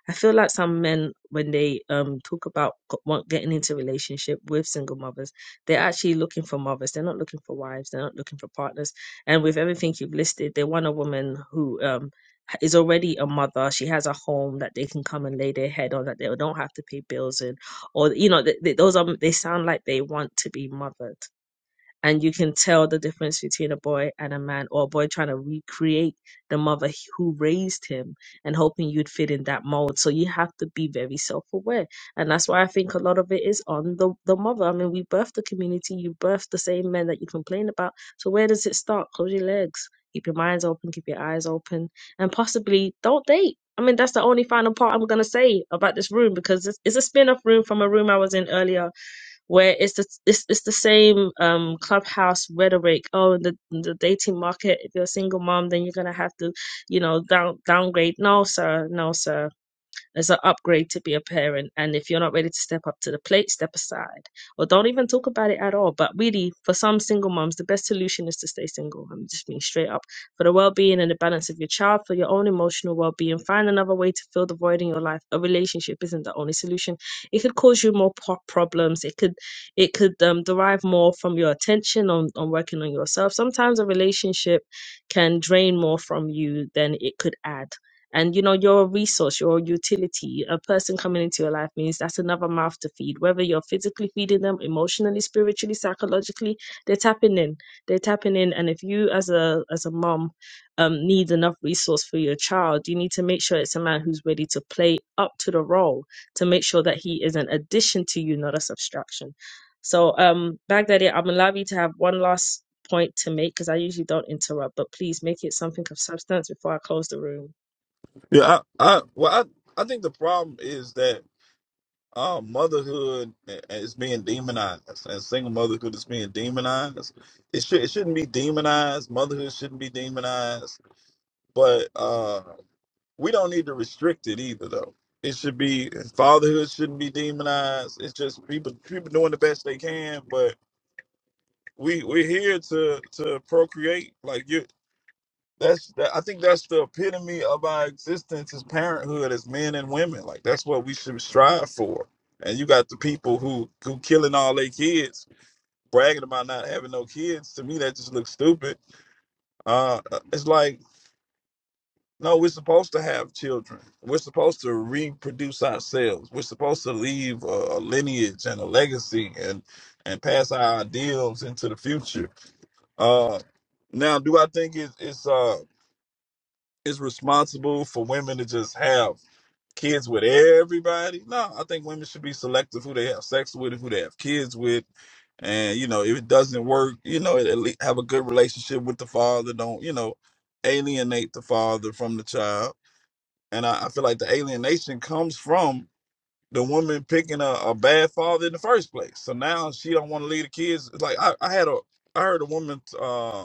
I feel like some men, when they um talk about g- want getting into relationship with single mothers, they're actually looking for mothers. They're not looking for wives. They're not looking for partners. And with everything you've listed, they want a woman who um h- is already a mother. She has a home that they can come and lay their head on, that they don't have to pay bills in, or you know, th th those are they sound like they want to be mothered and you can tell the difference between a boy and a man or a boy trying to recreate the mother who raised him and hoping you'd fit in that mold so you have to be very self-aware and that's why i think a lot of it is on the, the mother i mean we birthed the community you birthed the same men that you complain about so where does it start close your legs keep your minds open keep your eyes open and possibly don't date i mean that's the only final part i'm going to say about this room because it's, it's a spin-off room from a room i was in earlier where it's the it's, it's the same um clubhouse rhetoric. Oh, in the in the dating market, if you're a single mom, then you're gonna have to, you know, down downgrade. No, sir, no, sir it's an upgrade to be a parent. And if you're not ready to step up to the plate, step aside or don't even talk about it at all. But really, for some single moms, the best solution is to stay single. I'm just being straight up for the well being and the balance of your child, for your own emotional well being. Find another way to fill the void in your life. A relationship isn't the only solution. It could cause you more po- problems. It could it could um, derive more from your attention on, on working on yourself. Sometimes a relationship can drain more from you than it could add and you know you're a resource you're a utility a person coming into your life means that's another mouth to feed whether you're physically feeding them emotionally spiritually psychologically they're tapping in they're tapping in and if you as a as a mom um, need enough resource for your child you need to make sure it's a man who's ready to play up to the role to make sure that he is an addition to you not a subtraction so um baghdadi i'm allowing you to have one last point to make because i usually don't interrupt but please make it something of substance before i close the room Yeah, I, I, well, I, I think the problem is that Oh, motherhood eh, eh, is being demonized, and single motherhood is being demonized. It should it shouldn't be demonized. Motherhood shouldn't be demonized, but uh, we don't need to restrict it either, though. It should be fatherhood shouldn't be demonized. It's just people people doing the best they can, but we we're here to to procreate. Like you, that's that, I think that's the epitome of our existence is parenthood as men and women. Like that's what we should strive for. And you got the people who who killing all their kids, bragging about not having no kids. To me, that just looks stupid. Uh, it's like no, we're supposed to have children. We're supposed to reproduce ourselves. We're supposed to leave a, a lineage and a legacy and and pass our ideals into the future. Uh, now, do I think it's it's uh is responsible for women to just have kids with everybody. No, I think women should be selective who they have sex with, and who they have kids with, and you know if it doesn't work, you know at least have a good relationship with the father. Don't you know alienate the father from the child. And I, I feel like the alienation comes from the woman picking a, a bad father in the first place. So now she don't want to leave the kids. It's like I, I had a I heard a woman. uh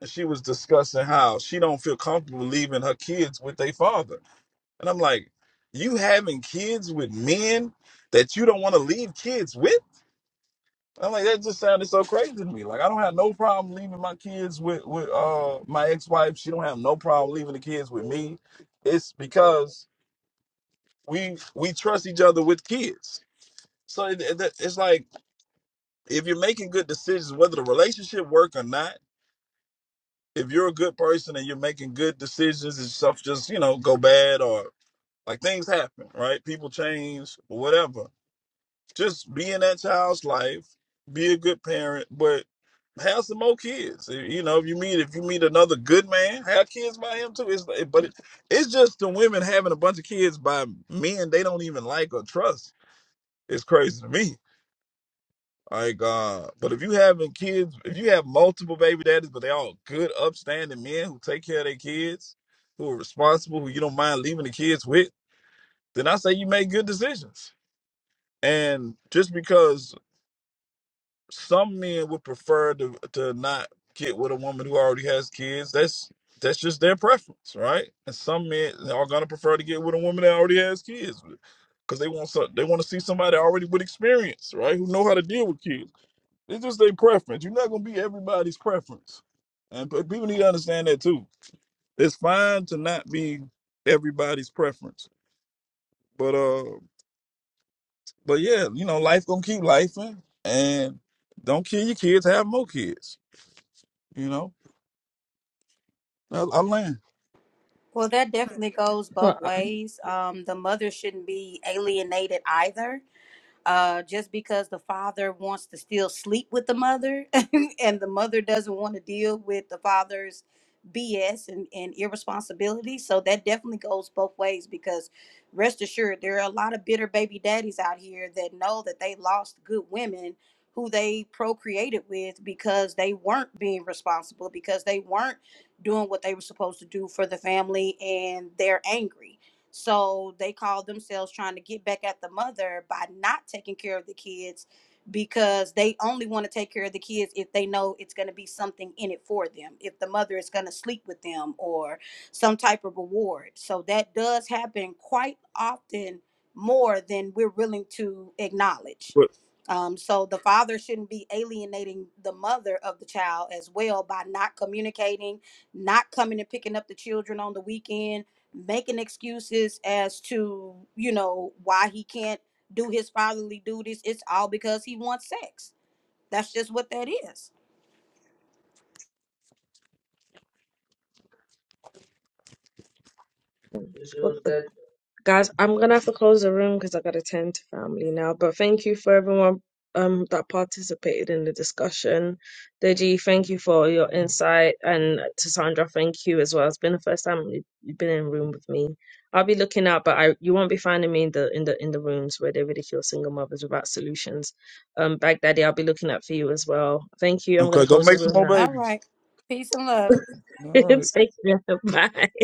and she was discussing how she don't feel comfortable leaving her kids with their father. And I'm like, you having kids with men that you don't want to leave kids with? I'm like, that just sounded so crazy to me. Like, I don't have no problem leaving my kids with with uh my ex wife. She don't have no problem leaving the kids with me. It's because we we trust each other with kids. So it, it- it's like if you're making good decisions, whether the relationship work or not if you're a good person and you're making good decisions and stuff just you know go bad or like things happen right people change or whatever just be in that child's life be a good parent but have some more kids you know if you meet if you meet another good man have kids by him too it's but it, it's just the women having a bunch of kids by men they don't even like or trust it's crazy to me like, uh, but if you having kids, if you have multiple baby daddies, but they all good, upstanding men who take care of their kids, who are responsible, who you don't mind leaving the kids with, then I say you make good decisions. And just because some men would prefer to to not get with a woman who already has kids, that's that's just their preference, right? And some men are gonna prefer to get with a woman that already has kids, because they want some, they want to see somebody already with experience, right? Who know how to deal with kids it's just their preference. You're not gonna be everybody's preference, and p- people need to understand that too. It's fine to not be everybody's preference, but uh, but yeah, you know, life gonna keep life, and don't kill your kids. Have more kids. You know, I, I land. Well, that definitely goes So, both um, ways. Um, the mother shouldn't be alienated either Uh, just because the father wants to still sleep with the mother and the mother doesn't want to deal with the father's BS and, and irresponsibility. So that definitely goes both ways because rest assured, there are a lot of bitter baby daddies out here that know that they lost good women who they procreated with because they weren't being responsible, because they weren't doing what they were supposed to do for the family and they're angry so they called themselves trying to get back at the mother by not taking care of the kids because they only want to take care of the kids if they know it's going to be something in it for them, if the mother is going to sleep with them or some type of reward. So that does happen quite often more than we're willing to acknowledge. But Um, so the father shouldn't be alienating the mother of the child as well by not communicating, not coming and picking up the children on the weekend, making excuses as to you know why he can't do his fatherly duties it's all because he wants sex that's just what that is well, guys, I'm gonna have to close the room because I gotta tend to family now. But thank you for everyone um that participated in the discussion. Deji, thank you for your insight, and to Sandra, thank you as well. It's been the first time you- you've been in a room with me. I'll be looking out, but I you won't be finding me in the in the in the rooms where they ridicule single mothers without solutions. Um, Baghdadi, I'll be looking out for you as well. Thank you. I'm gonna okay, go close the make some room more now. all babies. right peace and love All right. Take care. Bye.